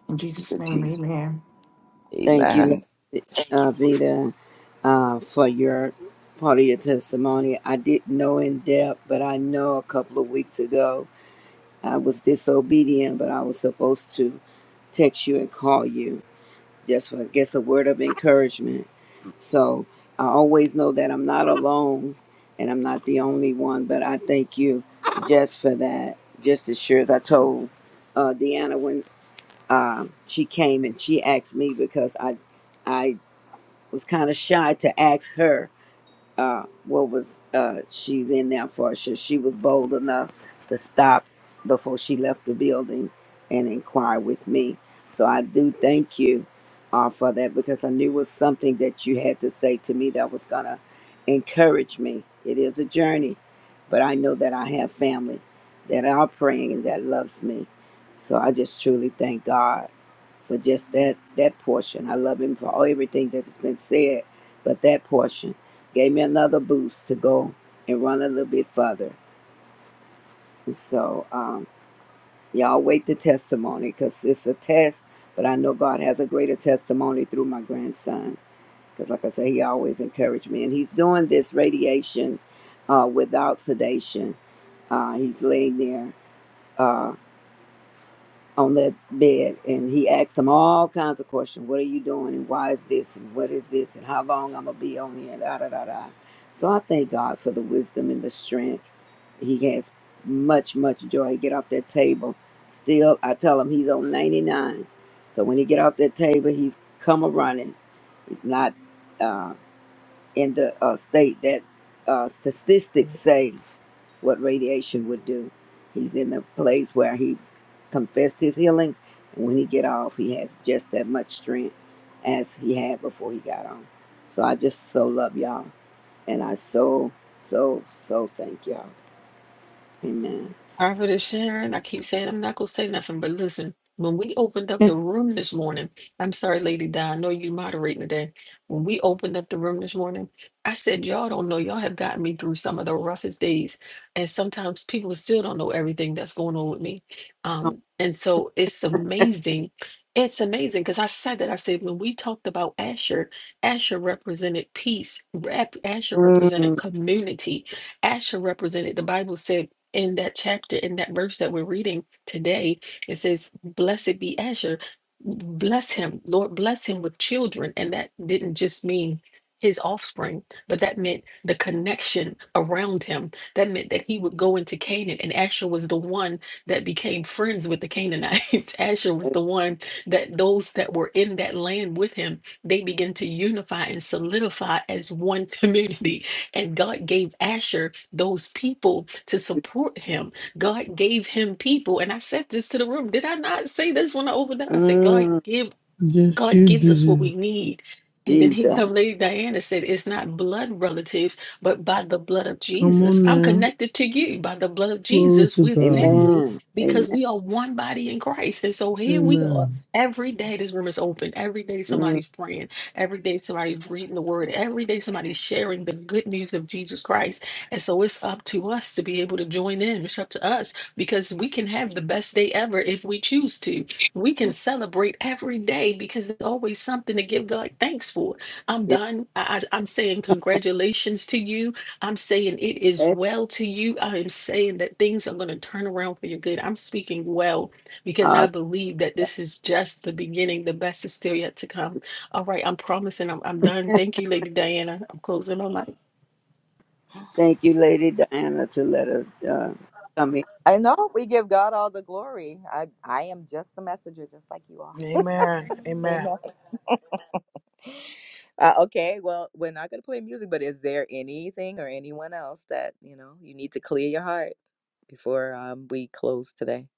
[SPEAKER 7] In Jesus'
[SPEAKER 4] you,
[SPEAKER 7] name,
[SPEAKER 4] Jesus.
[SPEAKER 7] amen.
[SPEAKER 14] Thank you,
[SPEAKER 4] Amen.
[SPEAKER 14] Lady,
[SPEAKER 4] Thank
[SPEAKER 14] uh,
[SPEAKER 4] you.
[SPEAKER 14] Vita, uh, for your part of your testimony. I didn't know in depth, but I know a couple of weeks ago I was disobedient, but I was supposed to text you and call you just for, I guess, a word of encouragement. So I always know that I'm not alone and I'm not the only one, but I thank you just for that. Just as sure as I told uh, Deanna when uh, she came and she asked me because I I was kind of shy to ask her uh, what was uh, she's in there for. She, she was bold enough to stop before she left the building and inquire with me. So I do thank you uh, for that because I knew it was something that you had to say to me that was going to encourage me. It is a journey, but I know that I have family that are praying and that loves me. So I just truly thank God for just that that portion. I love him for all everything that's been said, but that portion gave me another boost to go and run a little bit further. And so um, y'all wait the testimony because it's a test, but I know God has a greater testimony through my grandson. Because like I say, he always encouraged me, and he's doing this radiation uh, without sedation. Uh, he's laying there. Uh, on that bed and he asked him all kinds of questions. What are you doing and why is this and what is this and how long I'm gonna be on here and da da da da. So I thank God for the wisdom and the strength. He has much, much joy. He get off that table. Still I tell him he's on ninety nine. So when he get off that table he's come a running. He's not uh, in the uh, state that uh, statistics say what radiation would do. He's in the place where he confessed his healing, and when he get off, he has just that much strength as he had before he got on. So I just so love y'all, and I so so so thank y'all. Amen.
[SPEAKER 1] Prophetess Sharon, I keep saying I'm not gonna say nothing, but listen, when we opened up the room this morning, I'm sorry, Lady Di, I know you moderating today. When we opened up the room this morning, I said, Y'all don't know, y'all have gotten me through some of the roughest days. And sometimes people still don't know everything that's going on with me. Um, and so it's amazing. It's amazing because I said that I said when we talked about Asher, Asher represented peace, rep, Asher represented community, Asher represented the Bible said in that chapter, in that verse that we're reading today, it says, Blessed be Asher. Bless him. Lord, bless him with children. And that didn't just mean his offspring, but that meant the connection around him. That meant that he would go into Canaan, and Asher was the one that became friends with the Canaanites. (laughs) Asher was the one that those that were in that land with him, they began to unify and solidify as one (laughs) community. And God gave Asher those people to support him. God gave him people. And I said this to the room. Did I not say this when I opened up? I said,
[SPEAKER 14] Mm,
[SPEAKER 1] God give
[SPEAKER 6] Yes,
[SPEAKER 1] God
[SPEAKER 6] you
[SPEAKER 1] gives us what
[SPEAKER 6] do.
[SPEAKER 1] we need. And then he
[SPEAKER 14] Jesus.
[SPEAKER 1] come, Lady Diana said, it's not blood relatives, but by the blood of
[SPEAKER 6] Come on
[SPEAKER 1] Jesus. I'm
[SPEAKER 6] now.
[SPEAKER 1] connected to you by the blood of
[SPEAKER 6] Glory
[SPEAKER 1] Jesus.
[SPEAKER 6] to
[SPEAKER 1] We're
[SPEAKER 6] God.
[SPEAKER 1] family
[SPEAKER 14] Amen. Amen.
[SPEAKER 1] because we are one body in Christ. And so here we are.
[SPEAKER 6] Amen.
[SPEAKER 1] Every day this room is open. Every day
[SPEAKER 14] Mm,
[SPEAKER 1] somebody's praying. Every day somebody's reading the word. Every day somebody's sharing the good news of Jesus Christ. And so it's up to us to be able to join in. It's up to us because we can have the best day ever if we choose to. We can celebrate every day because there's always something to give God thanks for. I'm done. I, I, I'm saying congratulations to you. I'm saying it is
[SPEAKER 14] yeah.
[SPEAKER 1] well to you. I am saying that things are going to turn around for your good. I'm speaking well because I
[SPEAKER 14] Uh,
[SPEAKER 1] believe that this is just the beginning. The best is still yet to come. All right, I'm promising I'm, I'm done. Thank you, Lady Diana. I'm closing my mic.
[SPEAKER 14] thank you, Lady Diana, to let us uh, come in.
[SPEAKER 8] I know we give God all the glory. I I am just the messenger, just like you are.
[SPEAKER 9] Amen. Amen.
[SPEAKER 8] Amen. Uh, okay, well, we're not going to play music, but is there anything or anyone else that, you know, you need to clear your heart before um, we close today?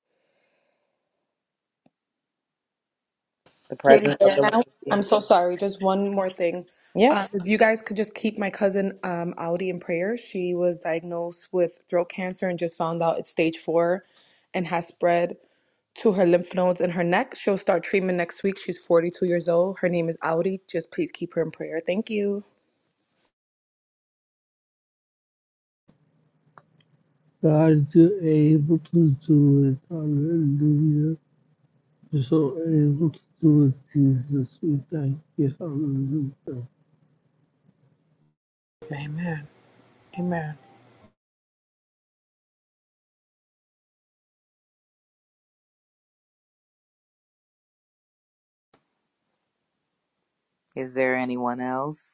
[SPEAKER 8] The
[SPEAKER 12] Lady
[SPEAKER 8] presence of the Lord
[SPEAKER 12] Diana,
[SPEAKER 8] is
[SPEAKER 12] I'm
[SPEAKER 8] here.
[SPEAKER 12] so sorry. Just one more thing.
[SPEAKER 8] Yep.
[SPEAKER 12] Um, if you guys could just keep my cousin um, Audi in prayer. She was diagnosed with throat cancer and just found out it's stage four and has spread. to her lymph nodes in her neck. She'll start treatment next week. She's 42 years old. Her name is Audi. Just please keep her in prayer. Thank you.
[SPEAKER 6] God, you're able to do it. Hallelujah. You're so able to do it, Jesus. We thank you. Hallelujah.
[SPEAKER 9] Amen. Amen.
[SPEAKER 8] Is there anyone else?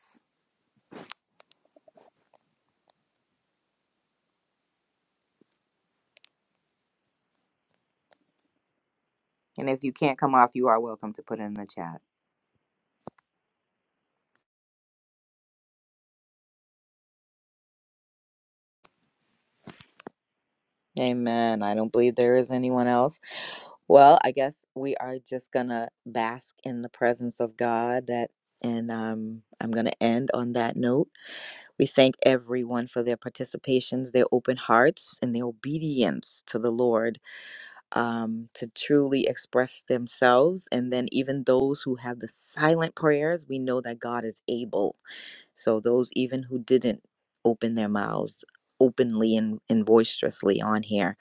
[SPEAKER 8] And if you can't come off, you are welcome to put it in the chat. Amen. I don't believe there is anyone else. Well, I guess we are just going to bask in the presence of God that and um, I'm going to end on that note. We thank everyone for their participations, their open hearts, and their obedience to the Lord um, to truly express themselves. And then, even those who have the silent prayers, we know that God is able. So, those even who didn't open their mouths openly and, and boisterously on here,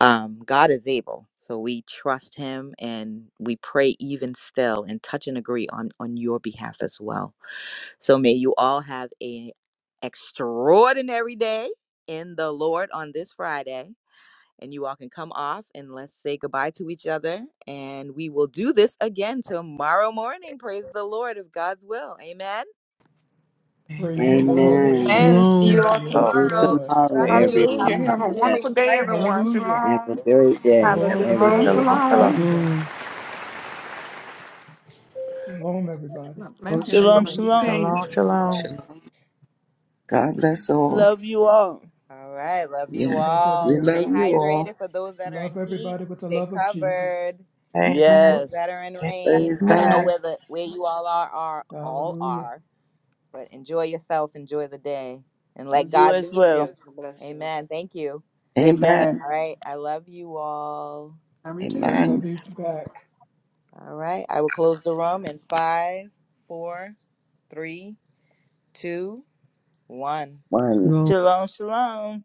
[SPEAKER 8] um, God is able. So, we trust Him and we pray even still and touch and agree on, on your behalf as well. So may you all have an extraordinary day in the Lord on this Friday. And you all can come off and let's say goodbye to each other. And we will do this again tomorrow morning. Praise the Lord if God's will. Amen.
[SPEAKER 2] Praise the
[SPEAKER 9] Amen.
[SPEAKER 2] Lord.
[SPEAKER 9] Amen.
[SPEAKER 14] Amen.
[SPEAKER 12] And
[SPEAKER 2] Amen.
[SPEAKER 12] see you
[SPEAKER 6] Shalom.
[SPEAKER 12] all
[SPEAKER 14] See
[SPEAKER 9] Oh,
[SPEAKER 2] Yes,
[SPEAKER 14] you
[SPEAKER 12] tomorrow.
[SPEAKER 2] Lord.
[SPEAKER 12] God
[SPEAKER 14] tomorrow,
[SPEAKER 12] bless
[SPEAKER 2] Thank
[SPEAKER 12] you.
[SPEAKER 2] you,
[SPEAKER 12] Have
[SPEAKER 14] everyone.
[SPEAKER 7] Hallelujah.
[SPEAKER 12] an
[SPEAKER 14] God
[SPEAKER 7] Have a
[SPEAKER 2] Jesus.
[SPEAKER 14] bless.
[SPEAKER 12] amazing
[SPEAKER 7] wonderful day,
[SPEAKER 12] Friday.
[SPEAKER 7] everyone.
[SPEAKER 2] Hallelujah.
[SPEAKER 14] Have a
[SPEAKER 7] Shalom.
[SPEAKER 14] great
[SPEAKER 12] Have
[SPEAKER 14] day,
[SPEAKER 12] a good
[SPEAKER 9] everybody,
[SPEAKER 2] Glory
[SPEAKER 14] everyone.
[SPEAKER 2] to your
[SPEAKER 7] Shalom.
[SPEAKER 12] day.
[SPEAKER 9] shalom,
[SPEAKER 2] name.
[SPEAKER 9] shalom,
[SPEAKER 2] Thank
[SPEAKER 7] Shalom.
[SPEAKER 2] you, God.
[SPEAKER 6] Shalom.
[SPEAKER 2] Shalom, everybody.
[SPEAKER 7] God bless
[SPEAKER 4] Lord.
[SPEAKER 2] God
[SPEAKER 5] Shalom,
[SPEAKER 7] everyone.
[SPEAKER 2] bless
[SPEAKER 7] Be
[SPEAKER 2] you.
[SPEAKER 5] shalom.
[SPEAKER 7] safe.
[SPEAKER 9] shalom, shalom.
[SPEAKER 4] Shalom. God bless all.
[SPEAKER 5] Love you all.
[SPEAKER 8] All right. Love you
[SPEAKER 4] Yes.
[SPEAKER 2] Love
[SPEAKER 4] We
[SPEAKER 8] all.
[SPEAKER 2] everybody.
[SPEAKER 8] Stay
[SPEAKER 4] love you all.
[SPEAKER 8] hydrated for those that are
[SPEAKER 2] Love
[SPEAKER 8] in heat.
[SPEAKER 2] everybody with the
[SPEAKER 8] Stay
[SPEAKER 2] love of Jesus.
[SPEAKER 8] covered.
[SPEAKER 9] Amen.
[SPEAKER 8] Those that
[SPEAKER 5] Yes.
[SPEAKER 8] are in
[SPEAKER 9] Amen.
[SPEAKER 8] rain.
[SPEAKER 4] Praise
[SPEAKER 8] I don't
[SPEAKER 9] Amen.
[SPEAKER 8] know
[SPEAKER 4] God.
[SPEAKER 8] where the where you all are are all
[SPEAKER 2] Hallelujah.
[SPEAKER 8] are, but enjoy yourself, enjoy the day, and let
[SPEAKER 5] You
[SPEAKER 8] God
[SPEAKER 5] as
[SPEAKER 8] lead
[SPEAKER 5] well.
[SPEAKER 8] you.
[SPEAKER 15] Bless you.
[SPEAKER 8] Amen. Thank you.
[SPEAKER 4] Amen.
[SPEAKER 5] Amen.
[SPEAKER 8] All right. I love you all.
[SPEAKER 7] Love you too.
[SPEAKER 2] Love
[SPEAKER 4] Amen.
[SPEAKER 2] you back.
[SPEAKER 8] All right. I will close the room in five, four, three, two, one.
[SPEAKER 4] One.
[SPEAKER 6] Shalom.
[SPEAKER 5] Shalom, shalom.